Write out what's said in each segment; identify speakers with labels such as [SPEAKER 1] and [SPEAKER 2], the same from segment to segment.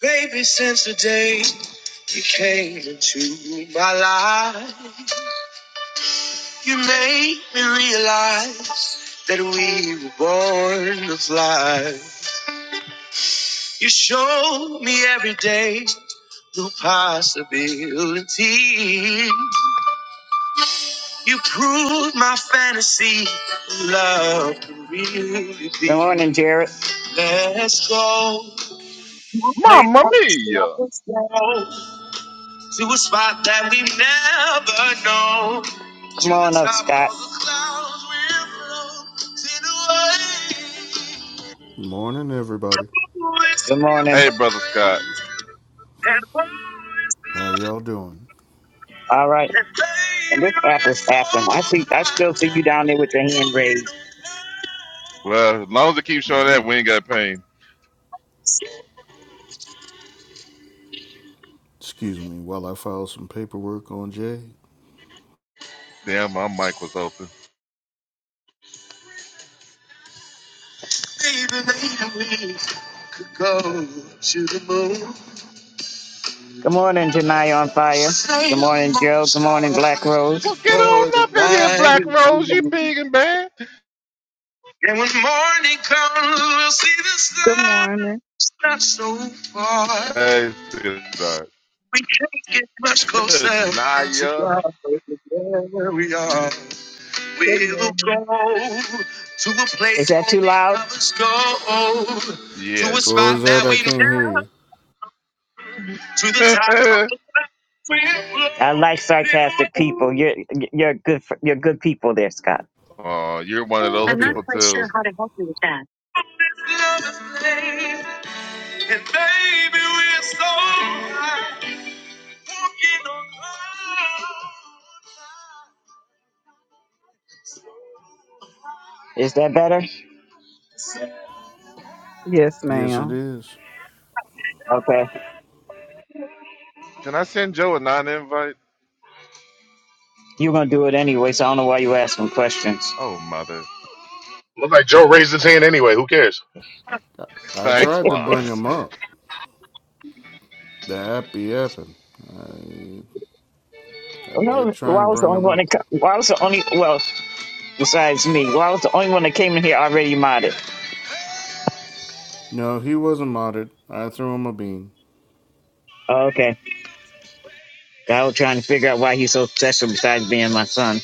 [SPEAKER 1] Baby, since the day you came into my life, you made me realize that we were born to fly. You showed me every day the possibility. You proved my fantasy of love can really be. Good morning, Jared. Let's go play
[SPEAKER 2] Mamma mia!
[SPEAKER 1] ball. to a spot that we never know. Come on up, Scott.
[SPEAKER 3] Morning, everybody.
[SPEAKER 1] Good morning.
[SPEAKER 2] Hey, brother Scott.
[SPEAKER 3] How y'all doing?
[SPEAKER 1] All right. And this app is acting. I see. I still see you down there with your hand raised.
[SPEAKER 2] Well, as long as it keeps showing that, we ain't got pain.
[SPEAKER 3] Excuse me while I file some paperwork on Jay.
[SPEAKER 2] Damn, my mic was open.
[SPEAKER 1] go to the moon. Good morning, Janai on fire. Good morning, Joe. Good morning, Black Rose.
[SPEAKER 2] Well, get on up in here, Black
[SPEAKER 1] And
[SPEAKER 2] Rose. You big and bad.
[SPEAKER 1] when morning comes, we'll see the
[SPEAKER 4] Good
[SPEAKER 1] sun.
[SPEAKER 4] morning.
[SPEAKER 1] It's not so far.
[SPEAKER 2] Hey, sweetheart.
[SPEAKER 1] We can't get much closer to
[SPEAKER 2] Naya.
[SPEAKER 1] God. Where we are,
[SPEAKER 5] Good
[SPEAKER 1] we will
[SPEAKER 5] morning.
[SPEAKER 1] go to a place. Is that too only loud? others go. To
[SPEAKER 2] Yes.
[SPEAKER 1] a
[SPEAKER 3] Or
[SPEAKER 1] spot
[SPEAKER 3] is that
[SPEAKER 1] that
[SPEAKER 3] I
[SPEAKER 1] we
[SPEAKER 3] can't hear you?
[SPEAKER 1] to the top of
[SPEAKER 2] oh,
[SPEAKER 1] the mountain. I like sarcastic people. You're you're good. For, you're good people there, Scott.
[SPEAKER 2] you're one of those
[SPEAKER 3] I
[SPEAKER 1] I'm not
[SPEAKER 3] tried.
[SPEAKER 2] people
[SPEAKER 1] quite
[SPEAKER 2] too.
[SPEAKER 1] sure how to help you with that. And baby, we're so high, walking on clouds. Is that better?
[SPEAKER 4] Yes,
[SPEAKER 3] Yes, it
[SPEAKER 4] ma'am.
[SPEAKER 3] is.
[SPEAKER 1] Okay.
[SPEAKER 2] Can I send Joe a non-invite?
[SPEAKER 1] You're gonna do it anyway, so I don't know why you asking questions.
[SPEAKER 2] Oh, mother.
[SPEAKER 6] Look like Joe raised his hand anyway. Who cares?
[SPEAKER 3] I
[SPEAKER 2] Thanks,
[SPEAKER 3] tried to bring
[SPEAKER 2] Wallace.
[SPEAKER 3] him up. The app be apping. I, I
[SPEAKER 1] Well,
[SPEAKER 3] did
[SPEAKER 1] No,
[SPEAKER 3] try
[SPEAKER 1] why
[SPEAKER 3] and
[SPEAKER 1] was the
[SPEAKER 3] bring
[SPEAKER 1] only
[SPEAKER 3] him
[SPEAKER 1] one
[SPEAKER 3] up.
[SPEAKER 1] that co- why was the only well besides me? Why was the only one that came in here already modded?
[SPEAKER 3] No, he wasn't modded. I threw him a bean.
[SPEAKER 1] Oh, Okay. I was trying to figure out why he's so special besides being my son.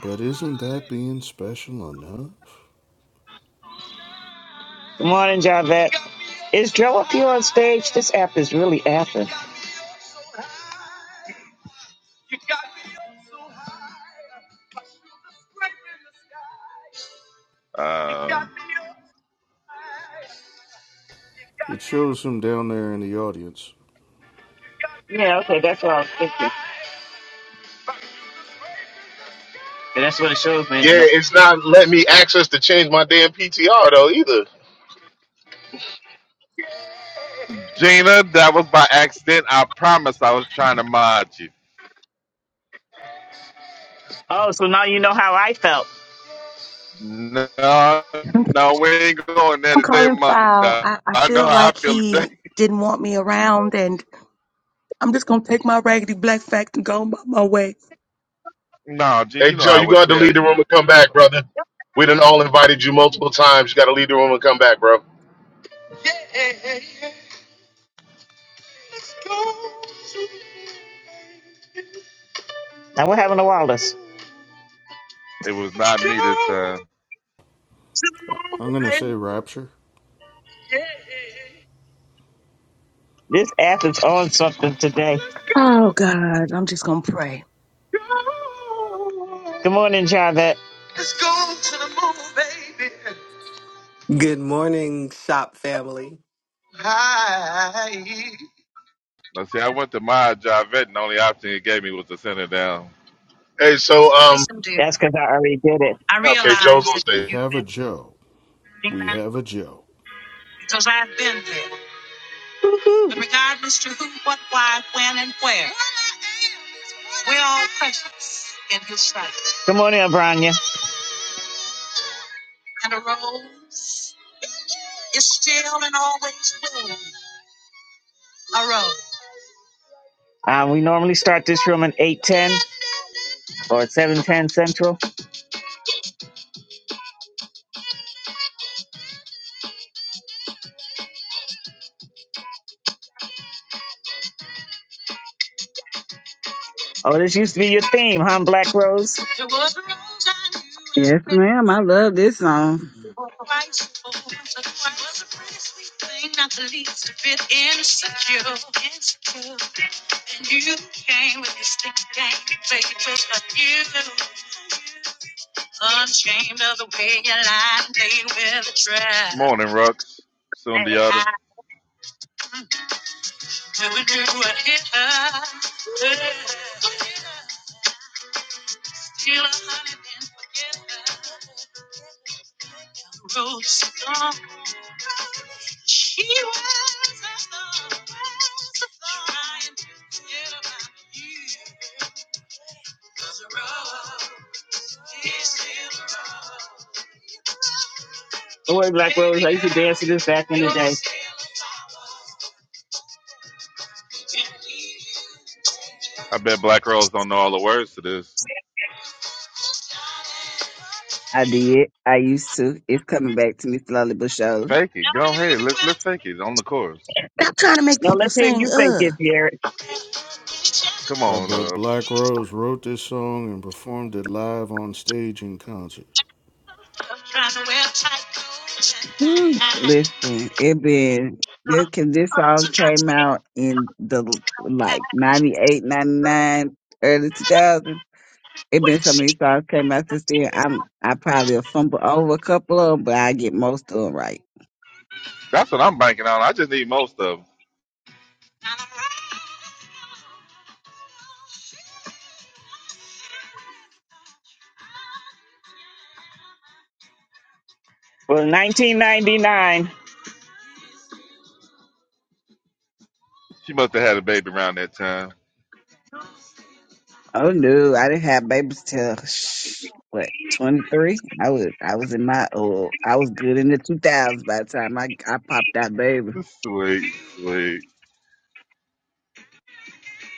[SPEAKER 3] But isn't that being special enough?
[SPEAKER 1] Good morning, Javette. Is Joe up here on stage? This app is really apping.
[SPEAKER 2] Um,
[SPEAKER 3] It shows him down there in the audience.
[SPEAKER 1] Yeah, okay, that's what I was thinking. And that's what it shows me.
[SPEAKER 6] Yeah,
[SPEAKER 1] No.
[SPEAKER 6] it's not letting me access to change my damn PTR though either.
[SPEAKER 2] Gina, that was by accident. I promise I was trying to mod you.
[SPEAKER 1] Oh, so now you know how I felt.
[SPEAKER 2] No,
[SPEAKER 7] I'm
[SPEAKER 2] no, we ain't going there today,
[SPEAKER 7] calling
[SPEAKER 2] Mama.
[SPEAKER 7] foul.
[SPEAKER 2] Dog.
[SPEAKER 7] I, I
[SPEAKER 2] I know
[SPEAKER 7] feel
[SPEAKER 2] how I
[SPEAKER 7] like
[SPEAKER 2] feel today.
[SPEAKER 7] he didn't want me around, and I'm just gonna take my raggedy black fact and go my, my way.
[SPEAKER 2] No, Gene,
[SPEAKER 6] Hey
[SPEAKER 2] you know
[SPEAKER 6] Joe,
[SPEAKER 2] I
[SPEAKER 6] you
[SPEAKER 2] would
[SPEAKER 6] gotta
[SPEAKER 2] tell
[SPEAKER 6] leave the room
[SPEAKER 2] you
[SPEAKER 6] and come back, brother. We done all invited you multiple times. You gotta leave the room and come back, bro.
[SPEAKER 1] Now what happened to Wallace?
[SPEAKER 2] it was not me this time.
[SPEAKER 3] I- I'm going to say rapture.
[SPEAKER 1] This app is on something today.
[SPEAKER 7] Oh God, I'm just gonna pray.
[SPEAKER 1] Good morning, Javette. Let's go to the moon, baby.
[SPEAKER 8] Good morning, shop family.
[SPEAKER 1] Hi.
[SPEAKER 2] Now, see, I went to my Javette, and the only option it gave me was to send it down.
[SPEAKER 6] Hey, so um,
[SPEAKER 1] That's because I already did it.
[SPEAKER 6] okay, Joe's on
[SPEAKER 3] We
[SPEAKER 6] stage.
[SPEAKER 3] have a Joe. We have a Joe.
[SPEAKER 1] Good morning, Abranya. Um, we normally start this room at 8.10 or 7.10 Central. Oh, this used to be your theme, huh, Black Rose?
[SPEAKER 4] Yes, ma'am. I love this song.
[SPEAKER 2] Morning, Rux. Soon the other.
[SPEAKER 1] She was alone, trying to forget about you. 'Cause the road is still a road. Don't worry, Black Rose. I used to dance to this back in the day.
[SPEAKER 2] I bet black girls don't know all the words to this.
[SPEAKER 4] I did. I used to. It's coming back to me slowly but surely.
[SPEAKER 2] Fake it. Go ahead. Let's let's fake it on the chorus.
[SPEAKER 7] Stop trying to make
[SPEAKER 1] Now
[SPEAKER 7] people
[SPEAKER 1] let's hear
[SPEAKER 7] sing.
[SPEAKER 1] you think
[SPEAKER 7] Ugh.
[SPEAKER 1] it, Derek.
[SPEAKER 2] Come
[SPEAKER 3] Uh,
[SPEAKER 2] on.
[SPEAKER 3] but
[SPEAKER 2] Uh,
[SPEAKER 3] Black Rose wrote this song and performed it live on stage in concert.
[SPEAKER 4] Woo, listen, it been this, cause this song came out in the like 98, 99, early 2000. It been so many songs came out since then. I'm I probably will fumble over a couple of them, but I get most of 'em right.
[SPEAKER 2] that's what I'm banking on. I just need most of 'em.
[SPEAKER 1] for 1999.
[SPEAKER 2] She must have had a baby around that time.
[SPEAKER 4] Oh no, I didn't have babies till sh- what twenty three. I was I was in my oh I was good in the two thousands by the time I I popped out baby.
[SPEAKER 2] Sweet, sweet.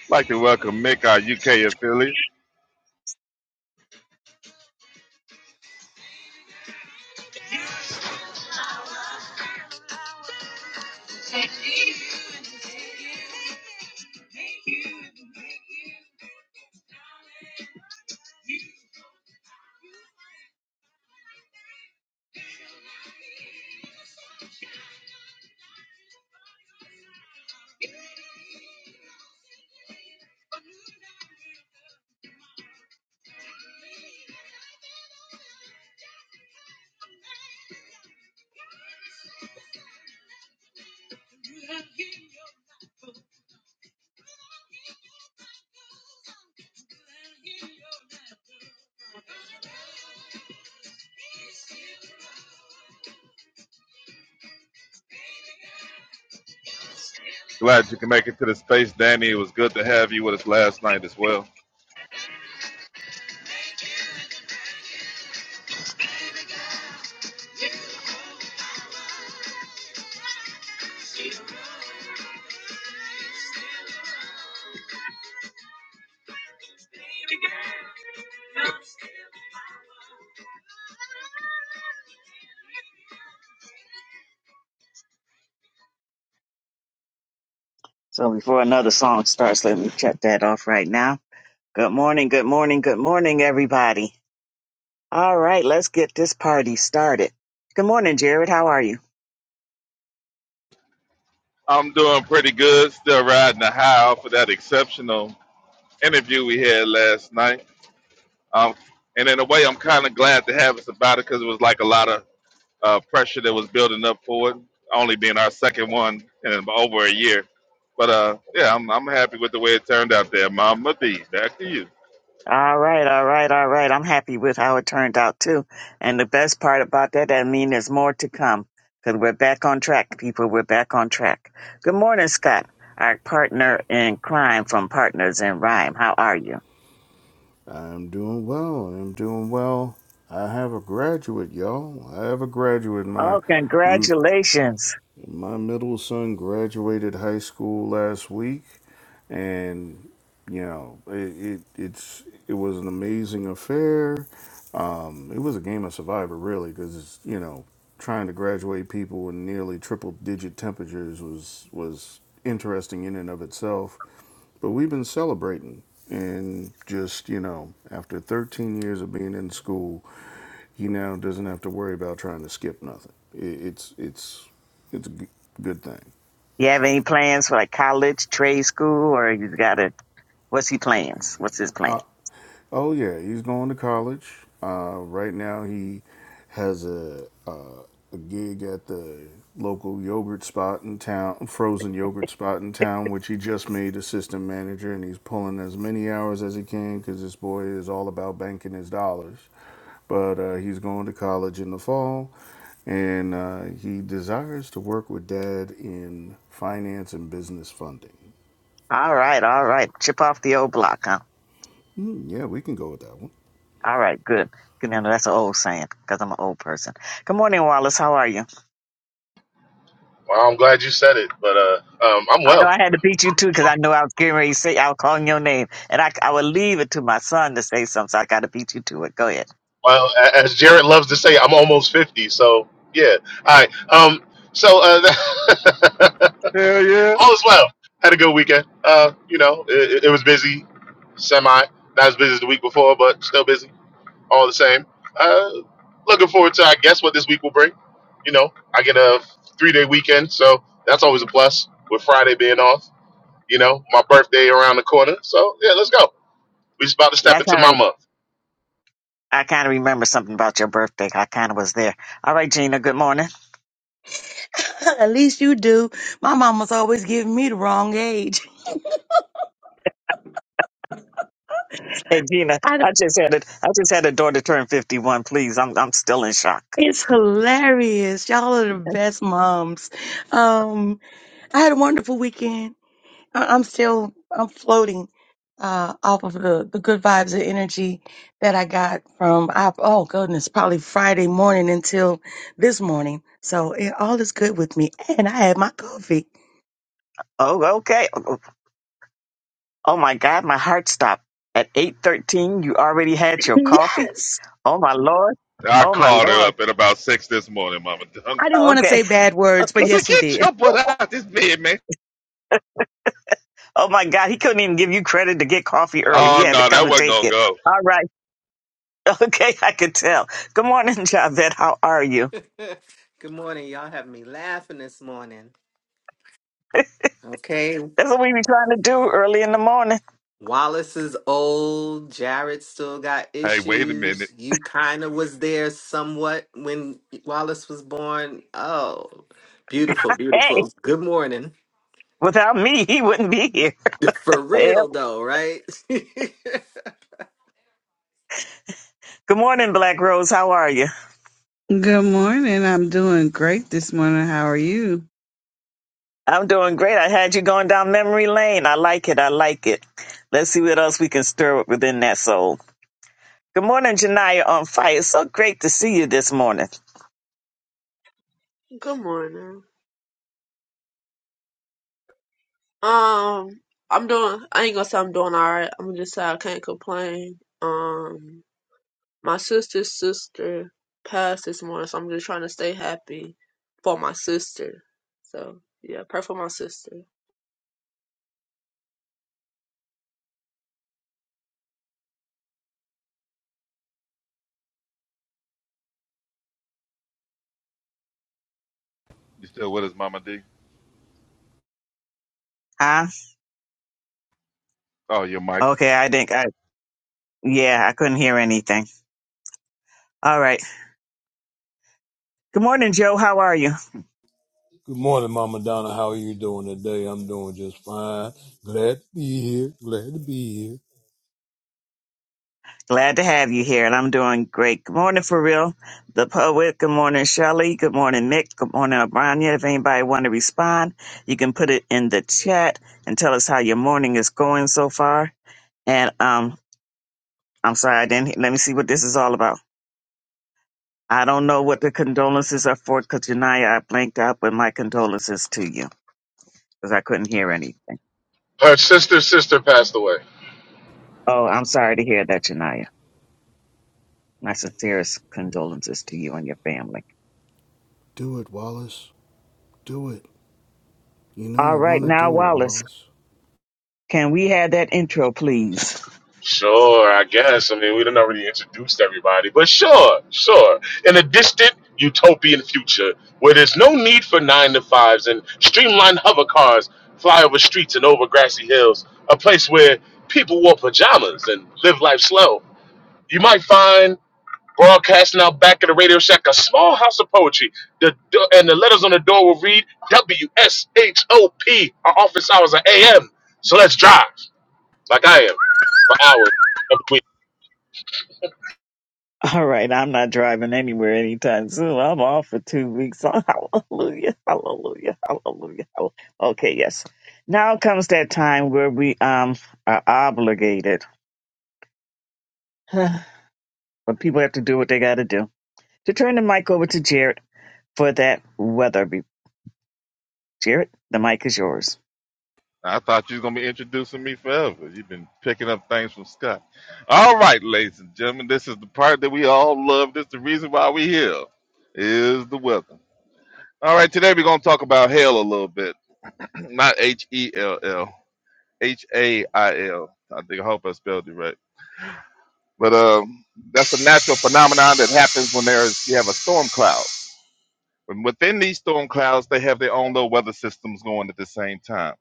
[SPEAKER 2] Like to welcome Mick, our UK affiliate. Glad you can make it to the space, Danny. It was good to have you with us last night as well.
[SPEAKER 1] So before another song starts, let me check that off right now. Good morning, good morning, good morning, everybody. All right, let's get this party started. Good morning, Jared. How are you?
[SPEAKER 2] I'm doing pretty good. Still riding the high off of that exceptional interview we had last night. Um, and in a way, I'm kind of glad to have us about it because it was like a lot of uh, pressure that was building up for it. Only being our second one in over a year. But uh, yeah, I'm, I'm happy with the way it turned out there, Mama D. Back to you.
[SPEAKER 1] All right, all right, all right. I'm happy with how it turned out too. And the best part about that, I mean, there's more to come because we're back on track, people. We're back on track. Good morning, Scott, our partner in crime from Partners in Rhyme. How are you?
[SPEAKER 3] I'm doing well. I'm doing well. I have a graduate, y'all. I have a graduate. My
[SPEAKER 1] Oh, congratulations.
[SPEAKER 3] My middle son graduated high school last week, and you know it, it it's it was an amazing affair. Um, it was a game of survivor, really, because you know trying to graduate people in nearly triple digit temperatures was was interesting in and of itself. But we've been celebrating, and just you know, after 13 years of being in school, he now doesn't have to worry about trying to skip nothing. It, it's it's it's a g- good thing.
[SPEAKER 1] You have any plans for like college, trade school, or you got to? What's he plans? What's his plan?
[SPEAKER 3] I, Oh yeah, he's going to college. Uh, right now, he has a, uh, a gig at the local yogurt spot in town, frozen yogurt spot in town, which he just made assistant manager, and he's pulling as many hours as he can because this boy is all about banking his dollars. But uh, he's going to college in the fall, and uh, he desires to work with dad in finance and business funding.
[SPEAKER 1] All right, all right. Chip off the old block, huh?
[SPEAKER 3] Hmm, yeah, we can go with that one.
[SPEAKER 1] All right, good. Good now, that's an old saying because I'm an old person. Good morning, Wallace. How are you?
[SPEAKER 6] Well, I'm glad you said it, but uh, um, I'm
[SPEAKER 1] I know
[SPEAKER 6] well.
[SPEAKER 1] I had to beat you too because I know I was getting ready to say I was calling your name, and I I would leave it to my son to say something. So I got to beat you to it. Go ahead.
[SPEAKER 6] Well, a- as Jared loves to say, I'm almost fifty. So yeah, all right. Um, so uh,
[SPEAKER 2] Hell yeah.
[SPEAKER 6] All is well. Had a good weekend. Uh, you know, it, it was busy, semi. Not as busy as the week before, but still busy. All the same. Uh, looking forward to, I guess, what this week will bring. You know, I get a three day weekend, so that's always a plus. With Friday being off, you know, my birthday around the corner. So yeah, let's go. We just about to
[SPEAKER 1] Yeah,
[SPEAKER 6] step
[SPEAKER 1] I
[SPEAKER 6] into
[SPEAKER 1] kind
[SPEAKER 6] my
[SPEAKER 1] of
[SPEAKER 6] month.
[SPEAKER 1] I kind of remember something about your birthday. I kind of was there. All right, Gina. Good morning.
[SPEAKER 7] At least you do. My mama's always giving me the wrong age.
[SPEAKER 1] Hey, Gina.
[SPEAKER 7] I,
[SPEAKER 1] I just had a I just had a daughter turn 51. Please, I'm I'm still in shock.
[SPEAKER 7] it's hilarious. Y'all are the best moms. Um, I had a wonderful weekend. I- I'm still I'm floating uh, off of the, the good vibes and energy that I got from I, oh goodness probably Friday morning until this morning. So it, all is good with me, and I had my coffee.
[SPEAKER 1] Oh, okay. Oh my God, my heart stopped at 8:13. You already had your coffee.
[SPEAKER 7] Yes,
[SPEAKER 1] Oh my Lord.
[SPEAKER 2] I
[SPEAKER 1] Oh my
[SPEAKER 2] called
[SPEAKER 1] Lord.
[SPEAKER 2] her up at about six this morning, Mama Dunn.
[SPEAKER 7] I didn't
[SPEAKER 1] Oh,
[SPEAKER 7] want to
[SPEAKER 1] okay.
[SPEAKER 7] say bad words, but
[SPEAKER 2] I
[SPEAKER 1] Okay.
[SPEAKER 2] said,
[SPEAKER 7] yes, he
[SPEAKER 2] get
[SPEAKER 7] did.
[SPEAKER 2] your butt out of this bed, man.
[SPEAKER 1] Oh my God. He couldn't even give you credit to get coffee early. He
[SPEAKER 2] Oh
[SPEAKER 1] had to
[SPEAKER 2] no,
[SPEAKER 1] come
[SPEAKER 2] that
[SPEAKER 1] and
[SPEAKER 2] wasn't
[SPEAKER 1] take
[SPEAKER 2] gonna
[SPEAKER 1] it.
[SPEAKER 2] go.
[SPEAKER 1] All right. Okay. I could tell. Good morning, Javette. How are you?
[SPEAKER 8] Good morning. Y'all have me laughing this morning. Okay.
[SPEAKER 1] That's what we be trying to do early in the morning.
[SPEAKER 8] Wallace is old. Jared still got
[SPEAKER 2] Hey, wait a
[SPEAKER 8] issues.
[SPEAKER 2] minute.
[SPEAKER 8] You kind of was there somewhat when Wallace was born. Oh, beautiful,
[SPEAKER 1] Hey,
[SPEAKER 8] beautiful. Good morning.
[SPEAKER 1] without me, he wouldn't be here.
[SPEAKER 8] For
[SPEAKER 1] Yep.
[SPEAKER 8] real, though, right?
[SPEAKER 1] Good morning, Black Rose. How are you?
[SPEAKER 4] Good morning. I'm doing great this morning. How are you?
[SPEAKER 1] I'm doing great. I had you going down memory lane. I like it. I like it. Let's see what else we can stir up within that soul. Good morning, Janaya on fire. It's so great to see you this morning.
[SPEAKER 5] Good morning. Um, I'm doing. I ain't gonna say I'm doing all right. I'm gonna just say I can't complain. Um, my sister's sister passed this morning, so I'm just trying to stay happy for my sister. So yeah, pray for my sister.
[SPEAKER 2] You still with us, Mama D?
[SPEAKER 1] Huh?
[SPEAKER 2] Oh, your mic.
[SPEAKER 1] Okay. I think I, yeah, I couldn't hear anything. All right. Good morning, Joe. How are you?
[SPEAKER 9] Good morning, Mama Donna. How are you doing today? I'm doing just fine. Glad to be here. Glad to be here.
[SPEAKER 1] Glad to have you here, and I'm doing great. Good morning, for real. The poet. Good morning, Shelley. Good morning, Mick. Good morning, Abranya. If anybody want to respond, you can put it in the chat and tell us how your morning is going so far. And um, I'm sorry I didn't. Let me see what this is all about. I don't know what the condolences are for, because Janaya, I blanked out, but my condolences to you, because I couldn't hear anything.
[SPEAKER 6] Her sister's sister passed away.
[SPEAKER 1] Oh, I'm sorry to hear that, Janaya. My sincerest condolences to you and your family.
[SPEAKER 3] Do it, Wallace. Do it. You know
[SPEAKER 1] All
[SPEAKER 3] you
[SPEAKER 1] right,
[SPEAKER 3] want to
[SPEAKER 1] now
[SPEAKER 3] do it,
[SPEAKER 1] Wallace,
[SPEAKER 3] Wallace.
[SPEAKER 1] can we have that intro, please?
[SPEAKER 6] Sure, I guess. I mean, we didn't already introduced everybody, but sure, sure. In a distant utopian future where there's no need for nine to fives and streamlined hover cars fly over streets and over grassy hills, a place where people wore pajamas and live life slow, you might find broadcasting out back of the Radio Shack a small house of poetry. The do- and the letters on the door will read W S H O P. Our office hours are A.M. So let's drive like I am for hours. every week.
[SPEAKER 1] All right, I'm not driving anywhere anytime soon. I'm off for two weeks. Hallelujah, hallelujah, hallelujah. hall- Okay, yes. Now comes that time where we um are obligated, when people have to do what they got to do, to turn the mic over to Jared for that weather. re- Jared, the mic is yours.
[SPEAKER 2] I thought you was gonna be introducing me forever. You've been picking up things from Scott. All right, ladies and gentlemen, this is the part that we all love. This is the reason why we here. Is the weather. All right, today we're gonna talk about hell a little bit. Not H E L L, H A I L. I think I hope I spelled it right. But um, that's a natural phenomenon that happens when there's you have a storm cloud And within these storm clouds, they have their own little weather systems going at the same time.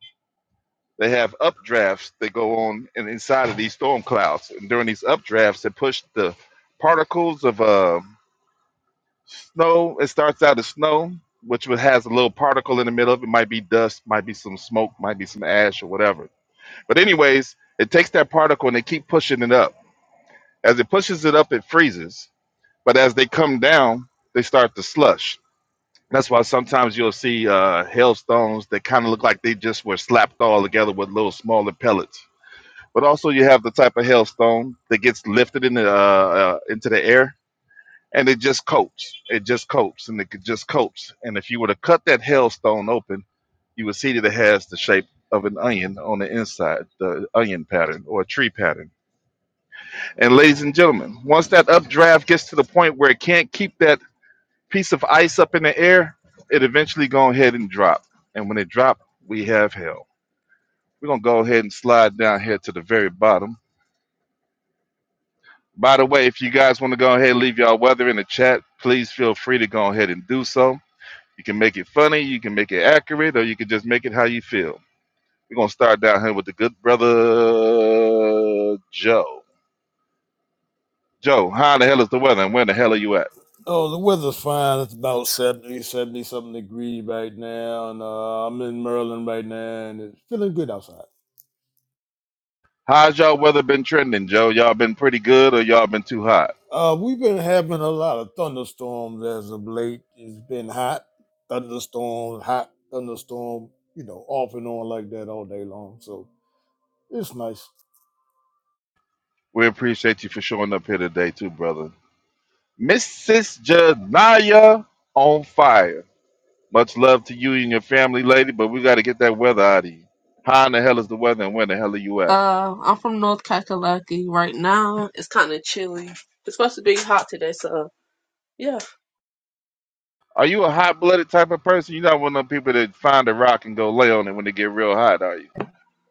[SPEAKER 2] They have updrafts that go on in, inside of these storm clouds. And during these updrafts, it pushed the particles of uh, snow. It starts out as snow, which would- has a little particle in the middle of it. Might be dust, might be some smoke, might be some ash or whatever. But, anyways, it takes that particle and they keep pushing it up. As it pushes it up, it freezes. But as they come down, they start to slush That's why sometimes you'll see uh, hailstones that kind of look like they just were slapped all together with little smaller pellets. But also, you have the type of hailstone that gets lifted in the, uh, uh, into the air and it just coats. It just coats and it could just coats. And if you were to cut that hailstone open, you would see that it has the shape of an onion on the inside, the onion pattern or a tree pattern. And ladies and gentlemen, once that updraft gets to the point where it can't keep that piece of ice up in the air, it eventually go ahead and drop. And when it drop, we have hell. We're gonna go ahead and slide down here to the very bottom. By the way, if you guys want to go ahead and leave y'all weather in the chat, please feel free to go ahead and do so. You can make it funny, you can make it accurate, or you can just make it how you feel. We're gonna start down here with the good brother Joe. Joe, how the hell is the weather and where the hell are you at?
[SPEAKER 9] Oh, the weather's fine. It's about seventy, seventy something degrees right now. And uh, I'm in Maryland right now and it's feeling good outside.
[SPEAKER 2] How's y'all weather been trending, Joe? Y'all been pretty good or y'all been too hot?
[SPEAKER 9] Uh, we've been having a lot of thunderstorms as of late. It's been hot, thunderstorms, hot, thunderstorm, you know, off and on like that all day long. So it's nice.
[SPEAKER 2] We appreciate you for showing up here today, too, brother. Mrs. Janaya on fire. Much love to you and your family, lady, but we got to get that weather out of you. How in the hell is the weather and where the hell are you at?
[SPEAKER 5] Uh, I'm from North Kakalaki right now. It's kind of chilly. It's supposed to be hot today, so yeah.
[SPEAKER 2] Are you a hot blooded type of person? You're not one of them people that find a rock and go lay on it when it get real hot, are you?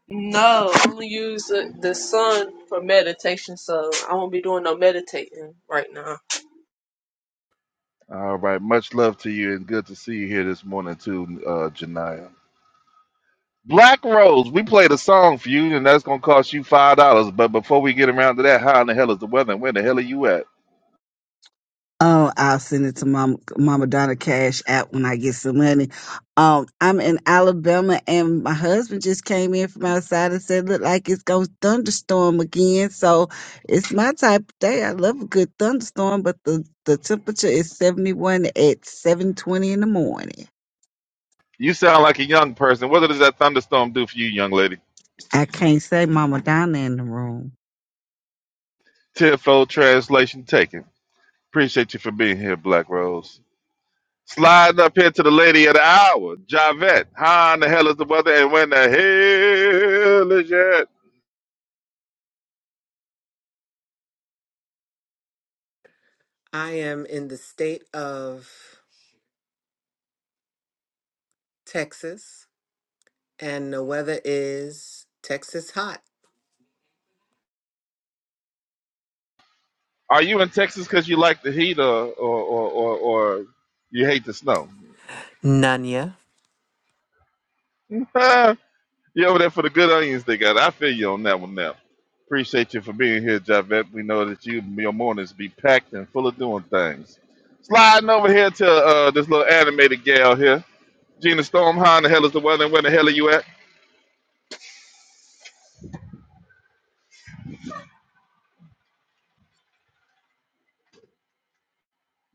[SPEAKER 5] No, I'm gonna use the, the sun for meditation, so I won't be doing no meditating right now.
[SPEAKER 2] All right. Much love to you and good to see you here this morning, too, uh, Janaya. Black Rose, we played a song for you, and that's going to cost you $5. But before we get around to that, how in the hell is the weather and where the hell are you at?
[SPEAKER 4] Oh, I'll send it to Mama, Mama Donna Cash app when I get some money. Um, I'm in Alabama, and my husband just came in from outside and said, "Look like it's gonna thunderstorm again." So it's my type of day. I love a good thunderstorm, but the the temperature is 71 at 7:20 in the morning.
[SPEAKER 2] You sound like a young person. What does that thunderstorm do for you, young lady?
[SPEAKER 4] I can't say Mama Donna in the room.
[SPEAKER 2] Tenfold translation taken. Appreciate you for being here, Black Rose. Sliding up here to the lady of the hour, Javette. How in the hell is the weather and when the hell is it?
[SPEAKER 8] I am in the state of Texas, and the weather is Texas hot.
[SPEAKER 2] Are you in Texas because you like the heat or, or, or, or, or you hate the snow?
[SPEAKER 8] Nanya.
[SPEAKER 2] You over there for the good onions they got. I feel you on that one now. Appreciate you for being here, Javette. We know that you your mornings be packed and full of doing things. Sliding over here to uh, this little animated gal here. Gina Storm, how in the hell is the weather and where the hell are you at?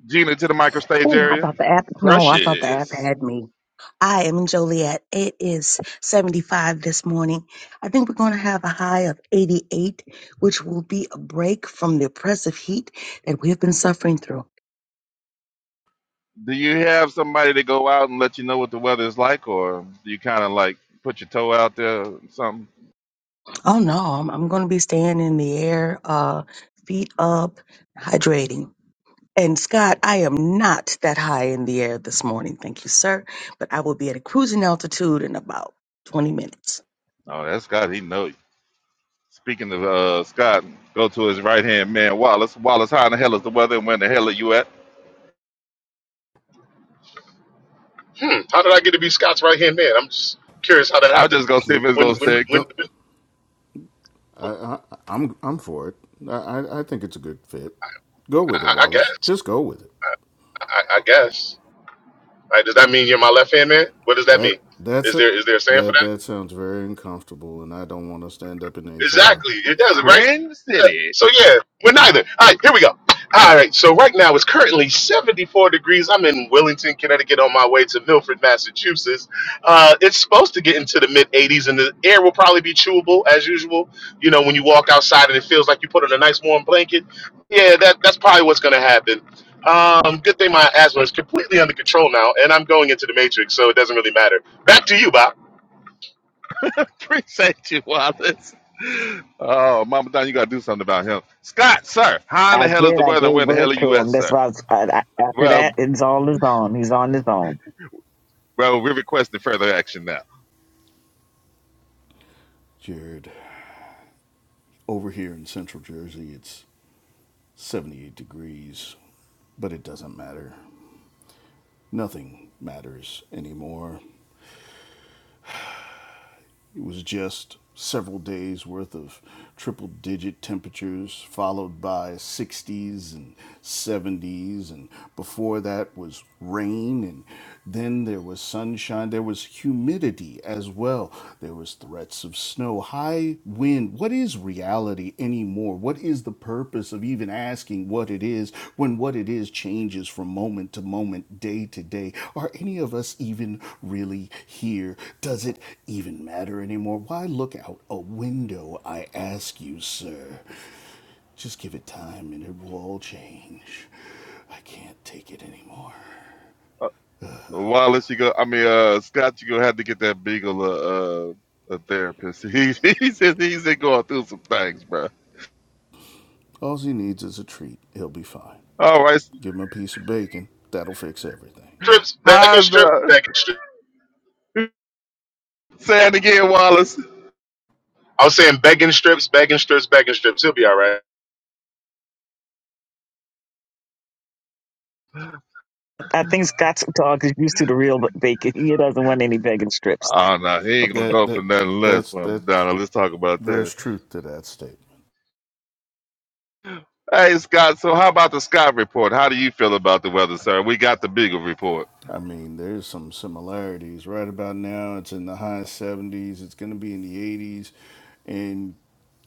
[SPEAKER 2] Gina to the microstage
[SPEAKER 7] Oh, I
[SPEAKER 2] area.
[SPEAKER 7] thought the app. No, I thought the app
[SPEAKER 2] Precious.
[SPEAKER 7] had me. I am in Joliet. It is 75 this morning. I think we're going to have a high of 88, which will be a break from the oppressive heat that we have been suffering through.
[SPEAKER 2] Do you have somebody to go out and let you know what the weather is like or do you kinda like put your toe out there or something?
[SPEAKER 7] Oh no, I'm, I'm going to be staying in the air, uh, feet up, hydrating. And Scott, I am not that high in the air this morning, thank you, sir. But I will be at a cruising altitude in about 20 minutes.
[SPEAKER 2] Oh, that's God, he knows. Speaking of uh, Scott, go to his right hand man, Wallace. Wallace, how in the hell is the weather and when the hell are you at?
[SPEAKER 6] Hmm, how did I get to be Scott's right hand man? I'm just curious how that
[SPEAKER 2] I'm
[SPEAKER 6] happened.
[SPEAKER 2] just going to see if
[SPEAKER 3] L-
[SPEAKER 2] it's
[SPEAKER 6] When,
[SPEAKER 2] going to
[SPEAKER 6] when,
[SPEAKER 2] stay
[SPEAKER 3] listen,
[SPEAKER 6] when?
[SPEAKER 3] don't.
[SPEAKER 6] when-
[SPEAKER 3] I, I, I'm I'm for it. I, I I think it's a good fit. Go with it,
[SPEAKER 6] I, I I
[SPEAKER 3] Wallace.
[SPEAKER 6] guess.
[SPEAKER 3] Just go with it.
[SPEAKER 6] I, I guess. Like, does that mean you're my left hand man? What does that mean?
[SPEAKER 3] That that's
[SPEAKER 6] Is
[SPEAKER 3] it.
[SPEAKER 6] there is there a saying for
[SPEAKER 3] That
[SPEAKER 6] that?
[SPEAKER 3] that sounds very uncomfortable, and I don't want to stand up in HR.
[SPEAKER 6] Exactly. It doesn't, right?
[SPEAKER 2] cringe
[SPEAKER 6] Uh,
[SPEAKER 2] city.
[SPEAKER 6] So yeah, we're neither. All right, here we go. All right, so right now it's currently 74 degrees. I'm in Wellington, Connecticut, on my way to Milford, Massachusetts. Uh, it's supposed to get into the mid 80s, and the air will probably be chewable as usual. You know, when you walk outside and it feels like you put on a nice warm blanket. Yeah, that that's probably what's going to happen. Um, good thing my asthma is completely under control now, and I'm going into the matrix, so it doesn't really matter. Back to you, Bob.
[SPEAKER 2] Appreciate you, Wallace. Oh, Mama Don, you got to do something about him. Scott, sir, how in
[SPEAKER 1] I
[SPEAKER 2] the hell is
[SPEAKER 1] did.
[SPEAKER 2] the
[SPEAKER 1] I
[SPEAKER 2] weather and
[SPEAKER 1] gave
[SPEAKER 2] when the
[SPEAKER 1] birth
[SPEAKER 2] hell are you
[SPEAKER 1] to
[SPEAKER 2] at,
[SPEAKER 1] him. That's
[SPEAKER 2] sir?
[SPEAKER 1] why I was, I, I, after
[SPEAKER 2] Well,
[SPEAKER 1] that, it's all his own. He's on his own.
[SPEAKER 2] Bro, we're requesting further action now.
[SPEAKER 3] Jared, over here in central Jersey, it's 78 degrees, but it doesn't matter. Nothing matters anymore. It was just several days worth of triple digit temperatures, followed by 60s and 70s. And before that was rain. And then there was sunshine. There was humidity as well. There was threats of snow, high wind in what is reality anymore? What is the purpose of even asking what it is when what it is changes from moment to moment, day to day? Are any of us even really here? Does it even matter anymore? Why look out a window, I ask you, sir? Just give it time and it will all change. I can't take it anymore.
[SPEAKER 2] Wallace, you go. I mean, uh, Scott, you gonna have to get that beagle a uh, a therapist. He he says he's been going through some things, bro.
[SPEAKER 3] All he needs is a treat. He'll be fine.
[SPEAKER 2] All right,
[SPEAKER 3] Give him a piece of bacon. That'll fix everything.
[SPEAKER 6] Strips, back and
[SPEAKER 2] how's
[SPEAKER 6] strips,
[SPEAKER 2] the
[SPEAKER 6] back and strips.
[SPEAKER 2] say it again, Wallace?
[SPEAKER 6] I was saying begging strips, begging strips, begging strips. He'll be all right.
[SPEAKER 1] I think Scott's dog is used to the real bacon. He doesn't want any bacon strips.
[SPEAKER 2] Oh no, he ain't gonna
[SPEAKER 1] Okay.
[SPEAKER 3] That
[SPEAKER 2] go for
[SPEAKER 3] that
[SPEAKER 2] nothing less,
[SPEAKER 3] that's
[SPEAKER 2] man.
[SPEAKER 3] that's
[SPEAKER 2] Madonna, let's talk about that.
[SPEAKER 3] There's truth to that statement.
[SPEAKER 2] Hey, Scott. So, how about the Scott report? How do you feel about the weather, sir? We got the Beagle report.
[SPEAKER 3] I mean, there's some similarities. Right about now, it's in the high 70s. It's going to be in the 80s. And,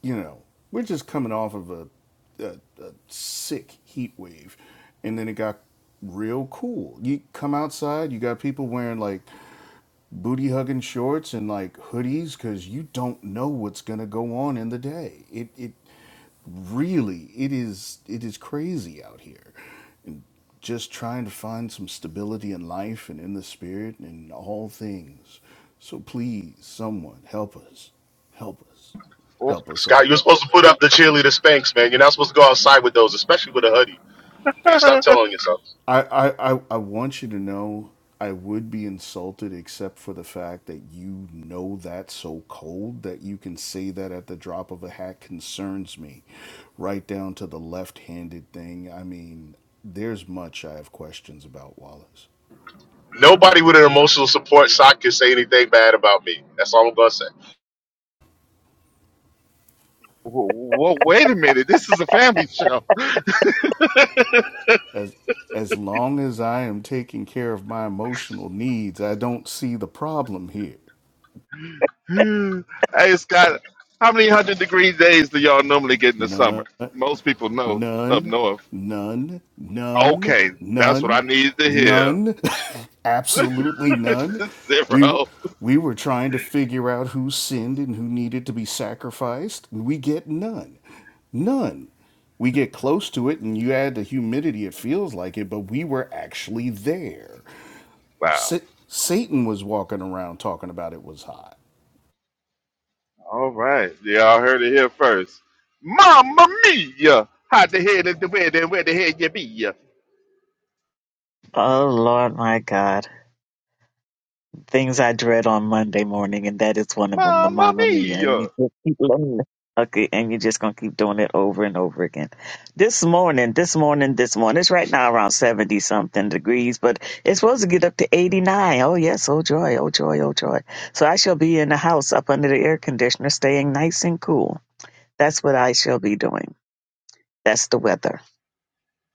[SPEAKER 3] you know, we're just coming off of a, a, a sick heat wave. And then it got real cool. You come outside, you got people wearing like booty hugging shorts and like hoodies because you don't know what's gonna go on in the day. It it really it is it is crazy out here. And just trying to find some stability in life and in the spirit and in all things. So please, someone help us. Help us.
[SPEAKER 2] Well,
[SPEAKER 3] Help us
[SPEAKER 6] Scott,
[SPEAKER 3] all.
[SPEAKER 6] you're supposed to put up the cheerleader spanks, man. You're not supposed to go outside with those, especially with a hoodie. Man, stop telling yourself.
[SPEAKER 3] I, I, I, I want you to know I would be insulted except for the fact that you know that so cold that you can say that at the drop of a hat concerns me. Right down to the left handed thing. I mean, there's much I have questions about, Wallace.
[SPEAKER 6] Nobody with an emotional support sock can say anything bad about me. That's all I'm gonna say.
[SPEAKER 2] well, wait a minute. This is a family show.
[SPEAKER 3] As as long as I am taking care of my emotional needs, I don't see the problem here.
[SPEAKER 2] hey, Scott. How many hundred degree days do y'all normally get in the summer?
[SPEAKER 3] None.
[SPEAKER 2] Most people know up
[SPEAKER 3] None,
[SPEAKER 2] north.
[SPEAKER 3] none, none,
[SPEAKER 2] Okay, that's what I
[SPEAKER 3] none,
[SPEAKER 2] needed to hear.
[SPEAKER 3] none, absolutely none. We
[SPEAKER 2] Zero.
[SPEAKER 3] we were trying to figure out who sinned and who needed to be sacrificed. We get none. None. We get close to it and you add the humidity, it feels like it, but we were actually there.
[SPEAKER 2] Wow.
[SPEAKER 3] Sa- Satan was walking around talking about it was hot.
[SPEAKER 2] All right. Y'all heard it here first. Mamma mia! How the hell is the weather and where the hell you be?
[SPEAKER 1] Oh Lord, my God. Things I dread on Monday morning, and that is one of them, the
[SPEAKER 2] Mamma
[SPEAKER 1] Mamma Mia.
[SPEAKER 2] mia!
[SPEAKER 1] And you just keep learning. Okay, and you're just gonna keep doing it over and over again. This morning, this morning, this morning. It's right now around seventy something degrees, but it's supposed to get up to eighty nine. Oh yes, oh joy, oh joy, oh joy. So I shall be in the house up under the air conditioner, staying nice and cool. That's what I shall be doing. That's the weather.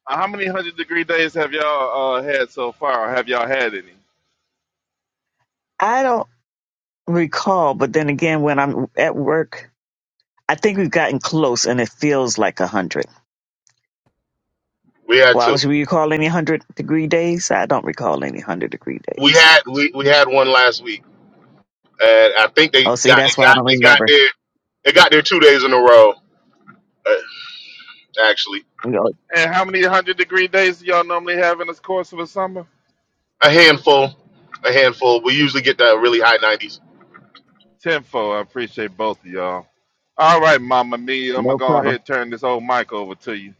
[SPEAKER 2] Uh, How many hundred degree days have y'all uh, had so far? Or have y'all had any?
[SPEAKER 1] I don't recall, but then again, when I'm at work, I think we've gotten close, and it feels like a hundred.
[SPEAKER 6] We had two.
[SPEAKER 1] Wallace, will you recall any hundred degree days? I don't recall any hundred degree
[SPEAKER 6] We
[SPEAKER 1] days.
[SPEAKER 6] had we, we had one last week, and I think they
[SPEAKER 1] Oh, see,
[SPEAKER 6] got it
[SPEAKER 1] that's why I
[SPEAKER 6] got
[SPEAKER 1] don't
[SPEAKER 6] it got
[SPEAKER 1] remember.
[SPEAKER 6] there it got there two days in a row. Uh, actually,
[SPEAKER 1] No,
[SPEAKER 2] And how many hundred degree days do y'all normally have in the course of a summer?
[SPEAKER 6] a handful, a handful. We usually get that really high 90s.
[SPEAKER 2] Tenfold. I appreciate both of y'all. All right, Mama Me, I'm gonna
[SPEAKER 1] no
[SPEAKER 2] go ahead
[SPEAKER 1] problem.
[SPEAKER 2] and turn this old mic over to you.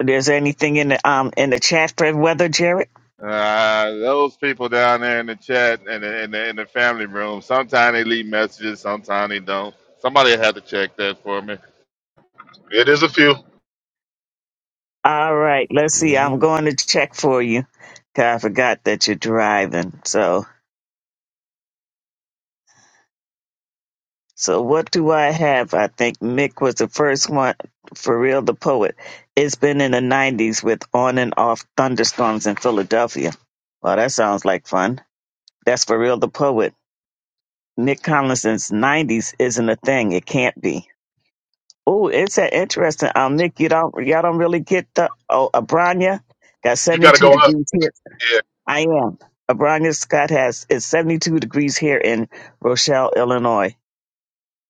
[SPEAKER 1] There's anything in the um in the chat for weather, Jared?
[SPEAKER 2] Uh, those people down there in the chat and in the, in the family room, sometimes they leave messages, sometimes they don't. Somebody had to check that for me.
[SPEAKER 6] It is a few.
[SPEAKER 1] All right, let's see.
[SPEAKER 3] Really?
[SPEAKER 1] I'm going to check for you. 'cause I forgot that you're driving. So, so what do I have? I think Mick was the first one. For real, the poet. It's been in the 90s with on and off thunderstorms in Philadelphia. Well, that sounds like fun. That's for real, the poet. Nick Collins since '90s isn't a thing. It can't be. Oh, it's a interesting. Um, Nick, you don't y'all don't really get the oh Abranya got
[SPEAKER 6] You got to
[SPEAKER 1] 72
[SPEAKER 6] go up.
[SPEAKER 1] degrees here.
[SPEAKER 6] Yeah.
[SPEAKER 1] I am Abranya Scott has it's 72 degrees here in Rochelle, Illinois.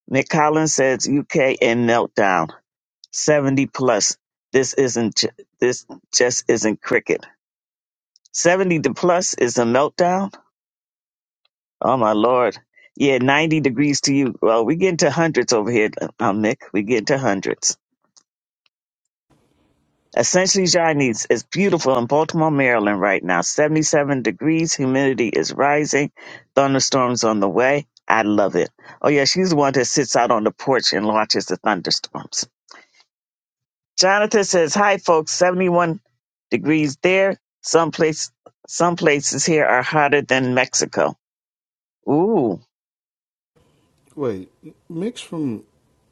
[SPEAKER 1] Nick Collins says UK in meltdown 70 plus. This isn't ju- this just isn't cricket. 70 to plus is a meltdown. Oh my lord. Yeah, 90 degrees to you. Well, we get into hundreds over here, um, Mick. We get into hundreds. Essentially, Johnny's is beautiful in Baltimore, Maryland right now. 77 degrees, humidity is rising, thunderstorms on the way. I love it. Oh yeah, she's the one that sits out on the porch and watches the thunderstorms. Jonathan says, "Hi folks, 71 degrees there. Some place some places here are hotter than Mexico." Ooh.
[SPEAKER 3] Wait, Mick's from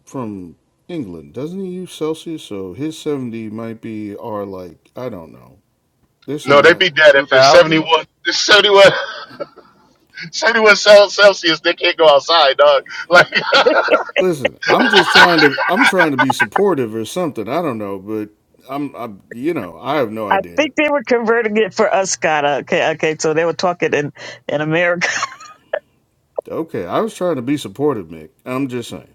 [SPEAKER 3] from England, doesn't he use Celsius? So his seventy might be our like I don't know. There's some
[SPEAKER 6] No, they
[SPEAKER 3] math.
[SPEAKER 6] be dead
[SPEAKER 2] Two
[SPEAKER 6] if it's
[SPEAKER 2] thousand.
[SPEAKER 6] 71, it's 71, seventy-one Celsius. They can't go outside, dog. Like,
[SPEAKER 3] Listen, I'm just trying to I'm trying to be supportive or something. I don't know, but I'm I'm you know I have no
[SPEAKER 1] I
[SPEAKER 3] idea.
[SPEAKER 1] think they were converting it for us, Scott. Okay, okay. So they were talking in in America.
[SPEAKER 3] Okay, I was trying to be supportive, Mick. I'm just saying.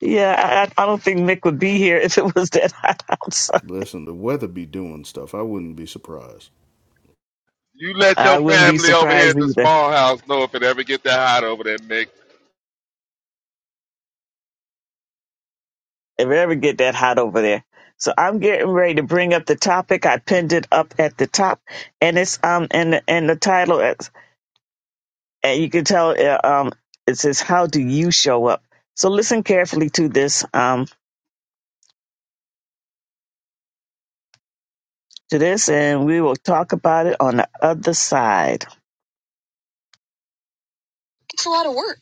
[SPEAKER 1] Yeah, I, I I don't think Mick would be here if it was that hot outside.
[SPEAKER 3] Listen, the weather be doing stuff. I wouldn't be surprised.
[SPEAKER 2] You let
[SPEAKER 1] I
[SPEAKER 2] your
[SPEAKER 1] wouldn't be
[SPEAKER 2] family over here
[SPEAKER 1] surprised
[SPEAKER 2] at the
[SPEAKER 1] either
[SPEAKER 2] small house know if it ever get that hot over there, Mick.
[SPEAKER 1] if it ever get that hot over there. So I'm getting ready to bring up the topic. I pinned it up at the top, and it's um and the- and the title is and you can tell uh, um it says how do you show up. So listen carefully to this um to this, and we will talk about it on the other side. It's a lot of work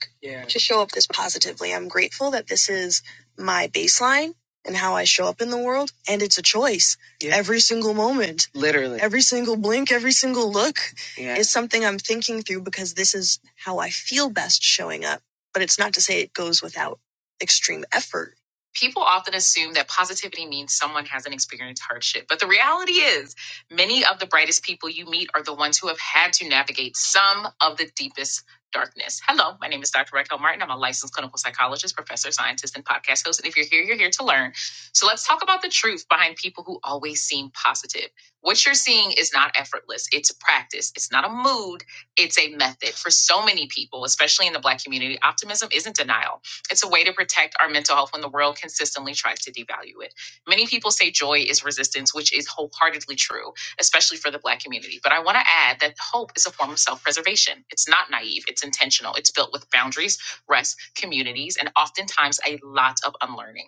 [SPEAKER 1] to show up this positively. I'm grateful that this is my baseline and how I show up in the world. And it's a choice every single moment. Literally. Every single blink, every single look. Yeah. is something I'm thinking through because this is how I feel best showing up. But it's not to say it goes without extreme effort. People often assume that positivity means someone hasn't experienced hardship. But the reality is, many of the brightest people you meet are the ones who have had to navigate some of the deepest darkness. Hello, my name is Dr. Raquel Martin. I'm a licensed clinical psychologist, professor, scientist, and podcast host. And if you're here, you're here to learn. So let's talk about the truth behind people who always seem positive. What you're seeing is not effortless. It's a practice. It's not a mood. It's a method. For so many people, especially in the Black community, optimism isn't denial. It's a way to protect our mental health when the world consistently tries to devalue it. Many people say joy is resistance, which is wholeheartedly true, especially for the Black community. But I want to add that hope is a form of self preservation. It's not naive, it's intentional. It's built with boundaries, rest, communities, and oftentimes a lot of unlearning.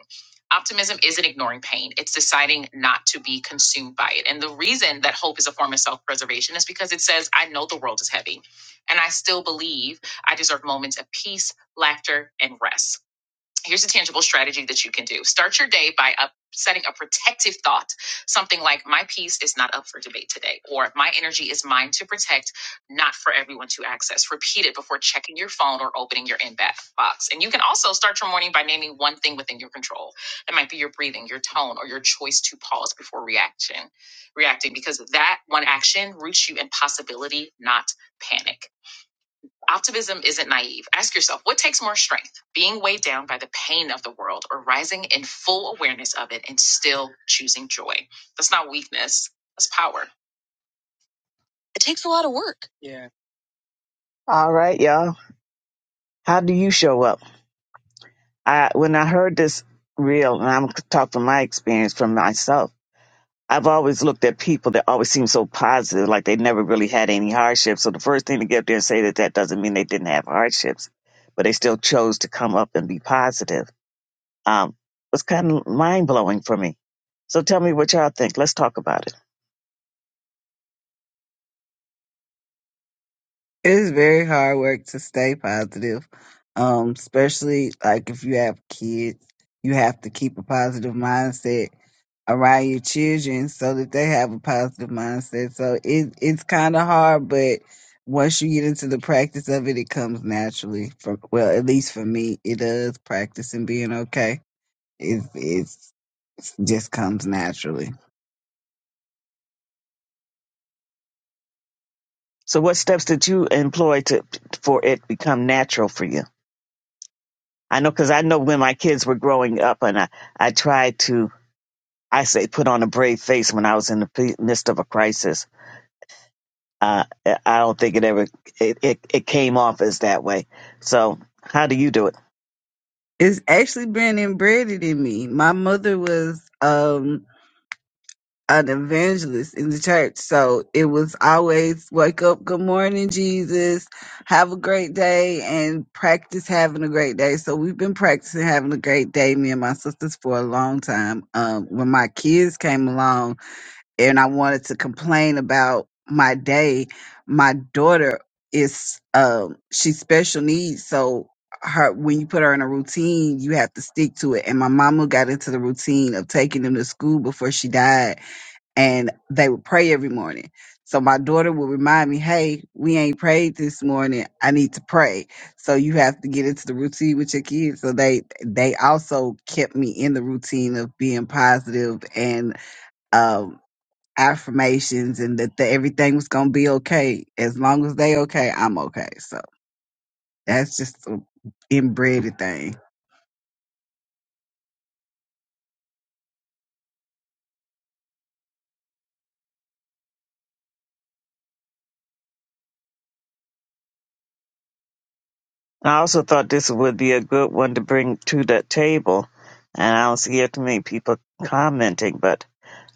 [SPEAKER 1] Optimism isn't ignoring pain, it's deciding not to be consumed by it. And the reason that hope is a form of self preservation is because it says, I know the world is heavy, and I still believe I deserve moments of peace, laughter, and rest here's a tangible strategy that you can do. Start your day by up setting a protective thought something like my peace is not up for debate today or my energy is mine to protect not for everyone to access repeat it before checking your phone or opening your inbox and you can also start your morning by naming one thing within your control that might be your breathing your tone or your choice to pause before reaction reacting because that one action roots you in possibility not panic Optimism isn't naive. Ask yourself what takes more strength being weighed down by the pain of the world or rising in full awareness of it and still choosing joy? That's not weakness, that's power. It takes a lot of work. All right, y'all. How do you show up? I when I heard this reel, and I'm talking from my experience from myself. I've always looked at people that always seem so positive, like they never really had any hardships. So the first thing to get up there and say that that doesn't mean they didn't have hardships, but they still chose to come up and be positive. um, was kind of mind blowing for me. So tell me what y'all think. Let's talk about it.
[SPEAKER 4] It's very hard work to stay positive, um, especially like if you have kids. You have to keep a positive mindset around your children so that they have a positive mindset. So it it's kind of hard, but once you get into the practice of it, it comes naturally. For well, at least for me, it does. Practicing being okay, it it's just comes naturally.
[SPEAKER 1] So what steps did you employ to for it become natural for you? I know because I know when my kids were growing up, and I I tried to I say put on a brave face when I was in the p- midst of a crisis. I I don't think it ever it, it it came off as that way. So how do you do it?
[SPEAKER 4] It's actually been embedded in me. My mother was um an evangelist in the church. So it was always wake up, good morning, Jesus, have a great day, and practice having a great day. So we've been practicing having a great day, me and my sisters, for a long time. Um, when my kids came along and I wanted to complain about my day, my daughter is um she's special needs so her when you put her in a routine you have to stick to it and my mama got into the routine of taking them to school before she died and they would pray every morning. So my daughter would remind me, "Hey, we ain't prayed this morning. I need to pray." So you have to get into the routine with your kids. So they they also kept me in the routine of being positive and um, affirmations, and that the, everything was gonna be okay as long as they okay, I'm okay. So that's just an inbred thing.
[SPEAKER 1] I also thought this would be a good one to bring to the table, and I don't see too many people commenting. But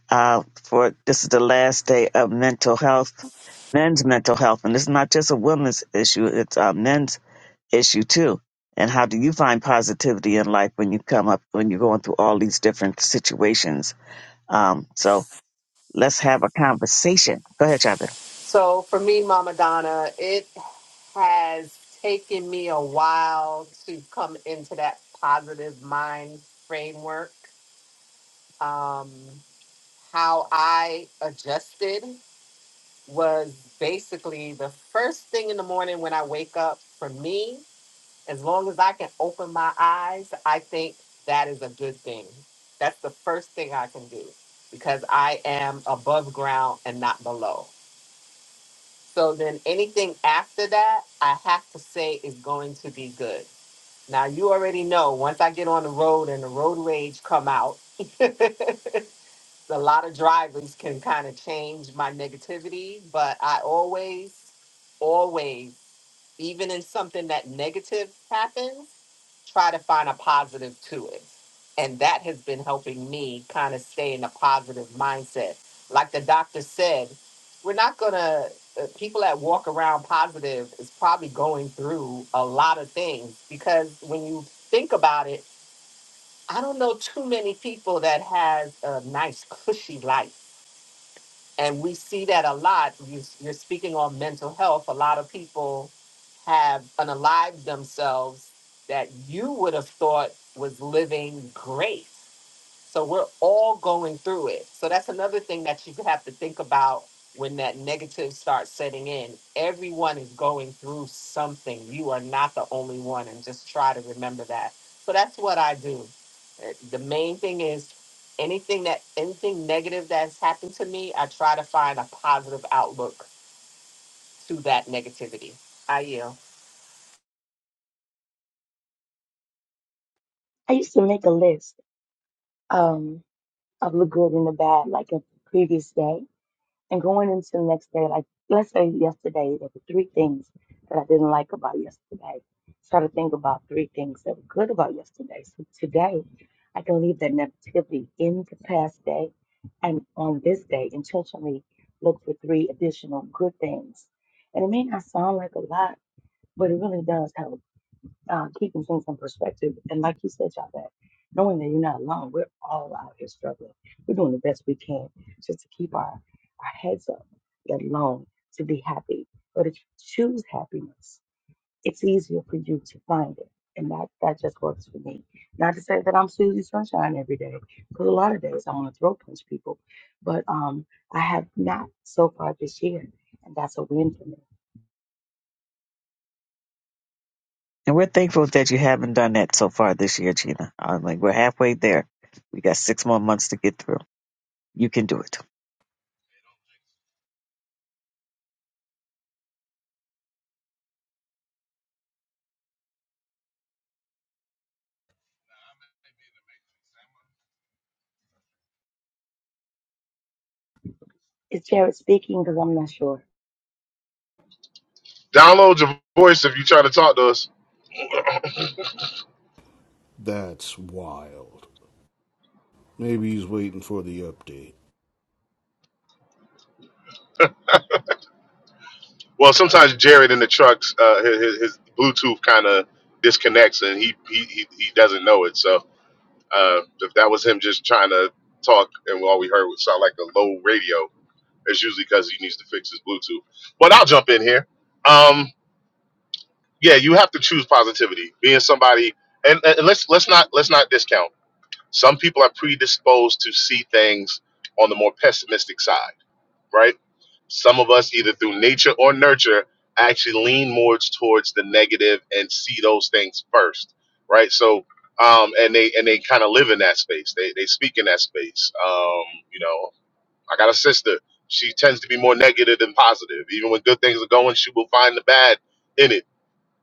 [SPEAKER 1] uh, for this is the last day of mental health, men's mental health, and it's not just a women's issue; it's a men's issue too. And how do you find positivity in life when you come up when you're going through all these different situations? Um, so let's have a conversation. Go ahead, Chapter.
[SPEAKER 8] So for me, Mama Donna, it has taken me a while to come into that positive mind framework. Um, how I adjusted was basically the first thing in the morning when I wake up for me, as long as I can open my eyes, I think that is a good thing. That's the first thing I can do because I am above ground and not below. So then anything after that, I have to say is going to be good. Now you already know once I get on the road and the road rage come out, a lot of drivers can kind of change my negativity, but I always, always, even in something that negative happens, try to find a positive to it. And that has been helping me kind of stay in a positive mindset. Like the doctor said, we're not going to, uh, people that walk around positive is probably going through a lot of things because when you think about it, I don't know too many people that has a nice, cushy life and we see that a lot you, you're speaking on mental health a lot of people have unalived themselves that you would have thought was living great so we're all going through it. So that's another thing that you have to think about when that negative starts setting in. Everyone is going through something. You are not the only one, and just try to remember that. So that's what I do. Uh, The main thing is anything that anything negative that's happened to me, I try to find a positive outlook to that negativity. I yield.
[SPEAKER 7] I used to make a list um, of the good and the bad, like a previous day. and going into the next day, like let's say yesterday, there were three things that I didn't like about yesterday. Try to think about three things that were good about yesterday. So today, I can leave that negativity in the past day, and on this day, intentionally look for three additional good things. And it may not sound like a lot, but it really does have a uh, keeping things in perspective. And like you said, y'all, that knowing that you're not alone, we're all out here struggling. We're doing the best we can just to keep our, our heads up, let alone to be happy or to choose happiness it's easier for you to find it. And that, that just works for me. Not to say that I'm Susie Sunshine every day, because a lot of days I want to throw punch people, but um, I have not so far this year, and that's a win for me.
[SPEAKER 1] And we're thankful that you haven't done that so far this year, Gina. I'm like, we're halfway there. We got six more months to get through. You can do it.
[SPEAKER 7] Is Jared speaking? Because I'm not sure.
[SPEAKER 6] download your voice if you're trying to talk to us.
[SPEAKER 3] That's wild. Maybe he's waiting for the update.
[SPEAKER 6] Well, sometimes Jared in the trucks, uh, his, his his Bluetooth kind of disconnects and he, he he he doesn't know it. So uh, if that was him just trying to talk and all we heard would sound like a low radio, it's usually because he needs to fix his Bluetooth. But I'll jump in here. Um, yeah, you have to choose positivity. Being somebody, and, and let's let's not let's not discount. Some people are predisposed to see things on the more pessimistic side, right? Some of us, either through nature or nurture, actually lean more towards the negative and see those things first, right? So, um, and they and they kind of live in that space. They they speak in that space. Um, you know, I got a sister. She tends to be more negative than positive. Even when good things are going, she will find the bad in it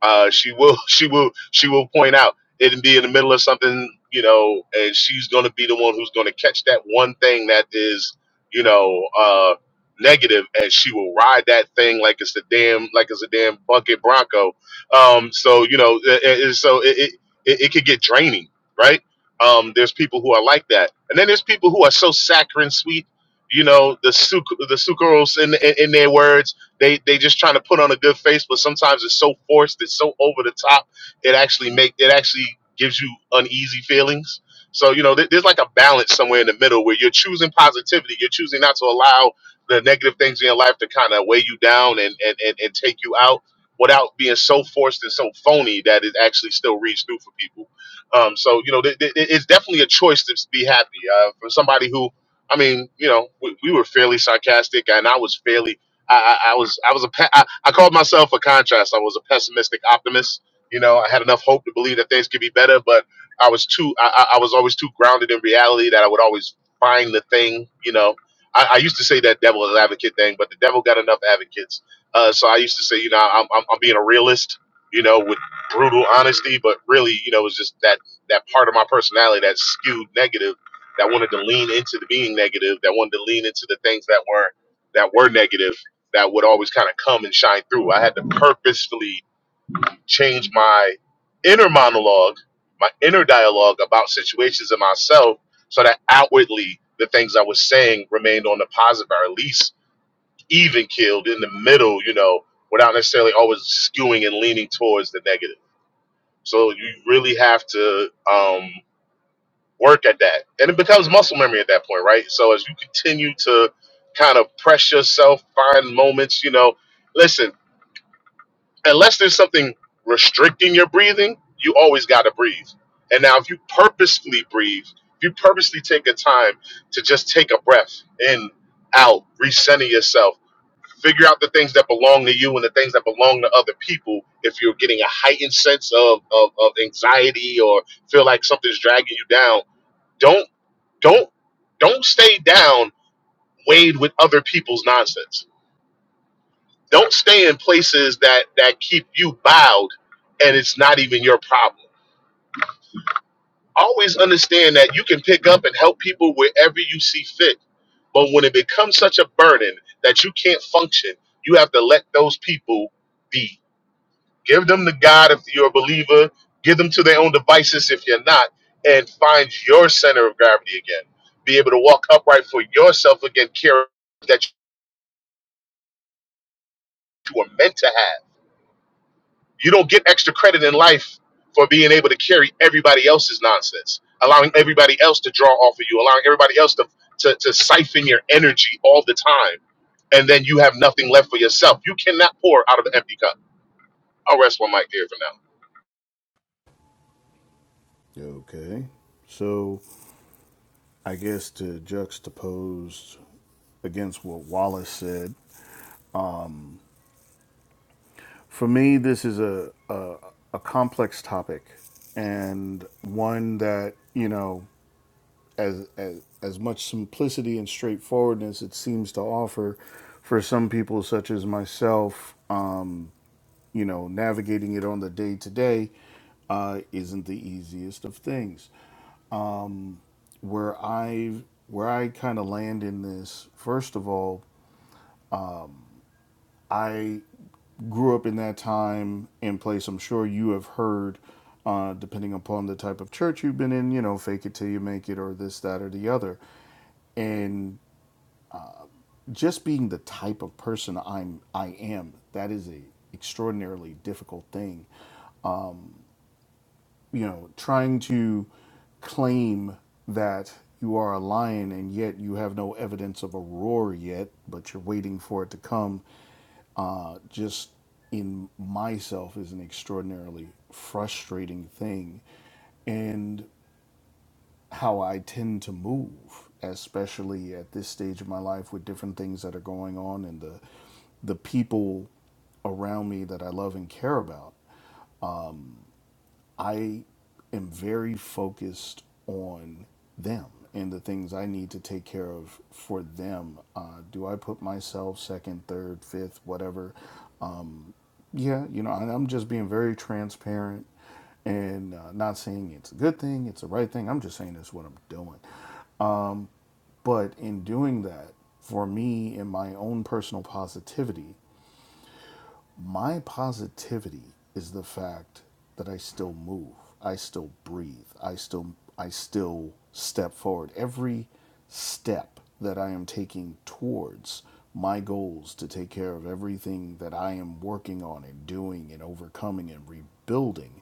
[SPEAKER 6] uh, she will she will she will point out it'll be in the middle of something you know and she's going to be the one who's going to catch that one thing that is you know uh negative and she will ride that thing like it's a damn like it's a damn bucket bronco um so you know it, it, so it, it it it could get draining right um there's people who are like that and then there's people who are so saccharine sweet you know the suc the sucrose in, in in their words they they just trying to put on a good face, but sometimes it's so forced, it's so over the top, it actually make it actually gives you uneasy feelings. So you know, there- there's like a balance somewhere in the middle where you're choosing positivity, you're choosing not to allow the negative things in your life to kind of weigh you down and, and, and, and take you out without being so forced and so phony that it actually still reads through for people. Um, so, you know, th- th- it's definitely a choice to be happy. Uh, for somebody who, I mean, you know, we, we were fairly sarcastic and I was fairly I, I, I was I was a pe- I, I called myself a contrast. I was a pessimistic optimist. You know, I had enough hope to believe that things could be better, but I was too I, I I was always too grounded in reality that I would always find the thing. You know, I, I used to say that devil advocate thing, but the devil got enough advocates. Uh, so I used to say, you know, I'm, I'm I'm being a realist. You know, with brutal honesty, but really, you know, it was just that that part of my personality that skewed negative, that wanted to lean into the being negative, that wanted to lean into the things that were that were negative that would always kind of come and shine through. I had to purposefully change my inner monologue, my inner dialogue about situations in myself so that outwardly the things I was saying remained on the positive or at least even keeled in the middle, you know, without necessarily always skewing and leaning towards the negative. So you really have to um, work at that. And it becomes muscle memory at that point, right? So as you continue to kind of press yourself, find moments, you know, listen, unless there's something restricting your breathing, you always got to breathe. And now, if you purposefully breathe, if you purposely take a time to just take a breath in, out, recenter yourself, figure out the things that belong to you and the things that belong to other people. If you're getting a heightened sense of, of, of anxiety or feel like something's dragging you down, don't don't don't stay down weighed with other people's nonsense don't stay in places that that keep you bowed and it's not even your problem. Always understand that you can pick up and help people wherever you see fit. But when it becomes such a burden that you can't function, you have to let those people be. Give them to God if you're a believer, give them to their own devices if you're not, and find your center of gravity again. Be able to walk upright for yourself again, care that you were meant to have You don't get extra credit in life for being able to carry everybody else's nonsense, allowing everybody else to draw off of you, allowing everybody else to, to, to siphon your energy all the time. And then you have nothing left for yourself. You cannot pour out of an empty cup. I'll rest my mic there for now.
[SPEAKER 3] Okay. So I guess to juxtapose against what Wallace said, for me, this is a, a, a complex topic and one that, you know, as, as, as much simplicity and straightforwardness it seems to offer for some people, such as myself, um, you know, navigating it on the day to day uh, isn't the easiest of things. Where I where I kind of land in this, first of all, I grew up in that time and place. I'm sure you have heard, uh, depending upon the type of church you've been in, you know, fake it till you make it, or this, that, or the other. And just being the type of person I'm, I am, that is a extraordinarily difficult thing you know, trying to claim that you are a lion and yet you have no evidence of a roar yet, but you're waiting for it to come, uh, just in myself is an extraordinarily frustrating thing. And how I tend to move, especially at this stage of my life with different things that are going on and the the people around me that I love and care about. I am very focused on them and the things I need to take care of for them. Uh, do I put myself second, third, fifth, whatever? Yeah, you know, and I'm just being very transparent and uh, not saying it's a good thing, it's the right thing. I'm just saying it's what I'm doing. But in doing that, for me, in my own personal positivity, my positivity is the fact that I still move, I still breathe, I still I still step forward. Every step that I am taking towards my goals to take care of everything that I am working on and doing and overcoming and rebuilding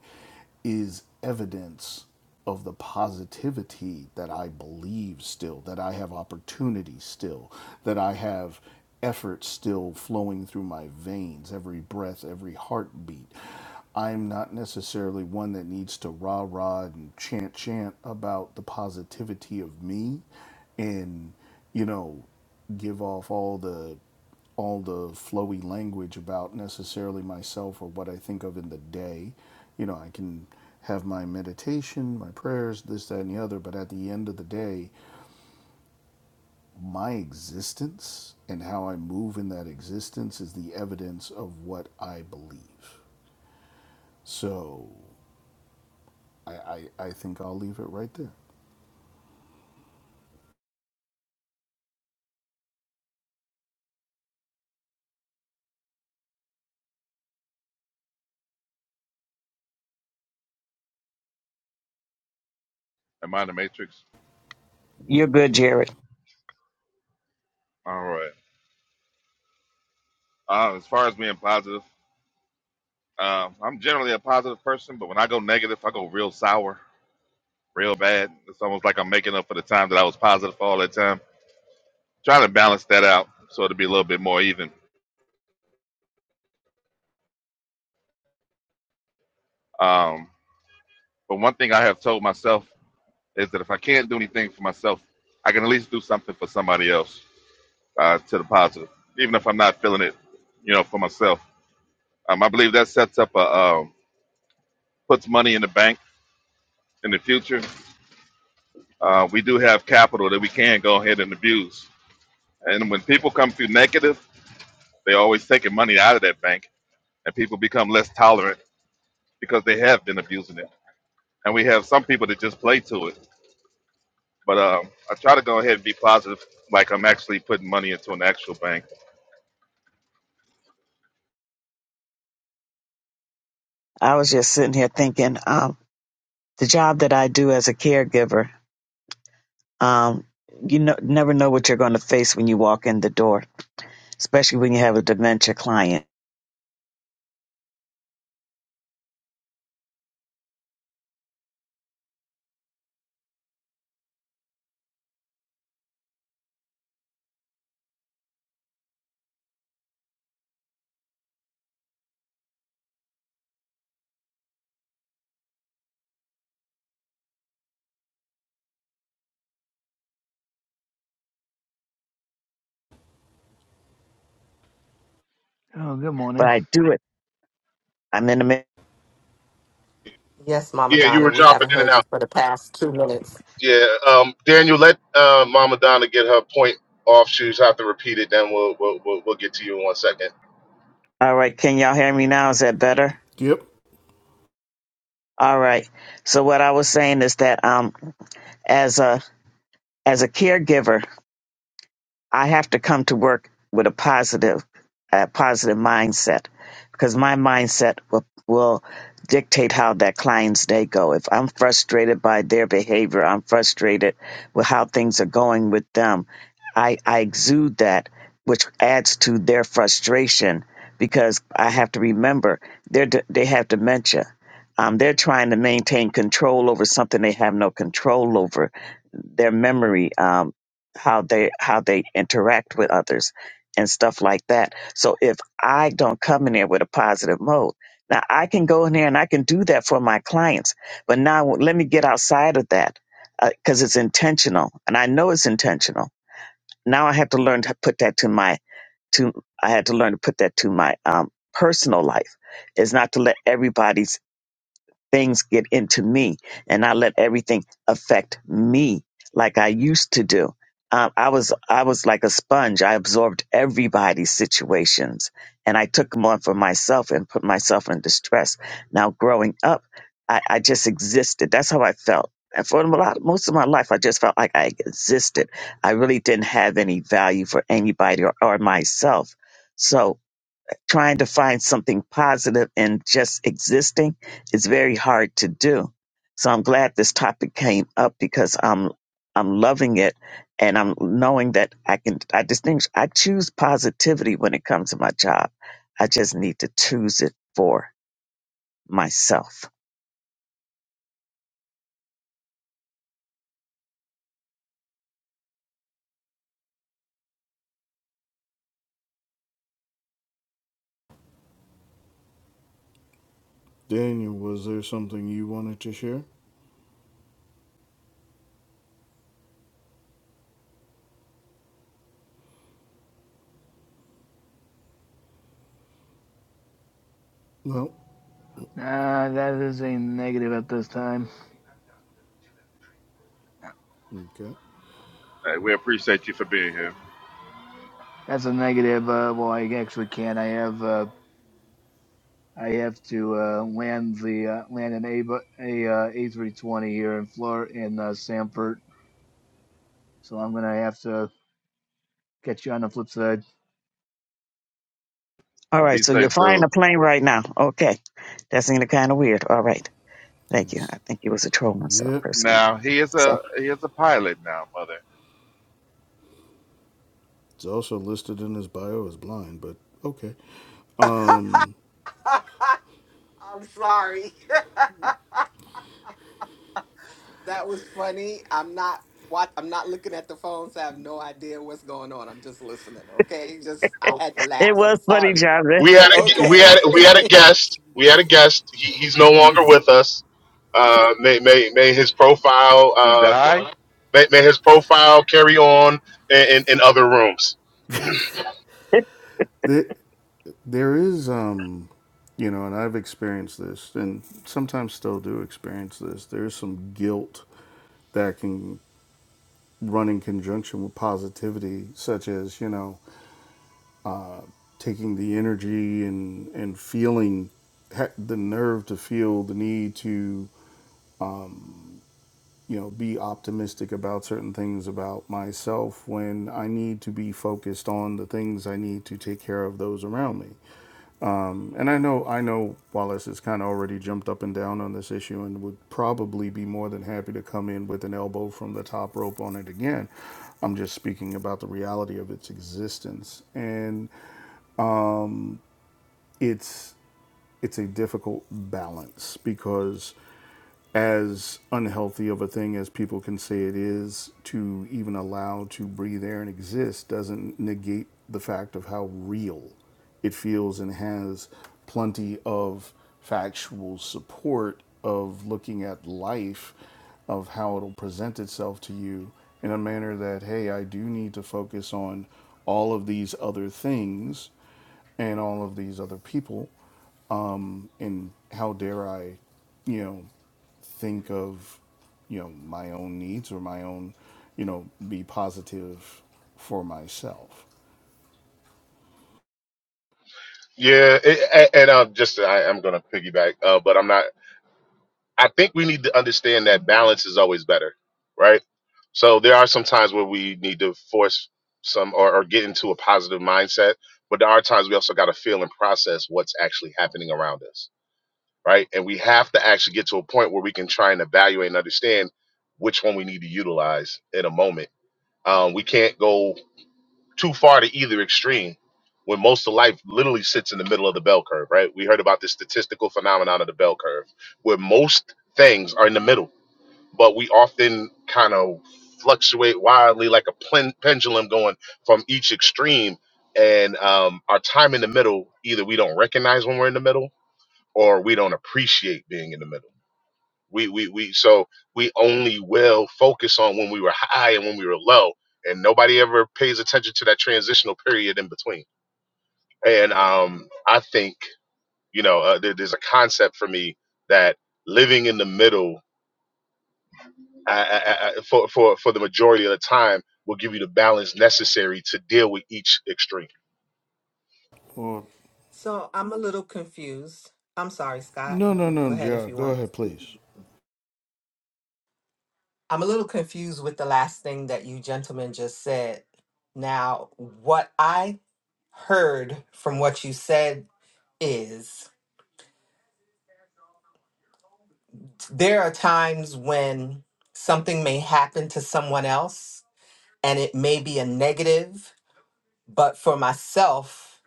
[SPEAKER 3] is evidence of the positivity that I believe still, that I have opportunity still, that I have effort still flowing through my veins, every breath, every heartbeat. I'm not necessarily one that needs to rah rah and chant chant about the positivity of me and, you know, give off all the all the flowy language about necessarily myself or what I think of in the day. You know, I can have my meditation, my prayers, this, that, and the other, but at the end of the day, my existence and how I move in that existence is the evidence of what I believe. So I, I, I think I'll leave it right there.
[SPEAKER 2] Am I in the Matrix?
[SPEAKER 3] What?
[SPEAKER 1] You're good, Jared.
[SPEAKER 2] All right. Uh, as far as being positive, uh, I'm generally a positive person, but when I go negative, I go real sour, real bad. It's almost like I'm making up for the time that I was positive for all that time. Trying to balance that out so it'll be a little bit more even. Um, but one thing I have told myself is that if I can't do anything for myself, I can at least do something for somebody else uh, to the positive, even if I'm not feeling it, you know, for myself. Um, I believe that sets up a um, puts money in the bank in the future. Uh, we do have capital that we can go ahead and abuse And when people come through negative, they're always taking money out of that bank, and people become less tolerant because they have been abusing it. And we have some people that just play to it. But um, I try to go ahead and be positive, like I'm actually putting money into an actual bank.
[SPEAKER 1] I was just sitting here thinking, um, the job that I do as a caregiver, um, you know, never know what you're going to face when you walk in the door, especially when you have a dementia client.
[SPEAKER 10] Oh, good
[SPEAKER 1] But
[SPEAKER 10] morning.
[SPEAKER 1] I do it. I'm in the. mi-
[SPEAKER 8] Yes, Mama
[SPEAKER 6] Yeah, you
[SPEAKER 8] Donna,
[SPEAKER 6] were
[SPEAKER 8] we
[SPEAKER 6] dropping
[SPEAKER 8] haven't
[SPEAKER 6] in and
[SPEAKER 8] heard you
[SPEAKER 6] out.
[SPEAKER 8] for the past two minutes.
[SPEAKER 6] Yeah, um, Daniel, let uh, Mama Donna get her point off. She's have to repeat it. Then we'll, we'll we'll we'll get to you in one second.
[SPEAKER 1] All right, can y'all hear me now? Is that better?
[SPEAKER 3] Yep.
[SPEAKER 1] All right. So what I was saying is that um as a as a caregiver, I have to come to work with a positive, a positive mindset because my mindset will, will dictate how that client's day go. If I'm frustrated by their behavior, I'm frustrated with how things are going with them. I, I exude that, which adds to their frustration because I have to remember they're, d- they have dementia. Um, they're trying to maintain control over something they have no control over their memory. Um, how they how they interact with others and stuff like that. So if I don't come in there with a positive mode, now I can go in there and I can do that for my clients. But now let me get outside of that because it's intentional, and I know it's intentional. Now I have to learn to put that to my to I had to learn to put that to my um, personal life. Is not to let everybody's things get into me and I let everything affect me like I used to do. Um, I was I was like a sponge. I absorbed everybody's situations and I took them on for myself and put myself in distress. Now growing up, I, I just existed. That's how I felt. And for a lot, most of my life, I just felt like I existed. I really didn't have any value for anybody or, or myself. So trying to find something positive and just existing is very hard to do. So I'm glad this topic came up because I'm I'm loving it and I'm knowing that I can I distinguish I choose positivity when it comes to my job. I just need to choose it for myself.
[SPEAKER 3] Daniel, was there something you wanted to share? No.
[SPEAKER 10] Uh, that is a negative at this time.
[SPEAKER 3] Okay.
[SPEAKER 2] Hey, we appreciate you for being here.
[SPEAKER 10] That's a negative. Uh, well, I actually can't. I have uh, I have to uh, land the uh, land an A a uh, A320 here in Flor in uh, Sanford, so I'm gonna have to catch you on the flip side.
[SPEAKER 1] All right,
[SPEAKER 2] Be
[SPEAKER 1] so you're
[SPEAKER 2] safe,
[SPEAKER 1] flying a
[SPEAKER 2] dude.
[SPEAKER 1] plane right now. Okay. That seemed kind of weird. All right. Thank you. I
[SPEAKER 3] Yes.
[SPEAKER 1] think it was a troll myself
[SPEAKER 3] Yep.
[SPEAKER 1] personally.
[SPEAKER 2] Now he is
[SPEAKER 1] So
[SPEAKER 2] a he is a pilot now, mother.
[SPEAKER 3] It's also listed in his bio as blind, but okay.
[SPEAKER 8] I'm sorry. That was funny. I'm not what I'm not looking at the phone, so I have no idea what's going on. I'm just listening. Okay. Just I had to
[SPEAKER 1] it
[SPEAKER 8] laugh. I'm
[SPEAKER 1] was funny,
[SPEAKER 8] sorry.
[SPEAKER 1] job.
[SPEAKER 6] we had a gu- we
[SPEAKER 8] Okay.
[SPEAKER 6] had we had a guest. We had a guest. He, he's no longer with us. Uh, may may may his profile
[SPEAKER 2] He
[SPEAKER 6] uh,
[SPEAKER 2] died.
[SPEAKER 6] may, may his profile carry on in, in, in other rooms.
[SPEAKER 3] There, there is, um, you know, and I've experienced this, and sometimes still do experience this. There is some guilt that can run in conjunction with positivity, such as you know, taking the energy and and feeling the nerve to feel the need to you know, be optimistic about certain things about myself when I need to be focused on the things I need to take care of those around me. And I know I know Wallace has kind of already jumped up and down on this issue and would probably be more than happy to come in with an elbow from the top rope on it again. I'm just speaking about the reality of its existence. And it's it's a difficult balance because as unhealthy of a thing as people can say it is to even allow to breathe air and exist doesn't negate the fact of how real it feels and has plenty of factual support of looking at life of how it'll present itself to you in a manner that hey I do need to focus on all of these other things and all of these other people. Um, and how dare I, you know, think of, you know, my own needs or my own, you know, be positive for myself.
[SPEAKER 6] Yeah, it, and, and uh, just I, I'm gonna piggyback, uh, but I'm not. I think we need to understand that balance is always better, right? So there are some times where we need to force some or, or get into a positive mindset, but there are times we also got to feel and process what's actually happening around us right? And we have to actually get to a point where we can try and evaluate and understand which one we need to utilize in a moment. Um, we can't go too far to either extreme when most of life literally sits in the middle of the bell curve, right? We heard about this statistical phenomenon of the bell curve where most things are in the middle, but we often kind of fluctuate wildly like a plen- pendulum going from each extreme. And um, our time in the middle, either we don't recognize when we're in the middle or we don't appreciate being in the middle we we we so we only will focus on when we were high and when we were low, and nobody ever pays attention to that transitional period in between. And um, I think you know uh, there, there's a concept for me that living in the middle I, I, I, for for for the majority of the time will give you the balance necessary to deal with each extreme.
[SPEAKER 3] Well,
[SPEAKER 8] So I'm a little confused. I'm sorry, Scott,
[SPEAKER 3] no,
[SPEAKER 8] if
[SPEAKER 3] no,
[SPEAKER 8] you can
[SPEAKER 3] no,
[SPEAKER 8] go ahead if
[SPEAKER 3] yeah,
[SPEAKER 8] you
[SPEAKER 3] go
[SPEAKER 8] want.
[SPEAKER 3] ahead, please.
[SPEAKER 8] I'm a little confused with the last thing that you gentlemen just said. Now, what I heard from what you said is there are times when something may happen to someone else and it may be a negative But for myself,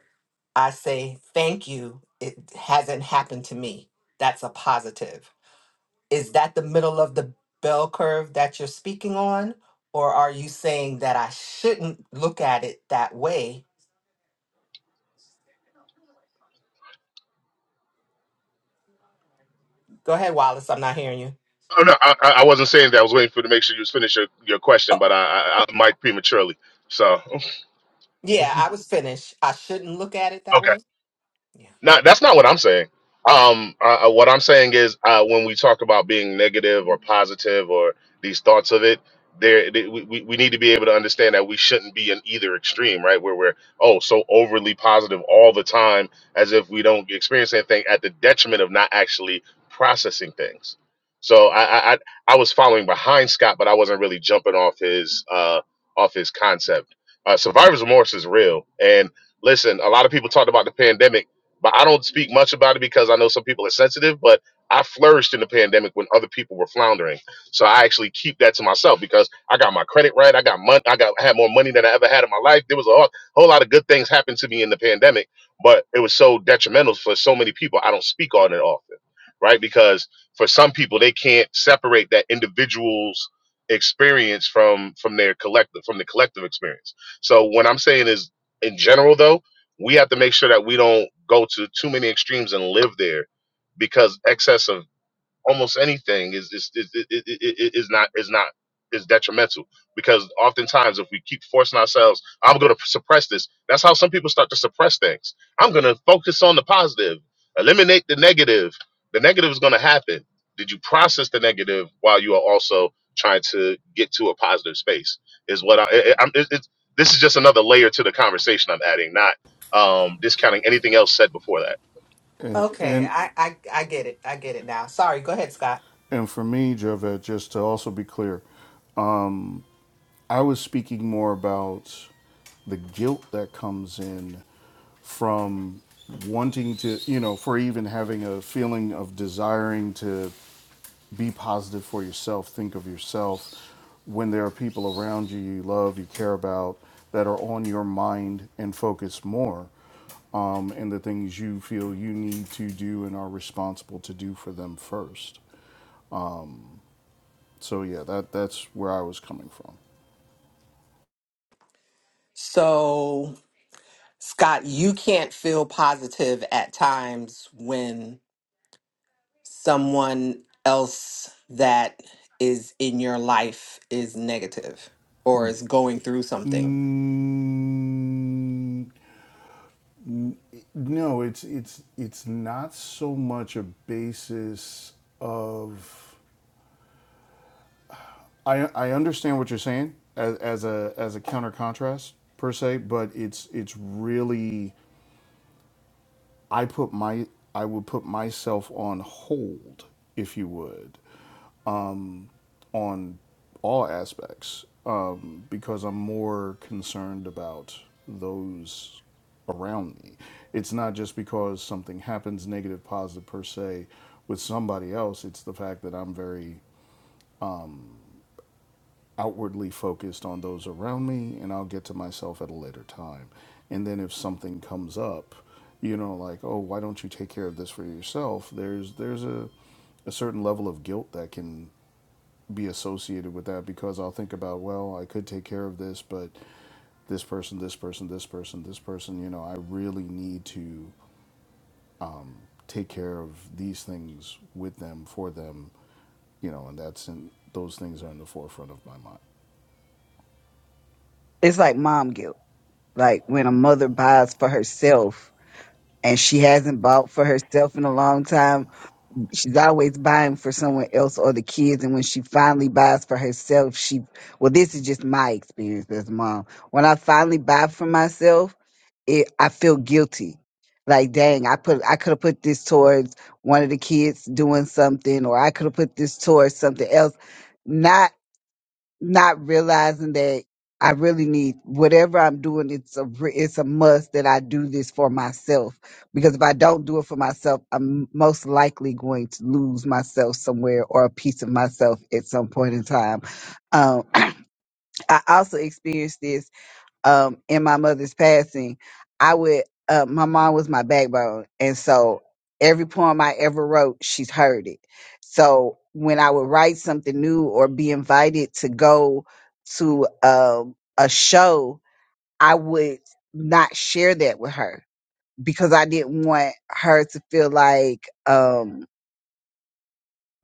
[SPEAKER 8] I say thank you. It hasn't happened to me. That's a positive. Is that the middle of the bell curve that you're speaking on? Or are you saying that I shouldn't look at it that way? Go ahead, Wallace. I'm not hearing you.
[SPEAKER 6] Oh no, I, I I wasn't saying that. I was waiting for you to make sure you was finish your, your question,
[SPEAKER 8] Oh,
[SPEAKER 6] but I, I, I might prematurely. So.
[SPEAKER 8] yeah,
[SPEAKER 6] Mhm.
[SPEAKER 8] I was finished. I shouldn't look at it that
[SPEAKER 6] Okay.
[SPEAKER 8] way. Yeah.
[SPEAKER 6] No, that's not what I'm saying. Um, uh, uh, what I'm saying is uh, when we talk about being negative or positive or these thoughts of it, there they, we, we we need to be able to understand that we shouldn't be in either extreme, right? Where we're oh so overly positive all the time as if we don't experience anything at the detriment of not actually processing things. So I I, I I was following behind Scott, but I wasn't really jumping off his uh, off his concept. Uh, survivor's remorse is real, and listen, a lot of people talked about the pandemic but I don't speak much about it because I know some people are sensitive, but I flourished in the pandemic when other people were floundering. So I actually keep that to myself because I got my credit right. I got money. I got I had more money than I ever had in my life. There was a whole, whole lot of good things happened to me in the pandemic, but it was so detrimental for so many people. I don't speak on it often, right? Because for some people, they can't separate that individual's experience from from their collective from the collective experience. So what I'm saying is, in general, though we have to make sure that we don't go to too many extremes and live there because excess of almost anything is is is, is, is is not is not is detrimental because oftentimes if we keep forcing ourselves i'm going to suppress this that's how some people start to suppress things i'm going to focus on the positive eliminate the negative the negative is going to happen did you process the negative while you are also trying to get to a positive space is what i, I i'm it, it's this is just another layer to the conversation i'm adding not um discounting anything else said before that
[SPEAKER 3] And,
[SPEAKER 8] Okay,
[SPEAKER 3] and
[SPEAKER 8] I, I I get it. I get it now. Sorry. Go ahead, Scott.
[SPEAKER 3] and for me, Javed, just to also be clear, I was speaking more about the guilt that comes in from wanting to, you know, for even having a feeling of desiring to be positive for yourself, think of yourself. When there are people around you you love, you care about, that are on your mind and focus more um, and the things you feel you need to do and are responsible to do for them first. So yeah, that that's where I was coming from.
[SPEAKER 8] So, Scott, you can't feel positive at times when someone else that is in your life is negative or is going through something
[SPEAKER 3] Mm, n- no, it's it's it's not so much a basis of I I understand what you're saying as as a as a counter contrast per se, but it's it's really I put my I would put myself on hold, if you would, on all aspects, um, because I'm more concerned about those around me. It's not just because something happens negative, positive per se with somebody else. It's the fact that I'm very outwardly focused on those around me and I'll get to myself at a later time. And then if something comes up, you know, like, oh, why don't you take care of this for yourself? There's there's a a certain level of guilt that can be associated with that because I'll think about, well, I could take care of this, but this person, this person, this person, this person, you know, I really need to take care of these things with them, for them, you know, and that's in those things are in the forefront of my mind.
[SPEAKER 4] It's like mom guilt, like when a mother buys for herself and she hasn't bought for herself in a long time she's always buying for someone else or the kids and when she finally buys for herself she well this is just my experience as a mom when i finally buy for myself it i feel guilty like dang i put i could have put this towards one of the kids doing something or i could have put this towards something else not not realizing that I really need whatever I'm doing. It's a re- it's a must that I do this for myself because if I don't do it for myself, I'm most likely going to lose myself somewhere or a piece of myself at some point in time. Um, I also experienced this um in my mother's passing, I would uh my mom was my backbone. And so every poem I ever wrote, she's heard it. So when I would write something new or be invited to go to um a show, I would not share that with her because I didn't want her to feel like um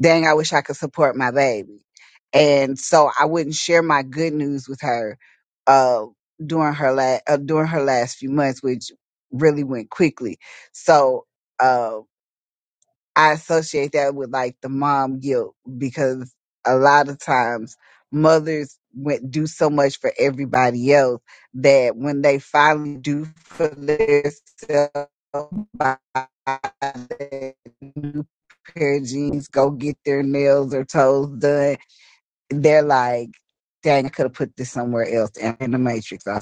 [SPEAKER 4] dang, I wish I could support my baby. And so I wouldn't share my good news with her uh, during her la- uh, during her last few months, which really went quickly. So. uh, I associate that with like the mom guilt because a lot of times mothers went do so much for everybody else that when they finally do for themselves buy that new pair of jeans, go get their nails or toes done, they're like, dang, I could have put this somewhere else in in the matrix. I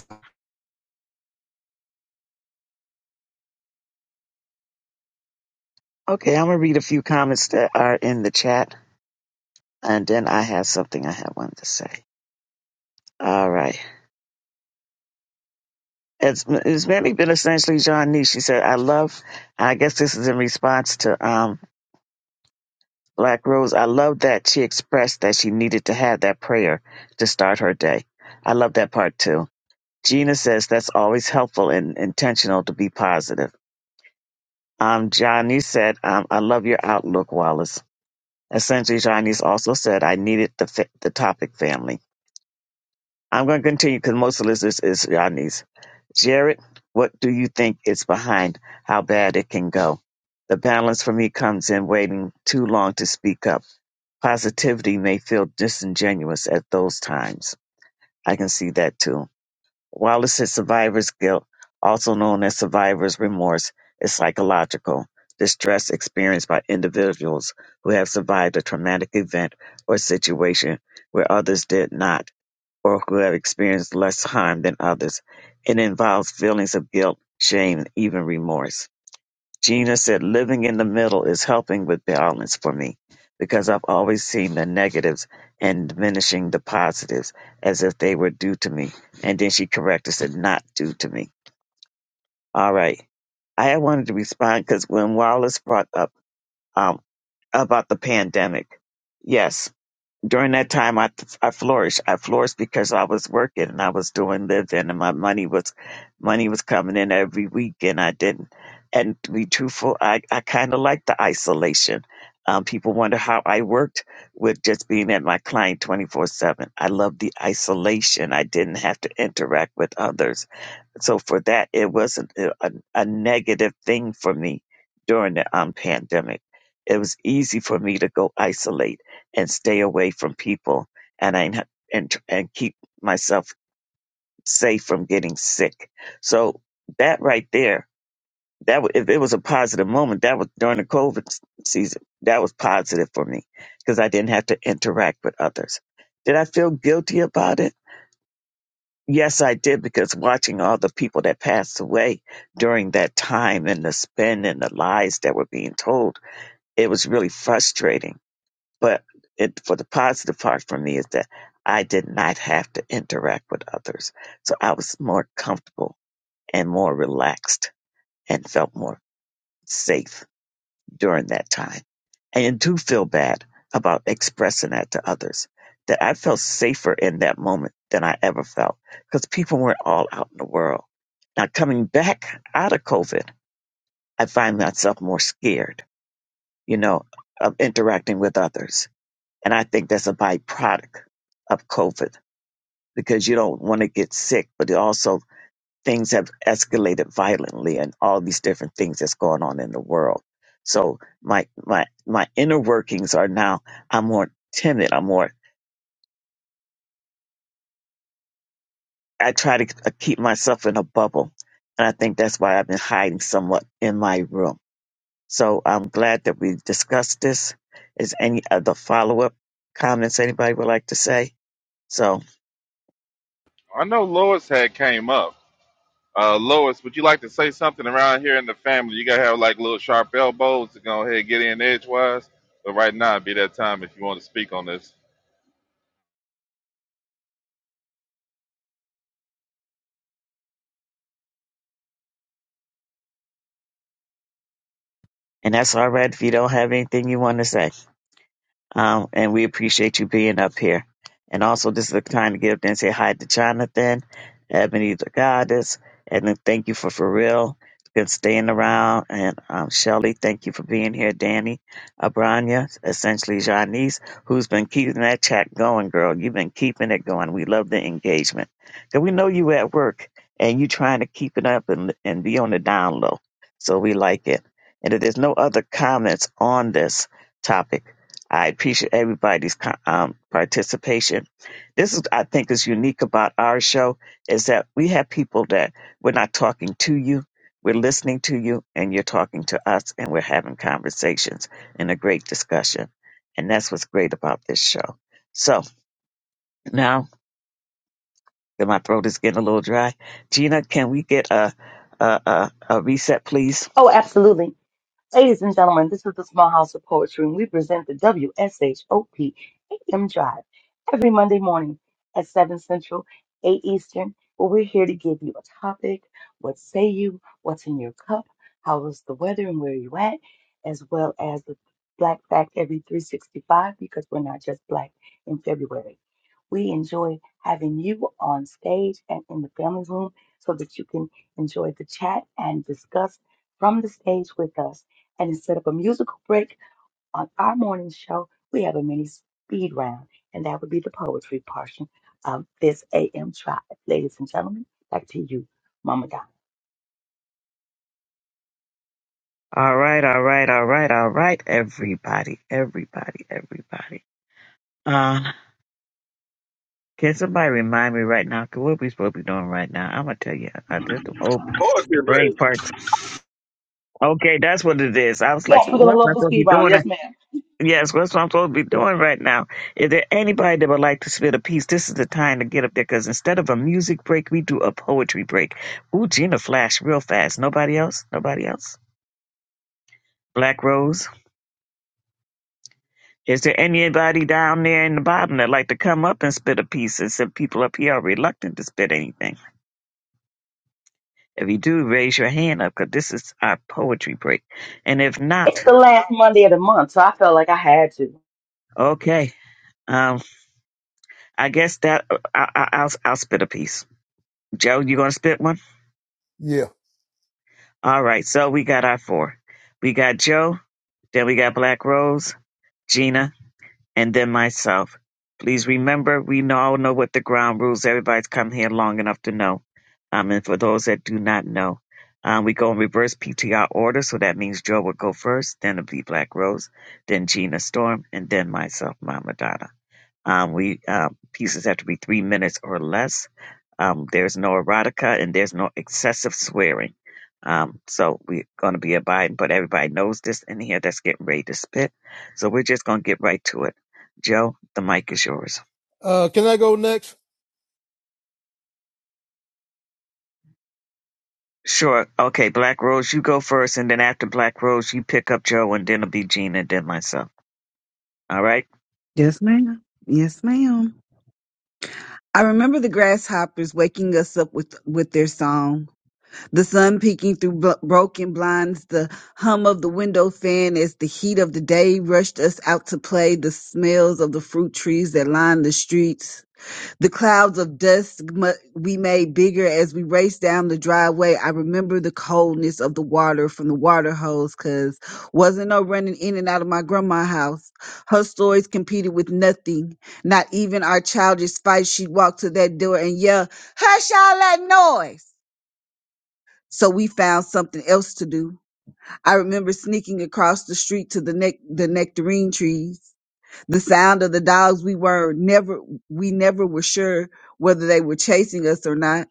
[SPEAKER 1] Okay, I'm gonna read a few comments that are in the chat, and then I have something I have wanted to say. All right. it's, it's mainly been essentially John Nee. She said, I love, I guess this is in response to um, Black Rose. I love that she expressed that she needed to have that prayer to start her day. I love that part too. Gina says that's always helpful and intentional to be positive. Um, Johnny said, um, I love your outlook, Wallace. Essentially, Johnny's also said, I needed the, fa- the topic family. I'm going to continue because most of this is, is our niece. Jared, what do you think is behind how bad it can go? The balance for me comes in waiting too long to speak up. Positivity may feel disingenuous at those times. I can see that too. Wallace said survivor's guilt, also known as survivor's remorse, is psychological distress experienced by individuals who have survived a traumatic event or situation where others did not or who have experienced less harm than others. It involves feelings of guilt, shame, and even remorse. Gina said, Living in the middle is helping with balance for me because I've always seen the negatives and diminishing the positives as if they were due to me. And then she corrected, said, Not due to me. All right. I had wanted to respond because when Wallace brought up um, about the pandemic, yes, during that time I, I flourished. I flourished because I was working and I was doing living and my money was money was coming in every week and I didn't. And to be truthful, I, I kind of liked the isolation. Um, people wonder how I worked with just being at my client 24 7. I loved the isolation. I didn't have to interact with others. So for that, it wasn't a, a, a negative thing for me during the um, pandemic. It was easy for me to go isolate and stay away from people and I n- and and keep myself safe from getting sick. So that right there, that wa- if it was a positive moment, that was during the COVID s- season. That was positive for me because I didn't have to interact with others. Did I feel guilty about it? Yes, I did because watching all the people that passed away during that time and the spin and the lies that were being told, it was really frustrating But it, for the positive part for me is that I did not have to interact with others. So I was more comfortable and more relaxed and felt more safe during that time. And I do feel bad about expressing that to others that I felt safer in that moment than I ever felt because people weren't all out in the world. Now coming back out of COVID, I find myself more scared, you know, of interacting with others And I think that's a byproduct of COVID because you don't want to get sick, but also things have escalated violently and all these different things that's going on in the world. So my, my, my inner workings are now, I'm more timid. I'm more, I try to uh, keep myself in a bubble. And I think that's why I've been hiding somewhat in my room. So I'm glad that we discussed this. Is any other follow up comments anybody would like to say? So.
[SPEAKER 2] I know Lois had came up. Uh, Lois, would you like to say something around here in the family? You gotta have like little sharp elbows to go ahead and get in edgewise. But right now, it'd be that time if you want to speak on this.
[SPEAKER 1] And that's all right if you don't have anything you want to say. Um, and we appreciate you being up here. And also, this is the time to get up there and say hi to Jonathan, Ebony the Goddess, and then thank you for for real been staying around. And um, Shelly, thank you for being here. Danny, Abranya, essentially Janice, who's been keeping that chat going, girl. You've been keeping it going. We love the engagement. Cause we know you at work and you trying to keep it up and and be on the down low. So we like it. And if there's no other comments on this topic. I appreciate everybody's co- um, participation. This is, I think, is unique about our show is that we have people that we're not talking to you, we're listening to you, and you're talking to us, and we're having conversations and a great discussion. And that's what's great about this show. So now that my throat is getting a little dry, Gina, can we get a a, a, a reset, please?
[SPEAKER 7] Oh, absolutely. Ladies and gentlemen, this is the Small House of Poetry, and we present the W S H O P A M Drive every Monday morning at 7 Central, 8 Eastern, where we're here to give you a topic, what say you, what's in your cup, how is the weather and where you at, as well as the Black Fact every 365, because we're not just Black in February. We enjoy having you on stage and in the family room so that you can enjoy the chat and discuss from the stage with us and instead of a musical break on our morning show, we have a mini speed round, and that would be the poetry portion of this AM tribe. Ladies and gentlemen, back to you, Mama Donna.
[SPEAKER 1] All right, all right, all right, all right, everybody, everybody, everybody. Can somebody remind me right now? 'Cause what we supposed to be doing right now? I'm gonna tell you. I just oh,
[SPEAKER 2] Pause
[SPEAKER 1] the
[SPEAKER 2] your
[SPEAKER 1] brain
[SPEAKER 2] break.
[SPEAKER 1] parts. Okay, that's what it is. I was
[SPEAKER 7] Yes,
[SPEAKER 1] like,
[SPEAKER 7] we're gonna
[SPEAKER 1] what am
[SPEAKER 7] love
[SPEAKER 1] I
[SPEAKER 7] the
[SPEAKER 1] supposed to
[SPEAKER 7] speed
[SPEAKER 1] be
[SPEAKER 7] round.
[SPEAKER 1] doing?
[SPEAKER 7] Yes, ma'am.
[SPEAKER 1] Yes, what's what I'm supposed to be doing right now? Is there anybody that would like to spit a piece? This is the time to get up there because instead of a music break, we do a poetry break. Ooh, Gina flashed real fast. Nobody else? Nobody else? Black Rose. Is there anybody down there in the bottom that like to come up and spit a piece? And some people up here are reluctant to spit anything. If you do, raise your hand up because this is our poetry break. And if
[SPEAKER 7] It's
[SPEAKER 1] not,
[SPEAKER 7] the last Monday of the month, so I felt like I had to.
[SPEAKER 1] okay. Um, I guess that uh, I, I, I'll I'll spit a piece. Joe, you gonna spit one?
[SPEAKER 9] Yeah.
[SPEAKER 1] All right. So we got our four. We got Joe. Then we got Black Rose, Gina. and then myself. Please remember, we know- all know what the ground rules. Everybody's come here long enough to know. Um, and for those that do not know, um, we go in reverse PTR order. So that means Joe will go first, then it'll be Black Rose, then Gina Storm, and then myself, Mama Donna. Um, we um, pieces have to be three minutes or less. Um, there's no erotica and there's no excessive swearing. Um, so we're going to be abiding, but everybody knows this in here that's getting ready to spit. So we're just going to get right to it. Joe, the mic is yours.
[SPEAKER 9] Uh, can I go next?
[SPEAKER 1] Sure. Okay, Black Rose, you go first, and then after Black Rose, you pick up Joe, and then it'll be Gina, and then myself. All right?
[SPEAKER 4] Yes, ma'am. Yes, ma'am. I remember the grasshoppers waking us up with with their song The sun peeking through bro- broken blinds, the hum of the window fan as the heat of the day rushed us out to play, the smells of the fruit trees that lined the streets, the clouds of dust mu- we made bigger as we raced down the driveway. I remember the coldness of the water from the water hose, cause wasn't no running in and out of my grandma's house. Her stories competed with nothing, not even our childish fights. She'd walk to that door and yell, hush all that noise so we found something else to do. I remember sneaking across the street to the nec- the nectarine trees. The sound of the dogs we were never we never were sure whether they were chasing us or not.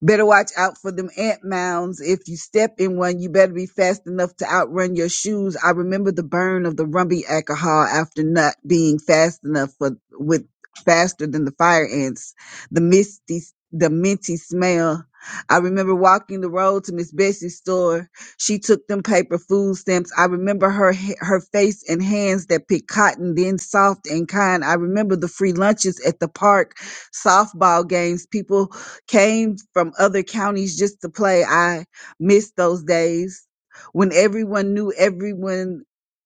[SPEAKER 4] Better watch out for them ant mounds. If you step in one, you better be fast enough to outrun your shoes. I remember the burn of the rumby alcohol after not being fast enough for with faster than the fire ants. The misty, the minty smell. I remember walking the road to Miss Betsy's store. She took them paper food stamps. I remember her ha- her face and hands that picked cotton, then soft and kind. I remember the free lunches at the park, softball games, people came from other counties just to play. I missed those days when everyone knew everyone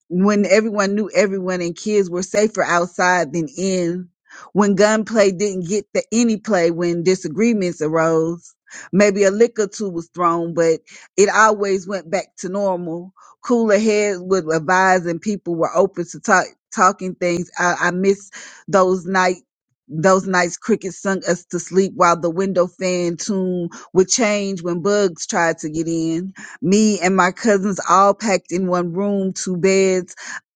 [SPEAKER 4] when everyone knew everyone and kids were safer outside than in, when gunplay didn't get the any play when disagreements arose. Maybe a lick or two was thrown, but it always went back to normal. Cooler heads would advise and people were open to talk, talking things. I, I miss those nights those nights crickets sung us to sleep while the window fan tune would change when bugs tried to get in. Me and my cousins all packed in one room, two beds,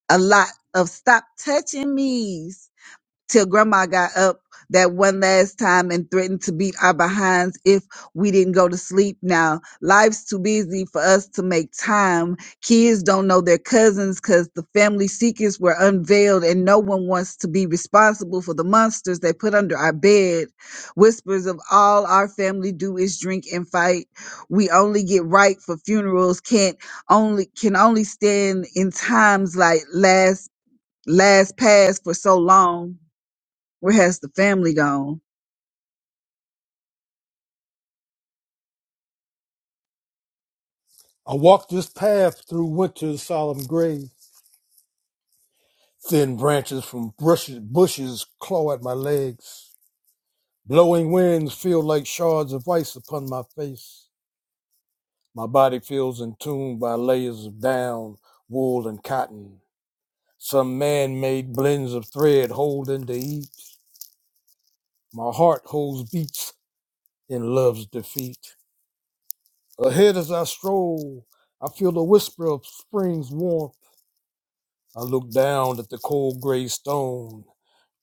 [SPEAKER 4] a lot of stop touching me's till grandma got up that one last time and threatened to beat our behinds if we didn't go to sleep now. Life's too busy for us to make time. Kids don't know their cousins because the family secrets were unveiled and no one wants to be responsible for the monsters they put under our bed. Whispers of all our family do is drink and fight. We only get right for funerals, can't only can only stand in times like last last past for so long where has the family gone?
[SPEAKER 9] I walked this path through winter's solemn grave Thin branches from bushes, bushes claw at my legs. Blowing winds feel like shards of ice upon my face. My body feels entombed by layers of down, wool, and cotton. Some man made blends of thread hold into each. My heart holds beats in love's defeat. Ahead as I stroll, I feel a whisper of spring's warmth. I look down at the cold gray stone,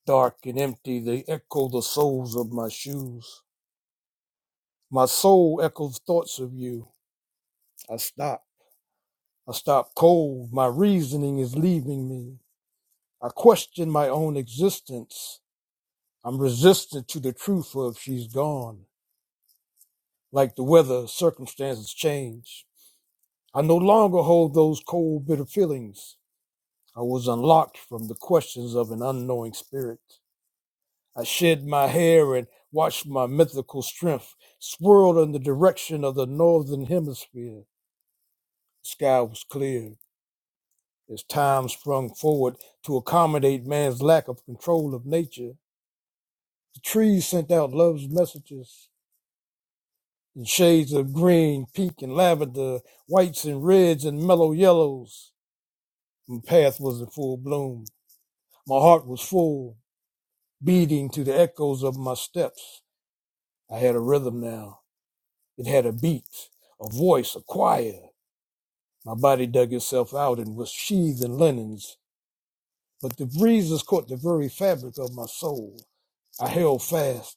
[SPEAKER 9] dark and empty, they echo the soles of my shoes. My soul echoes thoughts of you. I stop. I stop cold. My reasoning is leaving me. I question my own existence. I'm resistant to the truth of she's gone. Like the weather, circumstances change. I no longer hold those cold, bitter feelings. I was unlocked from the questions of an unknowing spirit. I shed my hair and watched my mythical strength swirl in the direction of the northern hemisphere. The sky was clear. as time sprung forward to accommodate man's lack of control of nature. The trees sent out love's messages in shades of green, pink, and lavender, whites and reds and mellow yellows. My path was in full bloom. My heart was full, beating to the echoes of my steps. I had a rhythm now. It had a beat, a voice, a choir. My body dug itself out and was sheathed in linens, but the breezes caught the very fabric of my soul. I held fast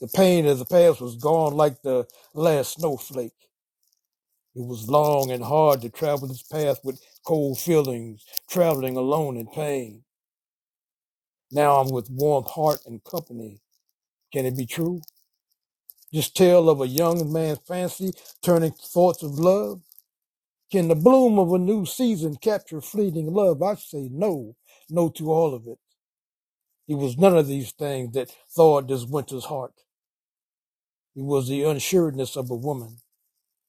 [SPEAKER 9] The pain of the past was gone like the last snowflake. It was long and hard to travel this path with cold feelings, traveling alone in pain. Now I'm with warm heart and company. Can it be true? This tale of a young man's fancy turning thoughts of love? Can the bloom of a new season capture fleeting love? I say no, no to all of it. It was none of these things that thawed this winter's heart. It was the unsureness of a woman.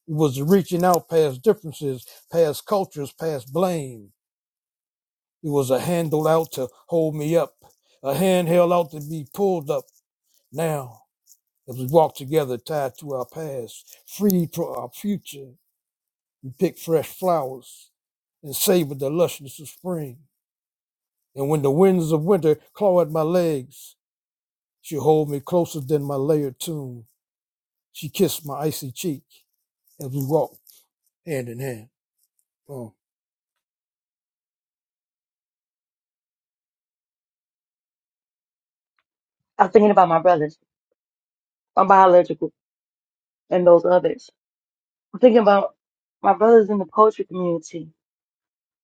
[SPEAKER 9] was reaching out past differences, past cultures, past blame. It was a handle out to hold me up, a hand held out to be pulled up. Now, as we walk together, tied to our past, freed for our future, we pick fresh flowers and savor the lushness of spring. And when the winds of winter claw at my legs, she hold me closer than my layered tomb. She kissed my icy cheek as we walked hand in hand. Oh.
[SPEAKER 7] I was thinking about my brothers, my biological, and those others. I'm thinking about my brothers in the poetry community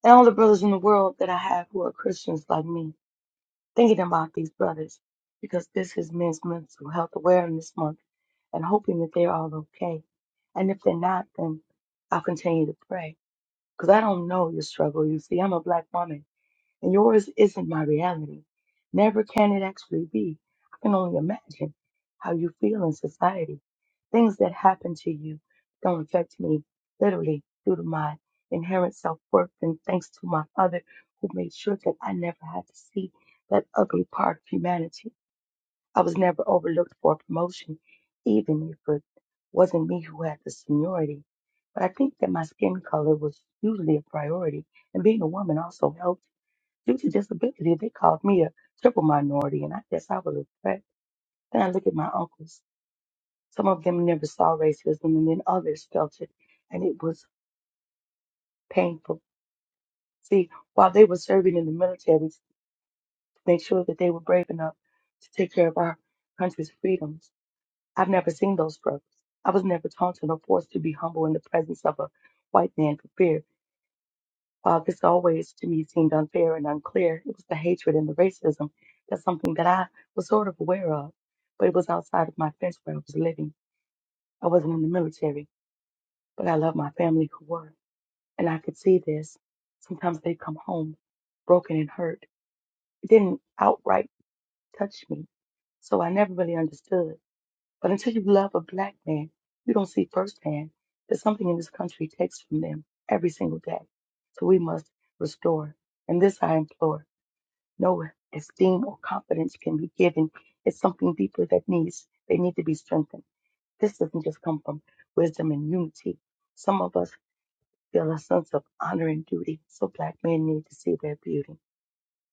[SPEAKER 7] and all the brothers in the world that I have who are Christians like me. Thinking about these brothers because this is Men's Mental Health Awareness Month and hoping that they're all okay. And if they're not, then I'll continue to pray because I don't know your struggle. You see, I'm a black woman and yours isn't my reality. Never can it actually be. I can only imagine how you feel in society. Things that happen to you don't affect me, literally, due to my inherent self worth and thanks to my father who made sure that I never had to see that ugly part of humanity. I was never overlooked for a promotion, even if it wasn't me who had the seniority. But I think that my skin color was usually a priority, and being a woman also helped. Due to disability, they called me a triple minority, and I guess I was a threat. Then I look at my uncles. Some of them never saw racism, and then others felt it, and it was painful. See, while they were serving in the military to make sure that they were brave enough to take care of our country's freedoms, I've never seen those struggles. I was never taunted or forced to be humble in the presence of a white man for fear. Uh, this always to me seemed unfair and unclear. It was the hatred and the racism. That's something that I was sort of aware of, but it was outside of my fence where I was living. I wasn't in the military, but I loved my family who were, and I could see this. Sometimes they'd come home broken and hurt. It didn't outright touch me, so I never really understood. But until you love a black man, you don't see firsthand that something in this country takes from them every single day. So we must restore. And this I implore. no esteem or confidence can be given. It's something deeper that needs, they need to be strengthened. This doesn't just come from wisdom and unity. Some of us feel a sense of honor and duty, so black men need to see their beauty.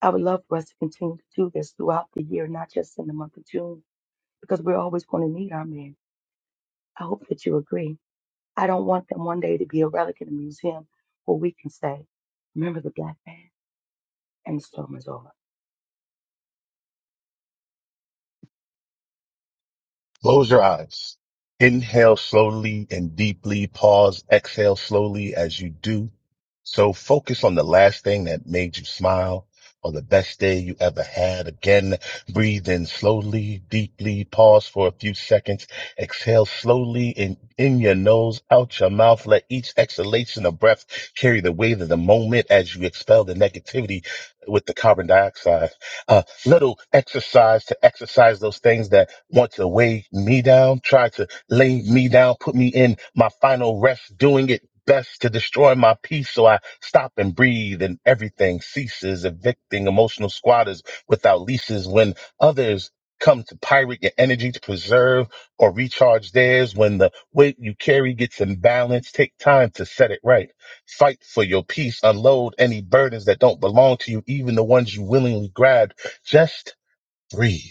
[SPEAKER 7] I would love for us to continue to do this throughout the year, not just in the month of June, because we're always going to need our men. I hope that you agree. I don't want them one day to be a relic in a museum where we can say, remember the black man and the storm is over.
[SPEAKER 6] Close your eyes. Inhale slowly and deeply. Pause. Exhale slowly as you do. So focus on the last thing that made you smile or the best day you ever had. Again, breathe in slowly, deeply. Pause for a few seconds. Exhale slowly in, in your nose, out your mouth. Let each exhalation of breath carry the weight of the moment as you expel the negativity with the carbon dioxide. Uh, little exercise to exercise those things that want to weigh me down, try to lay me down, put me in my final rest, doing it best to destroy my peace. So I stop and breathe and everything ceases, evicting emotional squatters without leases when others come to pirate your energy to preserve or recharge theirs when the weight you carry gets imbalanced take time to set it right fight for your peace unload any burdens that don't belong to you even the ones you willingly grab just breathe.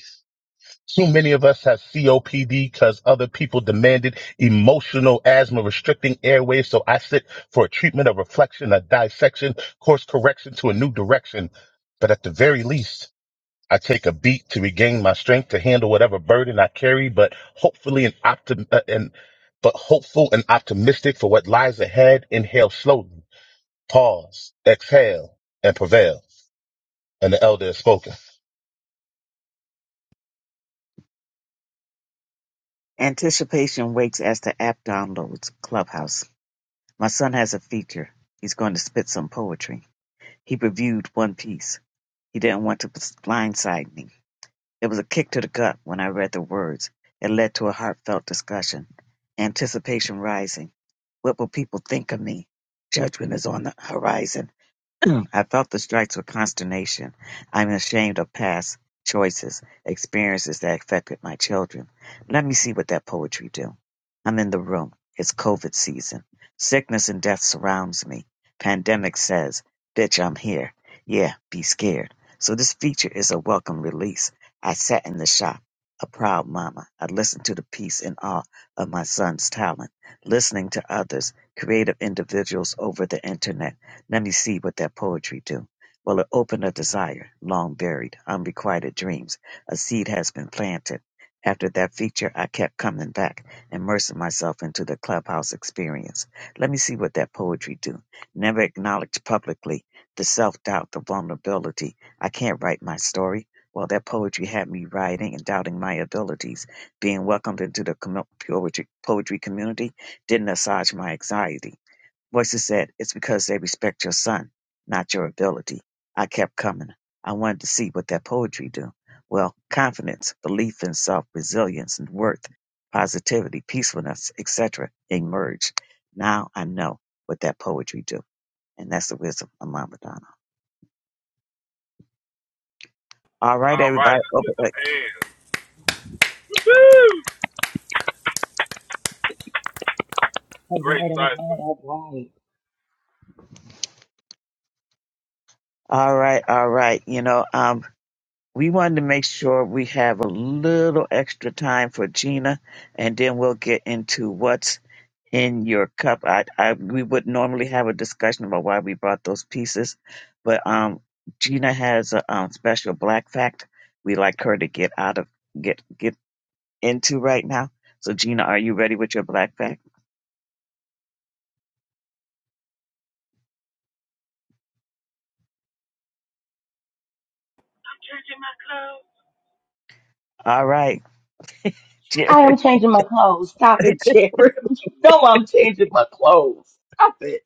[SPEAKER 6] Too many of us have COPD because other people demanded emotional asthma restricting airways. So I sit for a treatment, a reflection, a dissection, course correction to a new direction. But at the very least, I take a beat to regain my strength to handle whatever burden I carry, but hopefully an optim, uh, and, but hopeful and optimistic for what lies ahead. Inhale slowly, pause, exhale, and prevail. And the elder has spoken.
[SPEAKER 1] Anticipation waits as the app downloads Clubhouse. My son has a feature. He's going to spit some poetry. He reviewed One Piece. He didn't want to blindside me. It was a kick to the gut when I read the words. It led to a heartfelt discussion. Anticipation rising. What will people think of me? Judgment is on the horizon. I felt the strikes with consternation. I'm ashamed of past choices, experiences that affected my children. Let me see what that poetry do. I'm in the room. It's COVID season. Sickness and death surrounds me. Pandemic says, bitch, I'm here. Yeah, be scared. So this feature is a welcome release. I sat in the shop, a proud mama. I listened to the peace and awe of my son's talent, listening to others, creative individuals over the internet let me see what that poetry do. Well, it opened a desire, long buried, unrequited dreams. A seed has been planted. After that feature, I kept coming back, immersing myself into the clubhouse experience. Let me see what that poetry do. Never acknowledged publicly, the self-doubt, the vulnerability. I can't write my story. Well, that poetry had me writing and doubting my abilities. Being welcomed into the commu- poetry, poetry community didn't assuage my anxiety Voices said, It's because they respect your son, not your ability. I kept coming. I wanted to see what that poetry do. Well, confidence, belief in self, resilience and worth, positivity, peacefulness, etc. emerged. Now I know what that poetry do. And that's the wisdom of Mama Donna. All right,
[SPEAKER 2] All right,
[SPEAKER 1] everybody. Open-
[SPEAKER 2] some hands. Woo!
[SPEAKER 7] All
[SPEAKER 2] Great
[SPEAKER 7] right, all right,
[SPEAKER 2] cipher.
[SPEAKER 7] all right.
[SPEAKER 1] All right, all right. You know, um. we wanted to make sure we have a little extra time for Gina, and then we'll get into what's in your cup. I, I we would normally have a discussion about why we bought those pieces, but um, Gina has a um, special black fact we like her to get out of get get into right now. So Gina, are you ready with your black fact? All right,
[SPEAKER 7] I am
[SPEAKER 1] Jared.
[SPEAKER 7] changing my clothes. Stop it, Jared. You know I'm changing my clothes. Stop it.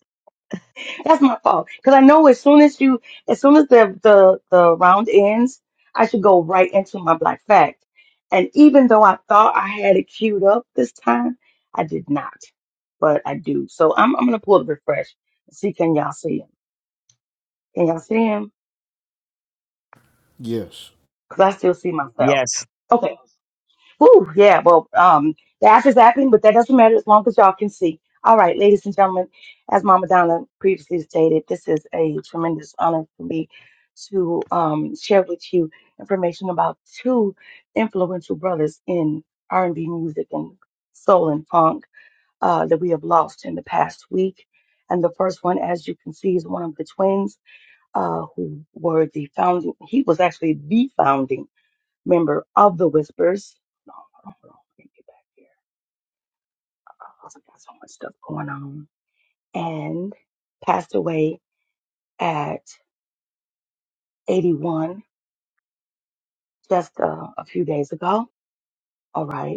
[SPEAKER 7] That's my fault. Because I know as soon as you, as soon as the, the the round ends, I should go right into my black fact. And even though I thought I had it queued up this time, I did not. But I do. So I'm I'm gonna pull the refresh and see can y'all see him. Can y'all see him?
[SPEAKER 3] Yes.
[SPEAKER 7] Because I still see myself.
[SPEAKER 1] Yes,
[SPEAKER 7] Okay. Whew, yeah, well, um, the app is happening, but that doesn't matter as long as y'all can see. All right, ladies and gentlemen, as Mama Donna previously stated, this is a tremendous honor for me to um, share with you information about two influential brothers in R&B music and soul and funk uh, that we have lost in the past week. And the first one, as you can see, is one of the twins uh, who were the founding. He was actually the founding member of the Whispers. No, hold on, hold on. Let me get back here. I got so much stuff going on. And passed away at 81 just uh, a few days ago. All right.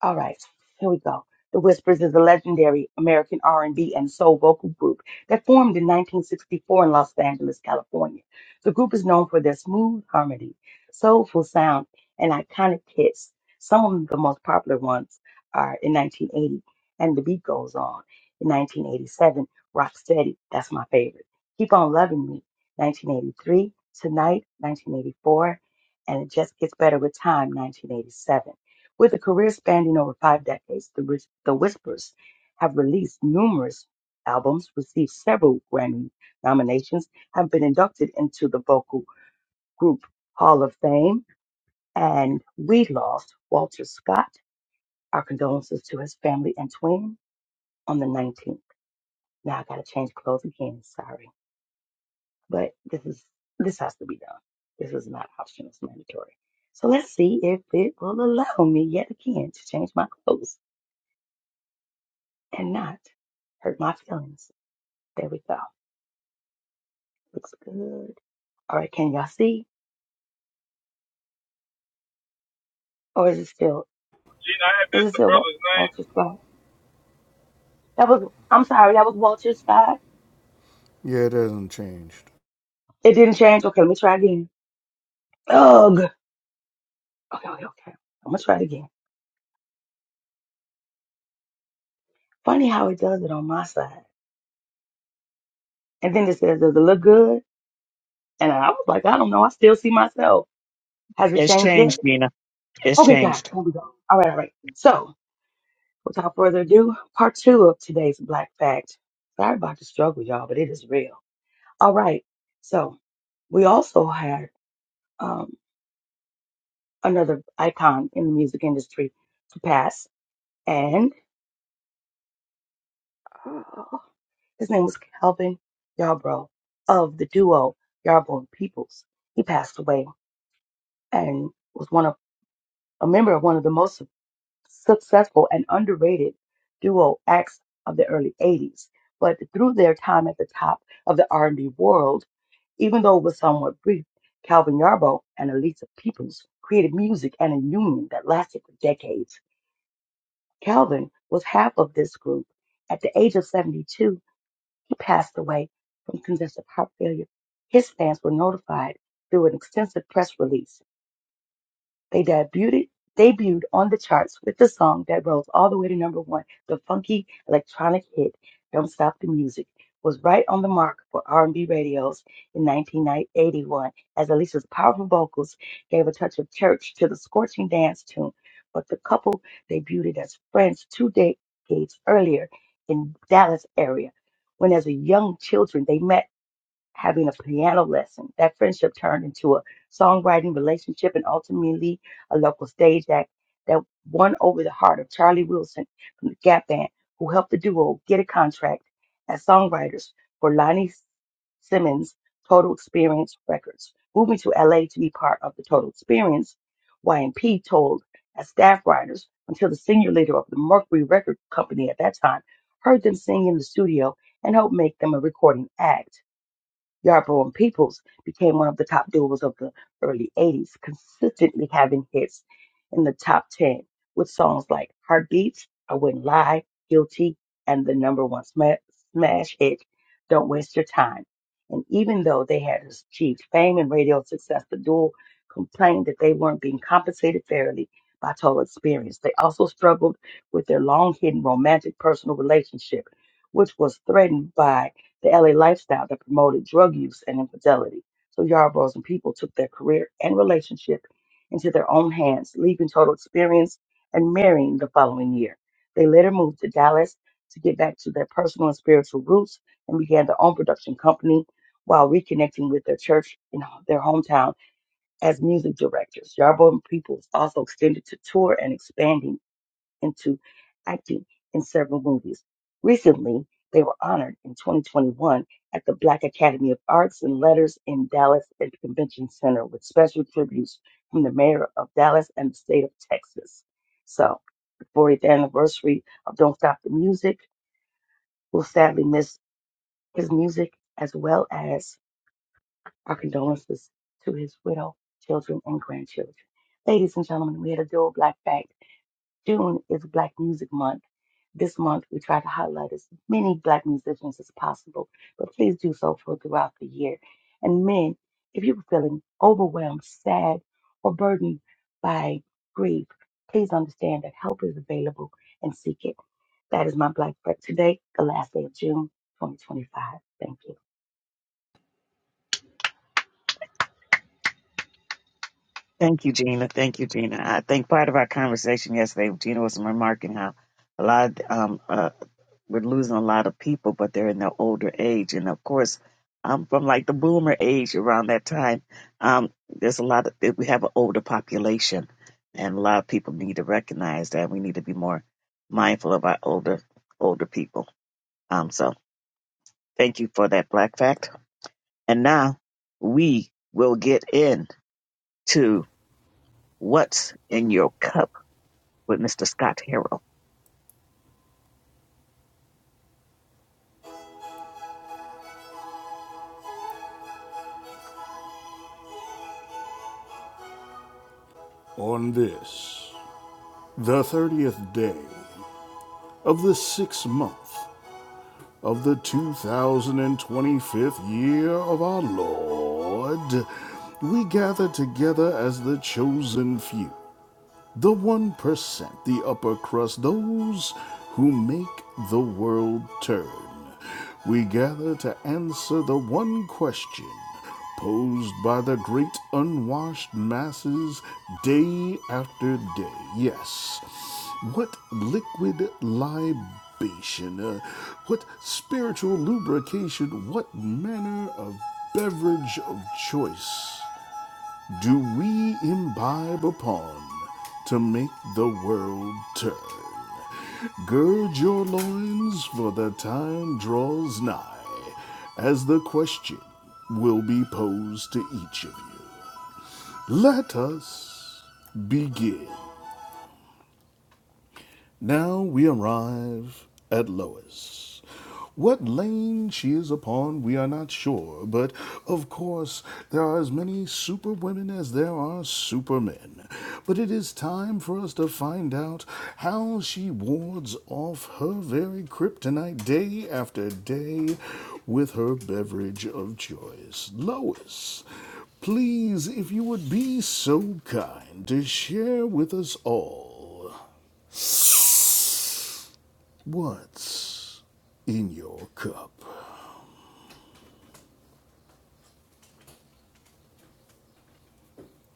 [SPEAKER 7] All right, here we go. The Whispers is a legendary American R&B and B and soul vocal group that formed in 1964 in Los Angeles, California. The group is known for their smooth harmony, soulful sound, and iconic hits. Some of the most popular ones are in 1980 and The Beat Goes On. In 1987, Rock Steady, that's my favorite. Keep on Loving Me, 1983, Tonight, 1984, and It Just Gets Better with Time, 1987. With a career spanning over five decades, the, Whis- the Whispers have released numerous albums, received several Grammy nominations, have been inducted into the Vocal Group Hall of Fame, and we lost Walter Scott. Our condolences to his family and twin on the 19th. Now I gotta change clothes again, sorry. But this is this has to be done. This is not optional, it's mandatory. So let's see if it will allow me yet again to change my clothes. and not hurt my feelings. There we go. Looks good. All right, can y'all see? Or is it still
[SPEAKER 2] Gene, I had
[SPEAKER 7] is
[SPEAKER 2] missed
[SPEAKER 7] it
[SPEAKER 2] the
[SPEAKER 7] still Wa-
[SPEAKER 2] brother's
[SPEAKER 7] Walter's spot? That was I'm sorry, that was Walter Scott.
[SPEAKER 3] Yeah, it hasn't changed.
[SPEAKER 7] It didn't change. Okay, let me try again. Ugh. Okay, okay, okay. I'm gonna try it again. Funny how it does it on my side. And then it says, Does it look good? And I was like, I don't know, I still see myself. Has it
[SPEAKER 1] it's
[SPEAKER 7] changed yet?
[SPEAKER 1] changed, Gina. It's
[SPEAKER 7] Okay, guys,
[SPEAKER 1] changed.
[SPEAKER 7] here we go. All right, all right. So without further ado, part two of today's Black Fact. Sorry about the struggle, y'all, but it is real. All right. So we also had um, another icon in the music industry to pass, and uh, his name was Calvin Yarbrough of the duo Yarbrough and Peoples. He passed away and was one of a member of one of the most successful and underrated duo acts of the early '80s. But through their time at the top of the R&B world, Even though it was somewhat brief, Calvin Yarbo and Elisa Peoples created music and a union that lasted for decades. Calvin was half of this group. At the age of 72, he passed away from congestive heart failure. His fans were notified through an extensive press release. They debuted debuted on the charts with the song that rose all the way to number one. The funky electronic hit "Don't Stop the Music" was right on the mark for R&B radios in 1981, as Alicia's powerful vocals gave a touch of church to the scorching dance tune. But the couple debuted as friends two decades earlier in Dallas area, when as a young children they met having a piano lesson. That friendship turned into a songwriting relationship and ultimately a local stage act that won over the heart of Charlie Wilson from the Gap Band, who helped the duo get a contract as songwriters for Lonnie Simmons' Total Experience Records. Moving to LA to be part of the Total Experience, Y&P told as staff writers until the senior leader of the Mercury Record Company at that time heard them sing in the studio and helped make them a recording act. Yarborough and Peoples became one of the top duos of the early 80s, consistently having hits in the top 10 with songs like Heartbeats, I Wouldn't Lie, Guilty, and the number one sma- smash hit, Don't Waste Your Time. And even though they had achieved fame and radio success, the duo complained that they weren't being compensated fairly by Total Experience. They also struggled with their long hidden romantic personal relationship, which was threatened by the LA lifestyle that promoted drug use and infidelity. So Yarborough's and people took their career and relationship into their own hands, leaving Total Experience and marrying the following year. They later moved to Dallas to get back to their personal and spiritual roots and began their own production company while reconnecting with their church in their hometown as music directors. Yarborough and Peoples also extended to tour and expanding into acting in several movies. Recently, they were honored in 2021 at the Black Academy of Arts and Letters in Dallas at the Convention Center with special tributes from the mayor of Dallas and the state of Texas. So, the 40th anniversary of Don't Stop the Music, we'll sadly miss his music as well as our condolences to his widow, children, and grandchildren. Ladies and gentlemen, we had a dual black fact. June is Black Music Month. This month, we try to highlight as many Black musicians as possible, but please do so for throughout the year. And men, if you're feeling overwhelmed, sad, or burdened by grief, please understand that help is available and seek it. That is my Black Break today, the last day of June 2025. Thank you.
[SPEAKER 1] Thank you, Gina. Thank you, Gina. I think part of our conversation yesterday, Gina was remarking how a lot of um, uh, We're losing a lot of people, but they're in their older age. And of course, I'm from like the boomer age around that time. Um, there's a lot of, eh, we have an older population, and a lot of people need to recognize that we need to be more mindful of our older, older people. Um, so thank you for that black fact. And now we will get into what's in your cup with Mr. Scott Harrell.
[SPEAKER 3] On this, the 30th day of the sixth month of the 2025th year of our Lord, we gather together as the chosen few the 1%, the upper crust, those who make the world turn. We gather to answer the one question posed by the great unwashed masses day after day. Yes, what liquid libation, uh, what spiritual lubrication, what manner of beverage of choice do we imbibe upon to make the world turn? Gird your loins, for the time draws nigh, as the question will be posed to each of you. Let us begin. Now we arrive at Lois. What lane she is upon, we are not sure, but of course there are as many superwomen as there are supermen. But it is time for us to find out how she wards off her very kryptonite day after day with her beverage of choice. Lois, please, if you would be so kind to share with us all. What's in your cup?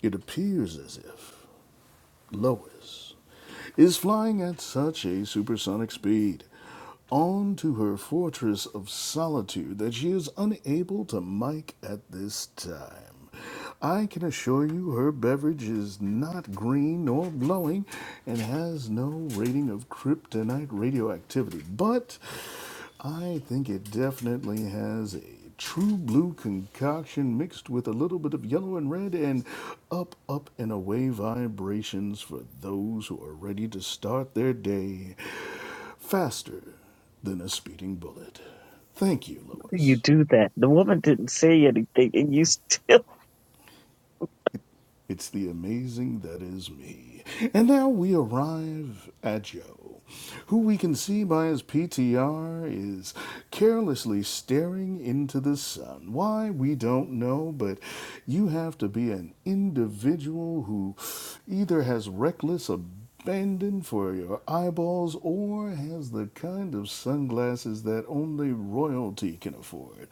[SPEAKER 3] It appears as if Lois is flying at such a supersonic speed on to her fortress of solitude that she is unable to mic at this time. I can assure you her beverage is not green nor glowing and has no rating of kryptonite radioactivity, but I think it definitely has a true blue concoction mixed with a little bit of yellow and red and up, up, and away vibrations for those who are ready to start their day faster than a speeding bullet. Thank you,
[SPEAKER 1] you
[SPEAKER 3] Lois.
[SPEAKER 1] do that? The woman didn't say anything, and you still.
[SPEAKER 3] It's the amazing that is me. And now we arrive at Joe, who we can see by his PTR is carelessly staring into the sun. Why, we don't know, but you have to be an individual who either has reckless ability bending for your eyeballs or has the kind of sunglasses that only royalty can afford.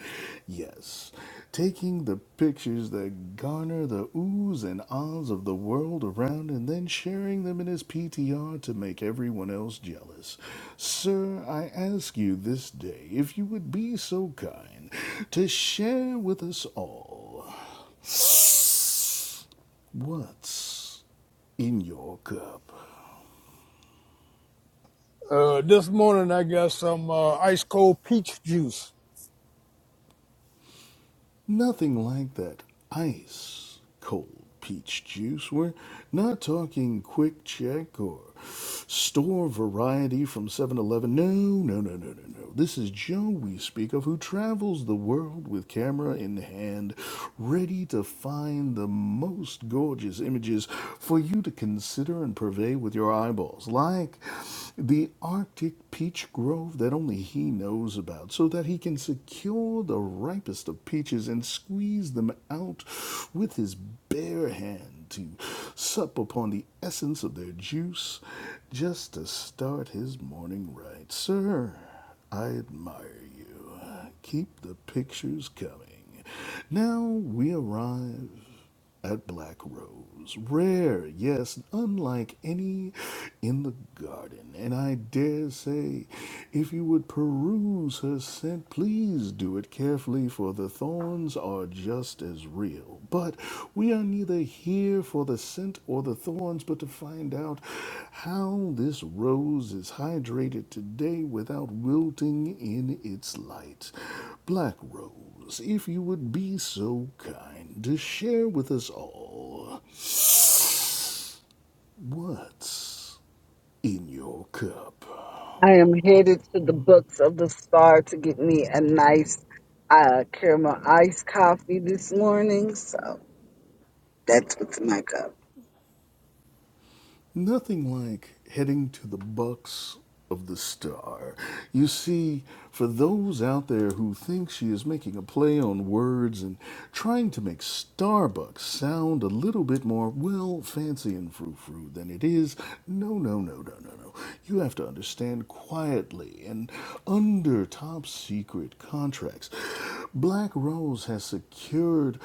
[SPEAKER 3] Yes, taking the pictures that garner the oohs and ahs of the world around and then sharing them in his PTR to make everyone else jealous. Sir, I ask you this day if you would be so kind to share with us all what's in your cup.
[SPEAKER 9] Uh, this morning I got some uh, ice cold peach juice.
[SPEAKER 3] Nothing like that ice cold peach juice. We're not talking quick check or store variety from Seven Eleven. No, no, no, no, no, no. This is Joe we speak of who travels the world with camera in hand, ready to find the most gorgeous images for you to consider and purvey with your eyeballs. Like the the Arctic peach grove that only he knows about, so that he can secure the ripest of peaches and squeeze them out with his bare hand to sup upon the essence of their juice just to start his morning right. Sir, I admire you. Keep the pictures coming. Now we arrive that black rose, rare, yes, unlike any in the garden, and I dare say, if you would peruse her scent, please do it carefully, for the thorns are just as real. But we are neither here for the scent or the thorns, but to find out how this rose is hydrated today without wilting in its light. Black rose if you would be so kind to share with us all what's in your cup.
[SPEAKER 4] I am headed to the Books of the Star to get me a nice uh, caramel iced coffee this morning. So that's what's in my cup.
[SPEAKER 3] Nothing like heading to the bucks of the star. You see, for those out there who think she is making a play on words and trying to make Starbucks sound a little bit more, well, fancy and frou-frou than it is, no, no, no, no, no, no. You have to understand quietly and under top secret contracts. Black Rose has secured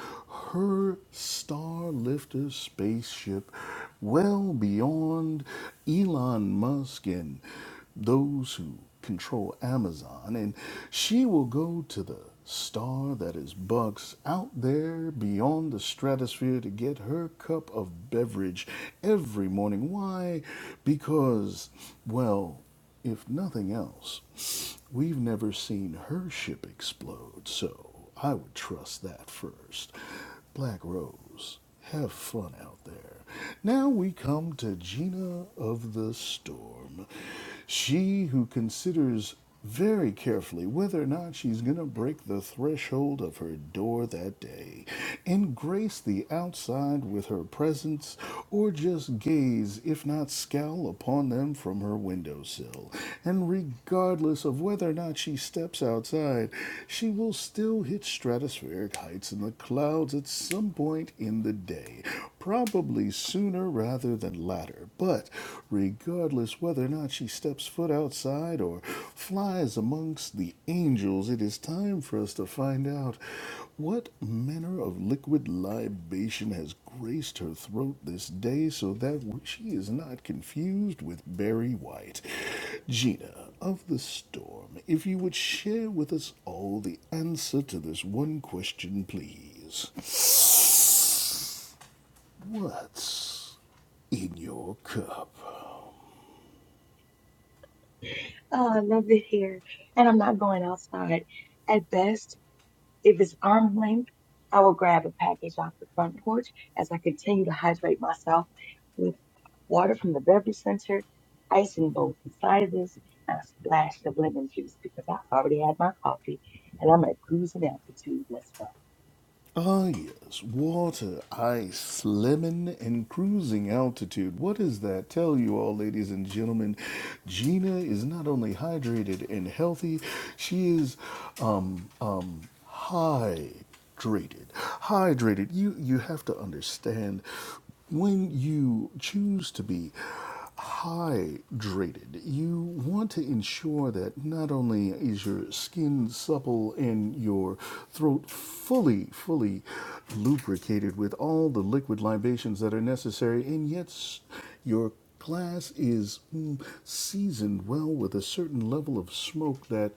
[SPEAKER 3] her Starlifter spaceship well beyond Elon Musk and those who control Amazon. And she will go to the star that is Bucks out there beyond the stratosphere to get her cup of beverage every morning. Why? Because, well, if nothing else, we've never seen her ship explode, so I would trust that first. Black Rose girls, have fun out there. Now we come to Gina of the Storm. She who considers very carefully whether or not she's going to break the threshold of her door that day and grace the outside with her presence or just gaze, if not scowl, upon them from from her windowsill, and regardless of whether or not she steps outside, she will still hit stratospheric heights in the clouds at some point in the day, probably sooner rather than latter. But regardless whether or not she steps foot outside or flies amongst the angels, it is time for us to find out what manner of liquid libation has graced her throat this day so that she is not confused with Barry White? Gina of the Storm, if you would share with us all the answer to this one question, please. What's in your cup?
[SPEAKER 7] Oh, I love it here, And I'm not going outside. At best, If it's arm's length, I will grab a package off the front porch as I continue to hydrate myself with water from the beverage center, ice in both sizes, and a splash of lemon juice because I already had my coffee and I'm at cruising altitude. Let's go.
[SPEAKER 3] Ah, yes, water, ice, lemon, and cruising altitude. What does that tell you all, ladies and gentlemen? Gina is not only hydrated and healthy, she is, um, um, hydrated. Hydrated. You, you have to understand when you choose to be hydrated. You want to ensure that not only is your skin supple and your throat fully, fully lubricated with all the liquid libations that are necessary, and yet your glass is mm, seasoned well with a certain level of smoke that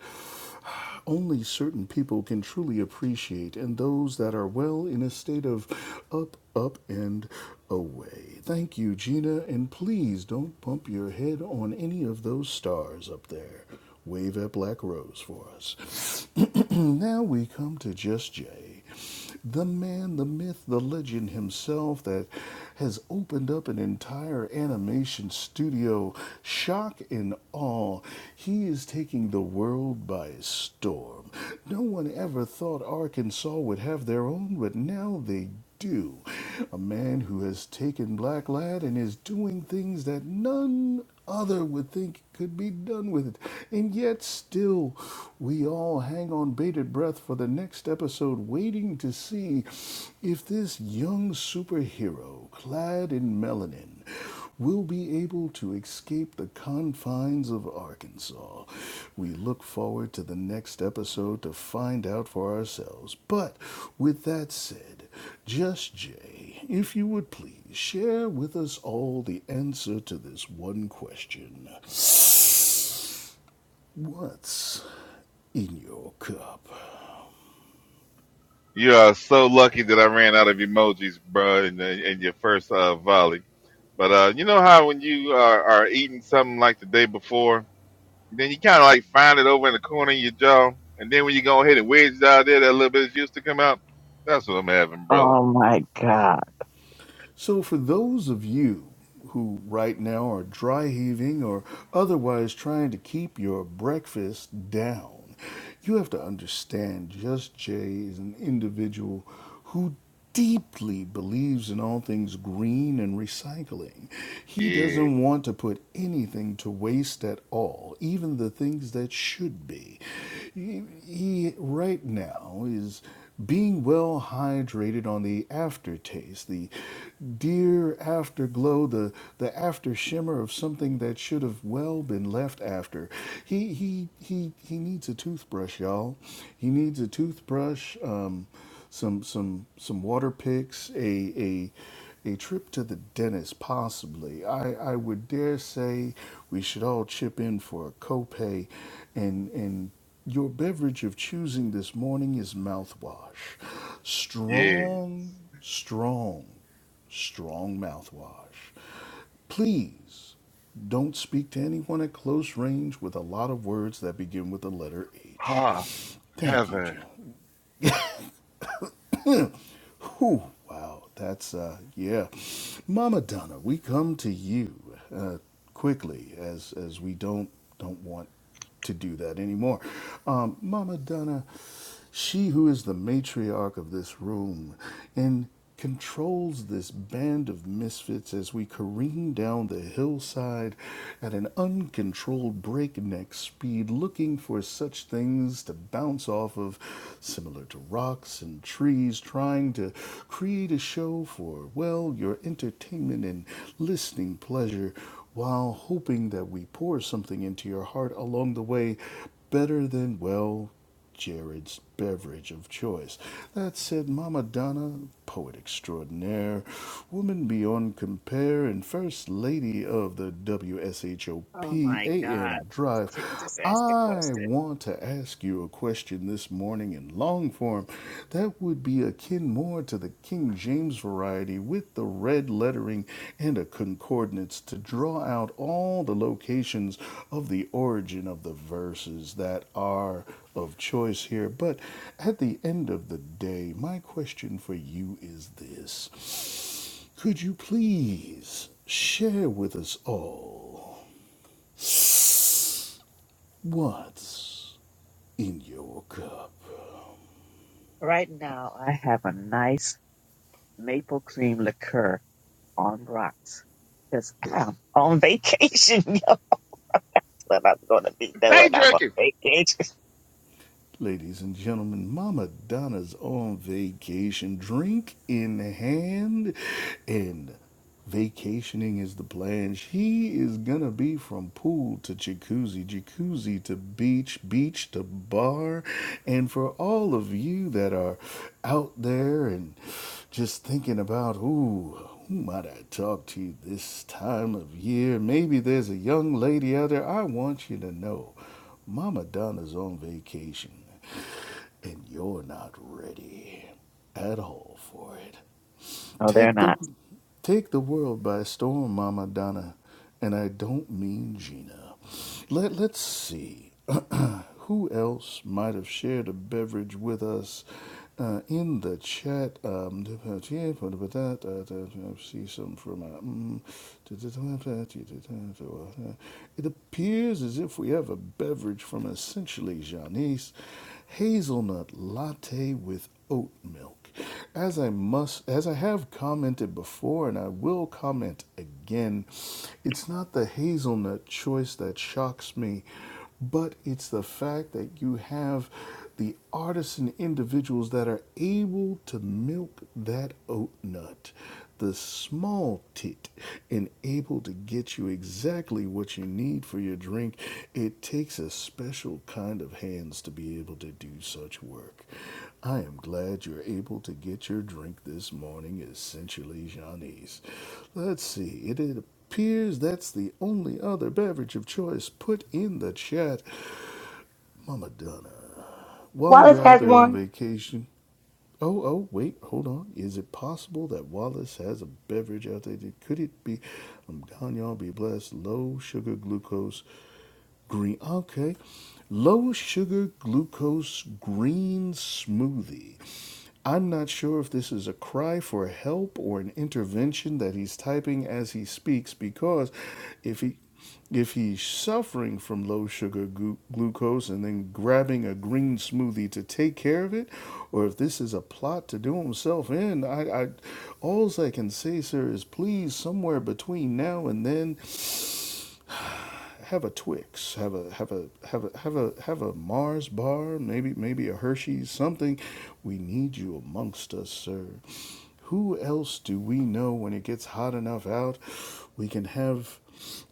[SPEAKER 3] only certain people can truly appreciate, and those that are well in a state of up, up, and away. Thank you, Gina, and please don't bump your head on any of those stars up there. Wave at Black Rose for us. now we come to Just Jay the man, the myth, the legend himself that has opened up an entire animation studio. Shock and awe. He is taking the world by storm. No one ever thought Arkansas would have their own, but now they do. A man who has taken Black Lad and is doing things that none other would think could be done with it. And yet, still, we all hang on bated breath for the next episode, waiting to see if this young superhero, clad in melanin, will be able to escape the confines of Arkansas. We look forward to the next episode to find out for ourselves. But with that said, just Jay, if you would please share with us all the answer to this one question. What's in your cup?
[SPEAKER 2] name. You are so lucky that I ran out of emojis, bro, in, the, in your first uh, volley. But uh, you know how when you are, are eating something like the day before Then you kind of like find it over in the corner of your jaw, and then when you go ahead and wedge it out there, that little bit used to come out. That's what I'm having, brother.
[SPEAKER 1] Oh my God.
[SPEAKER 3] So, for those of you who right now are dry heaving or otherwise trying to keep your breakfast down, you have to understand Just Jay is an individual who deeply believes in all things green and recycling. He
[SPEAKER 2] Yeah,
[SPEAKER 3] doesn't want to put anything to waste at all, even the things that should be. He, he right now is being well hydrated on the aftertaste, the dear afterglow, the, the after shimmer of something that should have well been left after. He, he, he, he needs a toothbrush, y'all. He needs a toothbrush, um, some, some, some water picks, a, a, a trip to the dentist, possibly. I, I would dare say we should all chip in for a copay and, and your beverage of choosing this morning is mouthwash.
[SPEAKER 2] yeah.
[SPEAKER 3] Strong, strong, strong mouthwash. Please don't speak to anyone at close range with a lot of words that begin with the letter H.
[SPEAKER 2] Ah,
[SPEAKER 3] Thank you,
[SPEAKER 2] heaven.
[SPEAKER 3] Jim. Whew, wow, that's, uh, yeah. Mama Donna, we come to you uh, quickly as, as we don't, don't want to do that anymore. Um, Mama Donna, she who is the matriarch of this room, and controls this band of misfits as we careen down the hillside at an uncontrolled breakneck speed, looking for such things to bounce off of, similar to rocks and trees, trying to create a show for, well, your entertainment and listening pleasure, while hoping that we pour something into your heart along the way better than, well, Jared's beverage of choice. That said, Mama Donna, poet extraordinaire, woman beyond compare, and first lady of the WSHOP
[SPEAKER 1] Oh my God.
[SPEAKER 3] AM Drive,
[SPEAKER 1] Can you just ask the
[SPEAKER 3] I
[SPEAKER 1] question?
[SPEAKER 3] want to ask you a question this morning in long form that would be akin more to the King James variety with the red lettering and a concordance to draw out all the locations of the origin of the verses that are of choice here. But at the end of the day, my question for you is this Could you please share with us all what's in your cup?
[SPEAKER 1] Right now, I have a nice maple cream liqueur on rocks because I'm on vacation. but I'm going to be
[SPEAKER 2] Day
[SPEAKER 1] doing. I'm on
[SPEAKER 2] drinking.
[SPEAKER 1] vacation.
[SPEAKER 3] Ladies and gentlemen, Mama Donna's on vacation, drink in hand, and vacationing is the plan. She is gonna be from pool to jacuzzi, jacuzzi to beach, beach to bar. And for all of you that are out there and just thinking about, ooh, who might I talk to this time of year? Maybe there's a young lady out there. I want you to know Mama Donna's on vacation, and you're not ready at all for it.
[SPEAKER 1] No, they're
[SPEAKER 3] Take the
[SPEAKER 1] not.
[SPEAKER 3] take the world by storm, Mama Donna, and I don't mean Gina. Let let's see. who else might have shared a beverage with us uh, in the chat? Um, I see some from. Uh, mm, it appears as if we have a beverage from essentially Janice hazelnut latte with oat milk. As I must, as I have commented before, and I will comment again, it's not the hazelnut choice that shocks me, but it's the fact that you have the artisan individuals that are able to milk that oat nut the small tit and able to get you exactly what you need for your drink, it takes a special kind of hands to be able to do such work. I am glad you're able to get your drink this morning, essentially, Janice. Let's see, it, is appears that's the only other beverage of choice put in the chat. Mama Donna, while
[SPEAKER 7] Wallace
[SPEAKER 3] you're out
[SPEAKER 7] has
[SPEAKER 3] there on
[SPEAKER 7] one.
[SPEAKER 3] vacation, Oh, oh, wait, hold on. Is it possible that Wallace has a beverage out there? Could it be? Um, Gagnon be blessed. Low sugar glucose green. Okay. Low sugar glucose green smoothie. I'm not sure if this is a cry for help or an intervention that he's typing as he speaks because if he if he's suffering from low sugar glu- glucose and then grabbing a green smoothie to take care of it, or if this is a plot to do himself in, I, I alls I can say, sir, is please somewhere between now and then have a Twix, have a have a have a have a have a Mars bar, maybe maybe a Hershey's, something. We need you amongst us, sir. Who else do we know when it gets hot enough out? We can have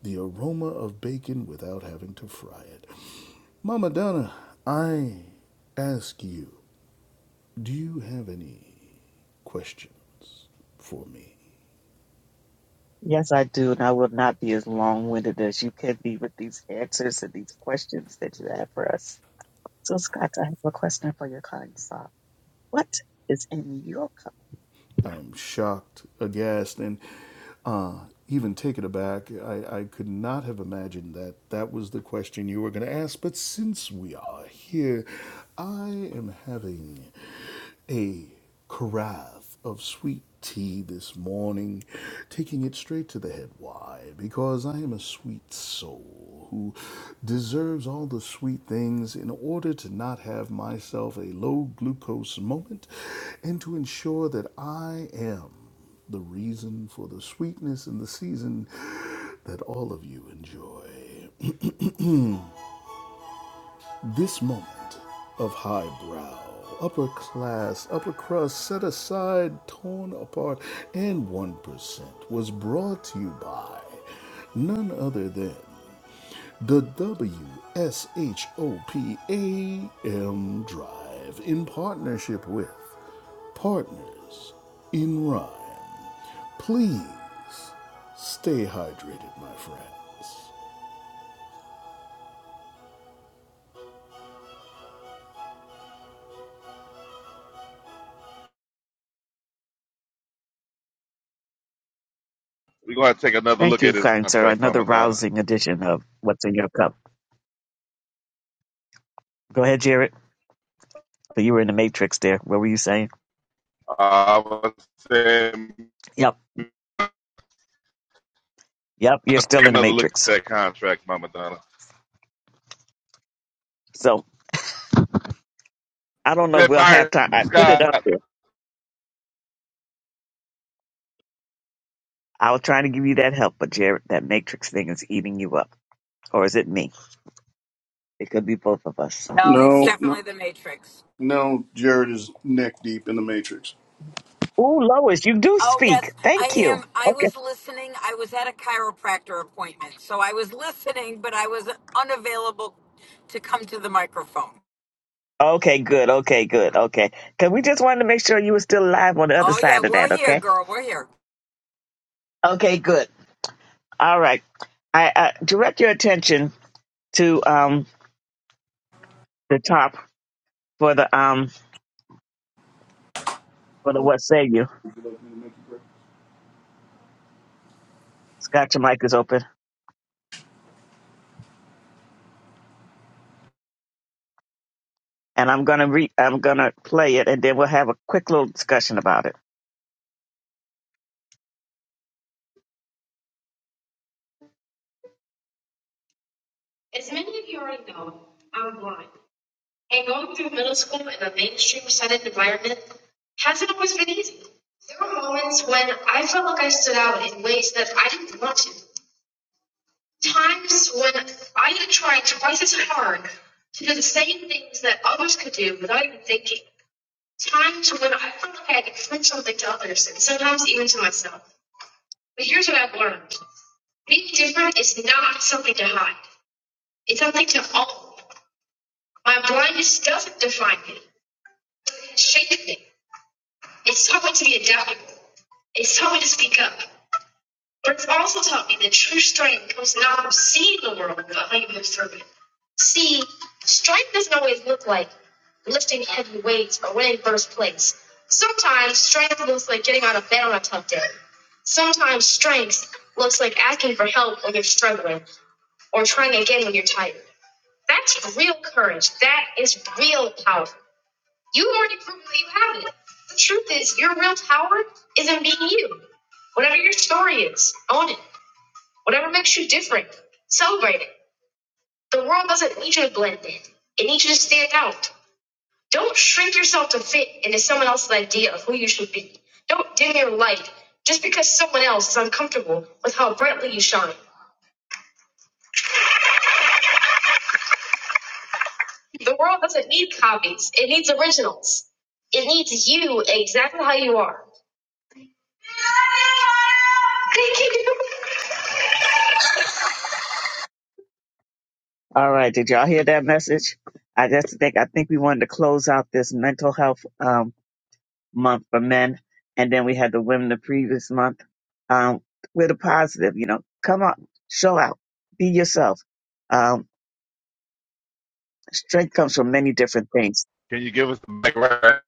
[SPEAKER 3] the aroma of bacon without having to fry it. Mama Donna, I ask you, do you have any questions for me?
[SPEAKER 1] Yes, I do, and I will not be as long-winded as you can be with these answers and these questions that you have for us. So, Scott, I have a question for your kind soul. What is in your cup?
[SPEAKER 3] I'm shocked, aghast, and uh, even taken aback. I, I could not have imagined that that was the question you were going to ask. But since we are here, I am having a carafe of sweet tea this morning, taking it straight to the head. Why? Because I am a sweet soul who deserves all the sweet things in order to not have myself a low glucose moment and to ensure that I am the reason for the sweetness in the season that all of you enjoy. This moment of highbrow, upper class, upper crust, set aside, torn apart, and 1% was brought to you by none other than the WSHOPAM Drive in partnership with Partners in Rhyme. Please stay hydrated, my friends.
[SPEAKER 2] We're gonna have to take another
[SPEAKER 1] Thank
[SPEAKER 2] look
[SPEAKER 1] you,
[SPEAKER 2] at this
[SPEAKER 1] kind sir.
[SPEAKER 2] contract,
[SPEAKER 1] Another
[SPEAKER 2] Mama Donna.
[SPEAKER 1] rousing edition of What's in Your Cup. Go ahead, Jared. But you were in the Matrix there. What were you saying?
[SPEAKER 2] I was saying,
[SPEAKER 1] Yep. Yep, you're
[SPEAKER 2] I'll take
[SPEAKER 1] still in the
[SPEAKER 2] another look at
[SPEAKER 1] matrix.
[SPEAKER 2] that contract, Mama Donna.
[SPEAKER 1] So I
[SPEAKER 2] I
[SPEAKER 1] don't know.
[SPEAKER 2] said,
[SPEAKER 1] We'll have
[SPEAKER 2] Fire
[SPEAKER 1] time. I put it
[SPEAKER 2] Scott,
[SPEAKER 1] up there. I was trying to give you that help, but Jared, that matrix thing is eating you up. Or is it me? It could be both of us.
[SPEAKER 11] No, it's
[SPEAKER 3] No, no,
[SPEAKER 11] definitely the Matrix.
[SPEAKER 3] no. Jared is neck deep in the matrix.
[SPEAKER 1] Ooh, Lois, you do
[SPEAKER 11] Oh
[SPEAKER 1] speak.
[SPEAKER 11] yes, I
[SPEAKER 1] Thank you.
[SPEAKER 11] am. I
[SPEAKER 1] Okay.
[SPEAKER 11] was listening. I was at a chiropractor appointment, so I was listening, but I was unavailable to come to the microphone.
[SPEAKER 1] Okay, good. Okay, good. Okay. Because we just wanted to make sure you were still alive on the other
[SPEAKER 11] Oh yeah,
[SPEAKER 1] side of
[SPEAKER 11] we're
[SPEAKER 1] that.
[SPEAKER 11] here,
[SPEAKER 1] Okay.
[SPEAKER 11] girl. We're here.
[SPEAKER 1] Okay, good. All right. I, I direct your attention to um the top for the um for the what say you. Scott, your mic is open. and I'm gonna re- I'm gonna play it, and then we'll have a quick little discussion about it. As many of you already know, I'm blind, and going through middle school in a mainstream setting environment hasn't always been easy. There were moments when I felt like I stood out in ways that I didn't want to. Times when I had tried twice as hard to do the same things that others could do without even thinking. times when I felt like I could prove something to others, and sometimes even to myself. But here's what I've learned. Being different is not something to hide. It's something to own. My blindness doesn't define me. Shape me. It's taught me to be adaptable. It's taught me to speak up. But it's also taught me that true strength comes not from seeing the world, but how you move through it. See, strength doesn't always look like lifting heavy weights or winning first place. Sometimes strength looks like getting out of bed on a tough day. Sometimes strength looks like asking for help when you're struggling or trying again when you're tired. That's real courage. That is real power. You already proved that you have it. The truth is, your real power is in being you. Whatever your story is, own it. Whatever makes you different, celebrate it. The world doesn't need you to blend in. It needs you to stand out. Don't shrink yourself to fit into someone else's idea of who you should be. Don't dim your light just because someone else is uncomfortable with how brightly you shine. The world doesn't need copies. It needs originals. It needs you exactly how you are. Thank you. All right. Did y'all hear that message? I just think I think we wanted to close out this mental health. month for men, and then we had the women the previous month. Um, we're the positive, you know. Come out, show out, be yourself. Um, strength comes from many different things.
[SPEAKER 2] can you give us the background?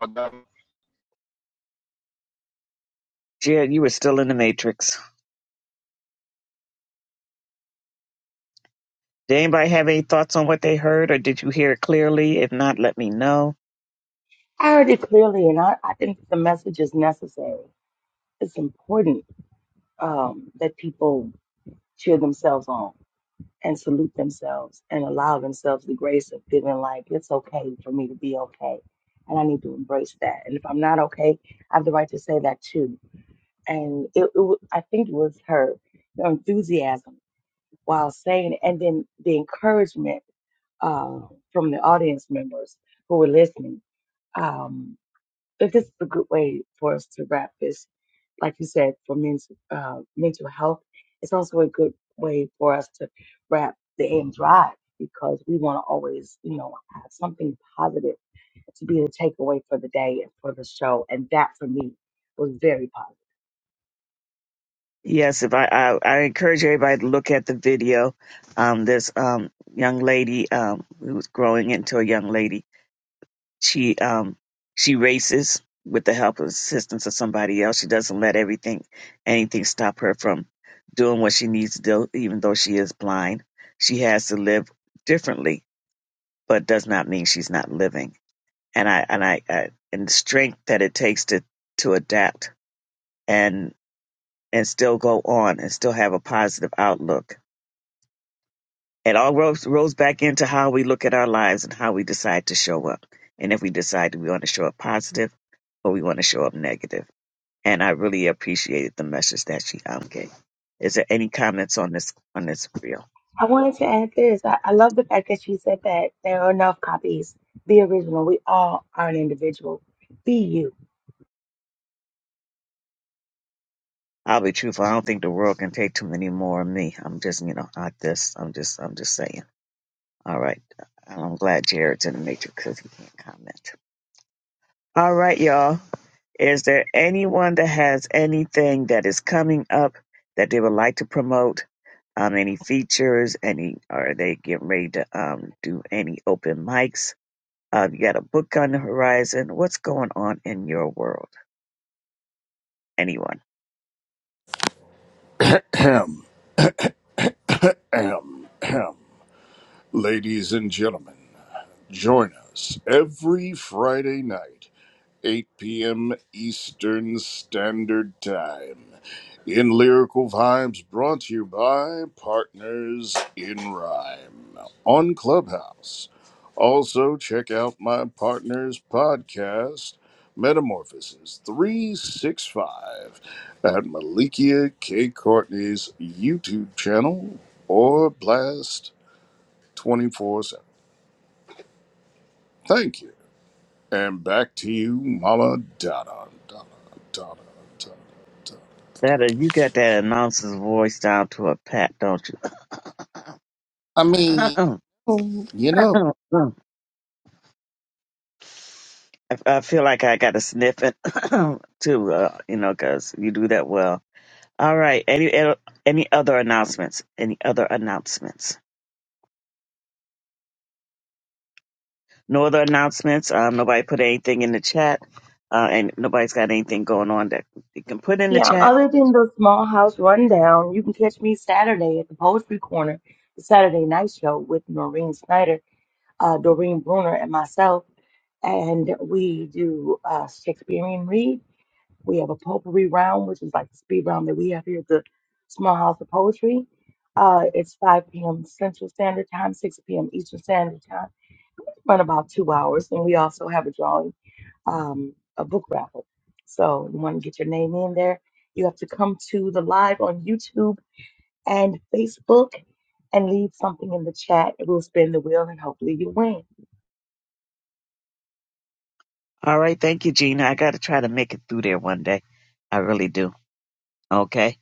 [SPEAKER 2] Mama Donna?
[SPEAKER 1] Jared, you were still in the matrix. Did anybody have any thoughts on what they heard, or did you hear it clearly? If not, let me know.
[SPEAKER 7] I heard it clearly, and I, I think the message is necessary. It's important um, that people cheer themselves on. and salute themselves and allow themselves the grace of feeling like it's okay for me to be okay. And I need to embrace that. And if I'm not okay, I have the right to say that too. And it, it wa- I think it was her her enthusiasm while saying, it, and then the encouragement uh, from the audience members who were listening. Um, that this is a good way for us to wrap this like you said, for men's, uh, mental health, it's also a good way for us to wrap the end drive because we want to always, you know, have something positive to be the takeaway for the day and for the show. And that for me was very positive.
[SPEAKER 1] Yes, if I I, I encourage everybody to look at the video. Um, this um young lady um who was growing into a young lady She um she races with the help and assistance of somebody else. She doesn't let everything anything stop her from doing what she needs to do, even though she is blind. She has to live differently, but does not mean she's not living. And I and I, I and the strength that it takes to to adapt and and still go on and still have a positive outlook It all rolls, rolls back into how we look at our lives and how we decide to show up. And if we decide we want to show up positive or we want to show up negative. And I really appreciated the message that she um, gave. Is there any comments on this on this reel?
[SPEAKER 7] I wanted to add this. I, I love the fact that she said that there are enough copies. Be original. We all are an individual. Be you.
[SPEAKER 1] I'll be truthful. I don't think the world can take too many more of me. I'm just, you know, I this. I'm just, I'm just saying. All right. I'm glad Jared's in the matrix because he can't comment. All right, y'all. Is there anyone that has anything that is coming up that they would like to promote? Um, any features? Any? Are they getting ready to um, do any open mics? Um, you got a book on the horizon. What's going on in your world? anyone
[SPEAKER 3] Ahem, ahem, ahem. Ladies and gentlemen. Join us every Friday night, 8 p.m. Eastern Standard Time, in Lyrical Vibes, brought to you by Partners in Rhyme on Clubhouse. Also, check out my partner's podcast, Metamorphosis 365, at Malikia K. Courtney's YouTube channel or Blast 24 7. Thank you. And back to you, Mala Dada. Dada, Dada, Dada, Dada.
[SPEAKER 1] That uh, you got that announcer's voice down to a pat, don't you?
[SPEAKER 3] I mean, you know.
[SPEAKER 1] I, I feel like I got to sniff it too, uh, you know, 'cause you do that well. All right. Any any other announcements? Any other announcements? No other announcements. Um, nobody put anything in the chat, uh, and nobody's got anything going on that they can put in the
[SPEAKER 7] Yeah,
[SPEAKER 1] chat.
[SPEAKER 7] other than the small house rundown, you can catch me Saturday at the Poetry Corner, the Saturday night show with Noreen Snyder, uh, Doreen Bruner, and myself. And we do uh, Shakespearean read. We have a potpourri round, which is like the speed round that we have here at the Small House of Poetry. Uh, it's 5 p.m. Central Standard Time, 6 p.m. Eastern Standard Time. We run about two hours, and we also have a drawing um, a book raffle. So you want to get your name in there. You have to come to the live on YouTube and Facebook and leave something in the chat. we will spin the wheel and hopefully you win.
[SPEAKER 1] All right. Thank you, Gina. I got to try to make it through there one day. I really do. Okay.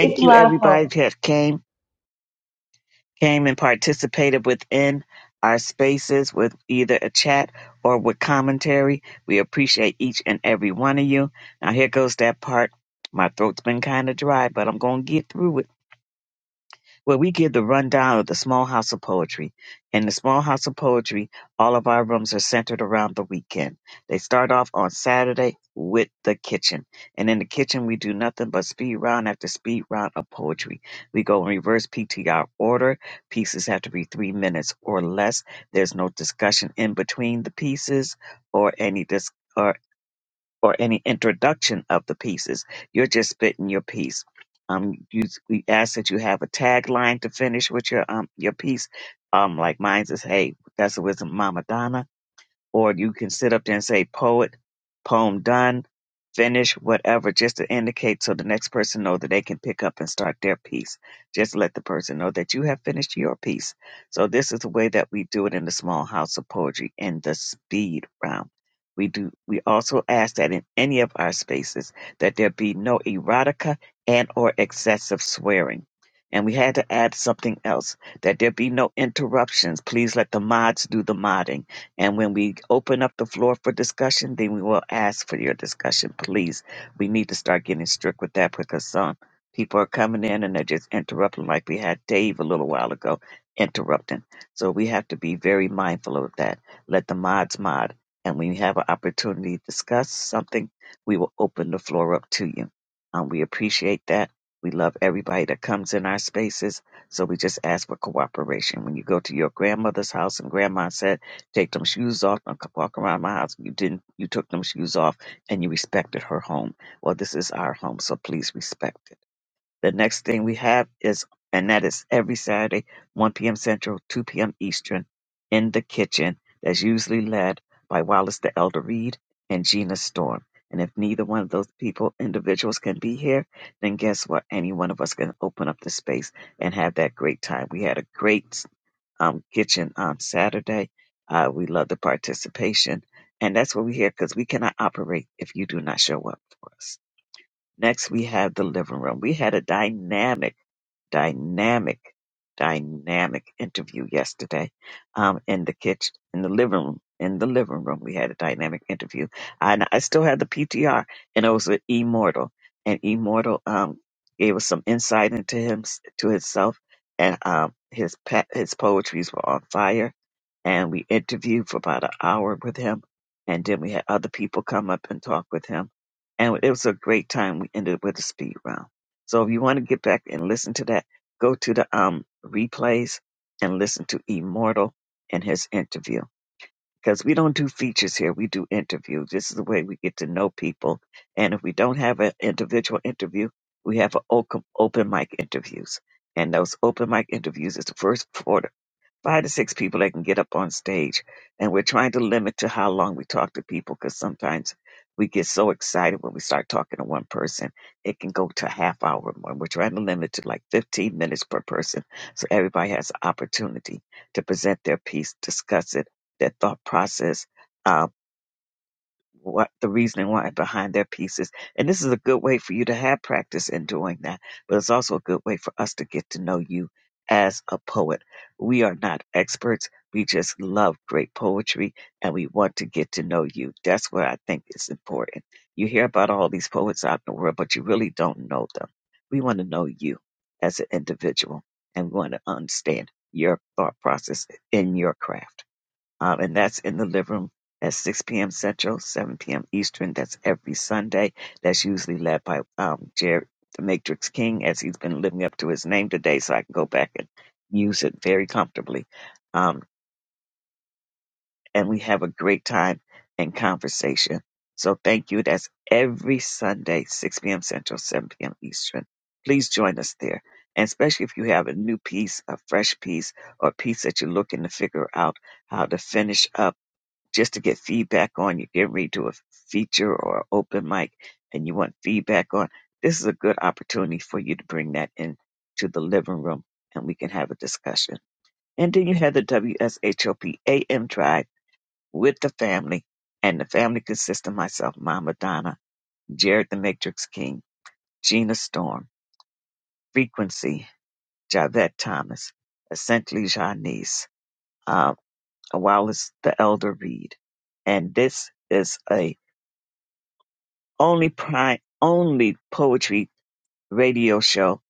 [SPEAKER 7] It's a
[SPEAKER 1] you,
[SPEAKER 7] lot of
[SPEAKER 1] everybody
[SPEAKER 7] fun.
[SPEAKER 1] that came came and participated within our spaces with either a chat or with commentary. We appreciate each and every one of you. Now here goes that part. My throat's been kind of dry, but I'm gonna get through it. where we give the rundown of the Small House of Poetry. In the Small House of Poetry, all of our rooms are centered around the weekend. They start off on Saturday with the kitchen. And in the kitchen, we do nothing but speed round after speed round of poetry. We go in reverse PTR order. Pieces have to be three minutes or less. There's no discussion in between the pieces or any discussion or any introduction of the pieces. You're just spitting your piece. Um, you we ask that you have a tagline to finish with your um your piece. Um, like mine says, "Hey, that's the wisdom, of Mama Donna." or you can sit up there and say poet, poem done, finish, whatever, just to indicate so the next person know that they can pick up and start their piece. Just let the person know that you have finished your piece. So this is the way that we do it in the small house of poetry in the speed round. We do we also ask that in any of our spaces that there be no erotica and or excessive swearing. And we had to add something else that there be no interruptions. Please let the mods do the modding and when we open up the floor for discussion, then we will ask for your discussion, please. We need to start getting strict with that because some people are coming in and they're just interrupting, like we had Dave a little while ago interrupting. So we have to be very mindful of that. Let the mods mod. And when you have an opportunity to discuss something, we will open the floor up to you. Um, we appreciate that. We love everybody that comes in our spaces. So we just ask for cooperation. When you go to your grandmother's house and grandma said, take them shoes off and c- walk around my house. You didn't. You took them shoes off and you respected her home. Well, this is our home, so please respect it. The next thing we have is, and that is every Saturday, 1 p.m. Central, 2 p.m. Eastern, in the kitchen. That's usually led by Wallace the Elder Reed and Gina Storm. And if neither one of those people, individuals, can be here, then guess what? Any one of us can open up the space and have that great time. We had a great um, kitchen on Saturday. Uh, we love the participation, and that's what we're here because we cannot operate if you do not show up for us. Next, we have the living room. We had a dynamic, dynamic, dynamic interview yesterday um, in the kitchen, in the living room. In the living room, we had a dynamic interview. And I still have the PTR, and it was with Immortal. And Immortal um, gave us some insight into him, to himself, and um, his pet, his poetries were on fire. And we interviewed for about an hour with him, and then we had other people come up and talk with him and it was a great time. We ended with a speed round. So if you want to get back and listen to that, go to the um replays and listen to Immortal and his interview. Because we don't do features here, we do interviews. This is the way we get to know people. And if we don't have an individual interview, we have an open, open mic interviews. And those open mic interviews is the first 45 five to six people that can get up on stage. And we're trying to limit to how long we talk to people because sometimes we get so excited when we start talking to one person, it can go to a half hour more. We're trying to limit to like 15 minutes per person so everybody has an opportunity to present their piece, discuss it, their thought process. uh, what the reasoning why behind their pieces. And this is a good way for you to have practice in doing that, but it's also a good way for us to get to know you as a poet. We are not experts. We just love great poetry and we want to get to know you. That's what I think is important. You hear about all these poets out in the world, but you really don't know them. We want to know you as an individual and we want to understand your thought process in your craft um, and that's in the living room at 6 p.m. Central, 7 p.m. Eastern. That's every Sunday. That's usually led by um, Jerry the Matrix King, as he's been living up to his name today, so I can go back and use it very comfortably. Um, and we have a great time and conversation. So thank you. That's every Sunday, 6 p.m. Central, 7 p.m. Eastern. Please join us there. And especially if you have a new piece, a fresh piece, or a piece that you're looking to figure out how to finish up just to get feedback on. You're getting ready to do a feature or open mic and you want feedback on. This is a good opportunity for you to bring that in to the living room and we can have a discussion. And then you have the W S H O P A M AM Drive with the family. And the family consists of myself, Mama Donna, Jared the Matrix King, Gina Storm, Frequency, Javette Thomas, Essentially Janice, uh, Wallace the Elder Reed. And this is a only prime, only poetry radio show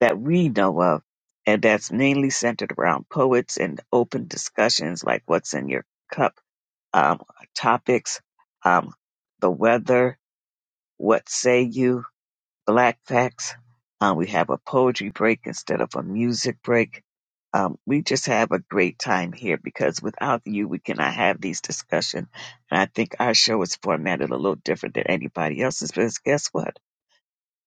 [SPEAKER 1] that we know of, and that's mainly centered around poets and open discussions like what's in your cup, um, topics, um, the weather, what say you, black facts. Um, we have a poetry break instead of a music break. Um, we just have a great time here because without you, we cannot have these discussions. And I think our show is formatted a little different than anybody else's. Because guess what?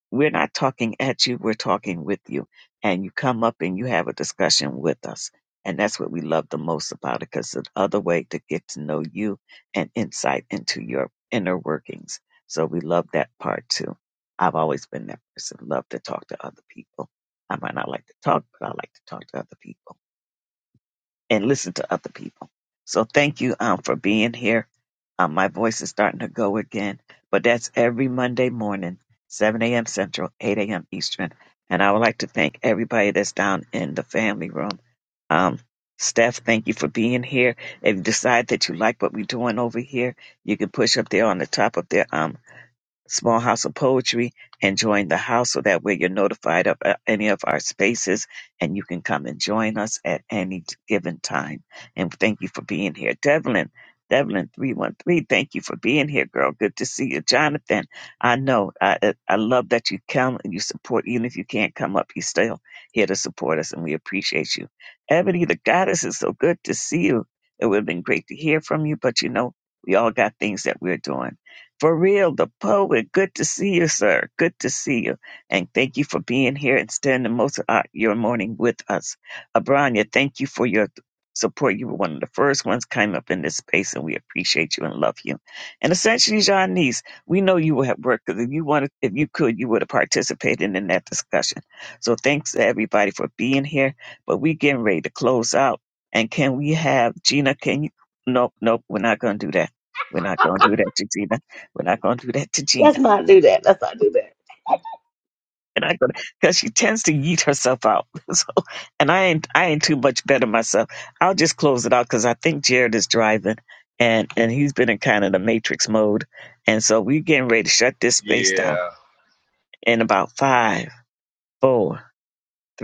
[SPEAKER 1] We're not talking at you, we're talking with you. And you come up and you have a discussion with us. And that's what we love the most about it because it's another way to get to know you and insight into your inner workings. So we love that part too. I've always been that person, love to talk to other people. I might not like to talk, but I like to talk to other people and listen to other people. So thank you um, for being here. Um, my voice is starting to go again, but that's every Monday morning, 7 a.m. Central, 8 a.m. Eastern. And I would like to thank everybody that's down in the family room. Um, Steph, thank you for being here. If you decide that you like what we're doing over here, you can push up there on the top of there. Small House of Poetry and join the house so that way you're notified of uh, any of our spaces and you can come and join us at any given time. And thank you for being here. Devlin, Devlin313, thank you for being here, girl. Good to see you. Jonathan, I know, I, I I love that you come and you support, even if you can't come up, you're still here to support us and we appreciate you. Ebony, the goddess, is so good to see you. It would have been great to hear from you, but you know, we all got things that we're doing. For real, the poet. Good to see you, sir. Good to see you. And thank you for being here and spending most of our- your morning with us. Abranya, thank you for your support. You were one of the first ones came up in this space, and we appreciate you and love you. And essentially, Janice, we know you were at work because if you wanted, if you could, you would have participated in that discussion. So thanks to everybody for being here. But we getting ready to close out. And can we have Gina? Can you? Nope, nope. We're not gonna do that. We're not gonna do that, Gina. We're not gonna do that to
[SPEAKER 7] Let's
[SPEAKER 1] Gina.
[SPEAKER 7] not do that. Let's not do that.
[SPEAKER 1] and i not gonna because she tends to yeet herself out. So and I ain't I ain't too much better myself. I'll just close it out because I think Jared is driving and and he's been in kind of the matrix mode. And so we're getting ready to shut this space down
[SPEAKER 2] Yeah.
[SPEAKER 1] in about five, four, three.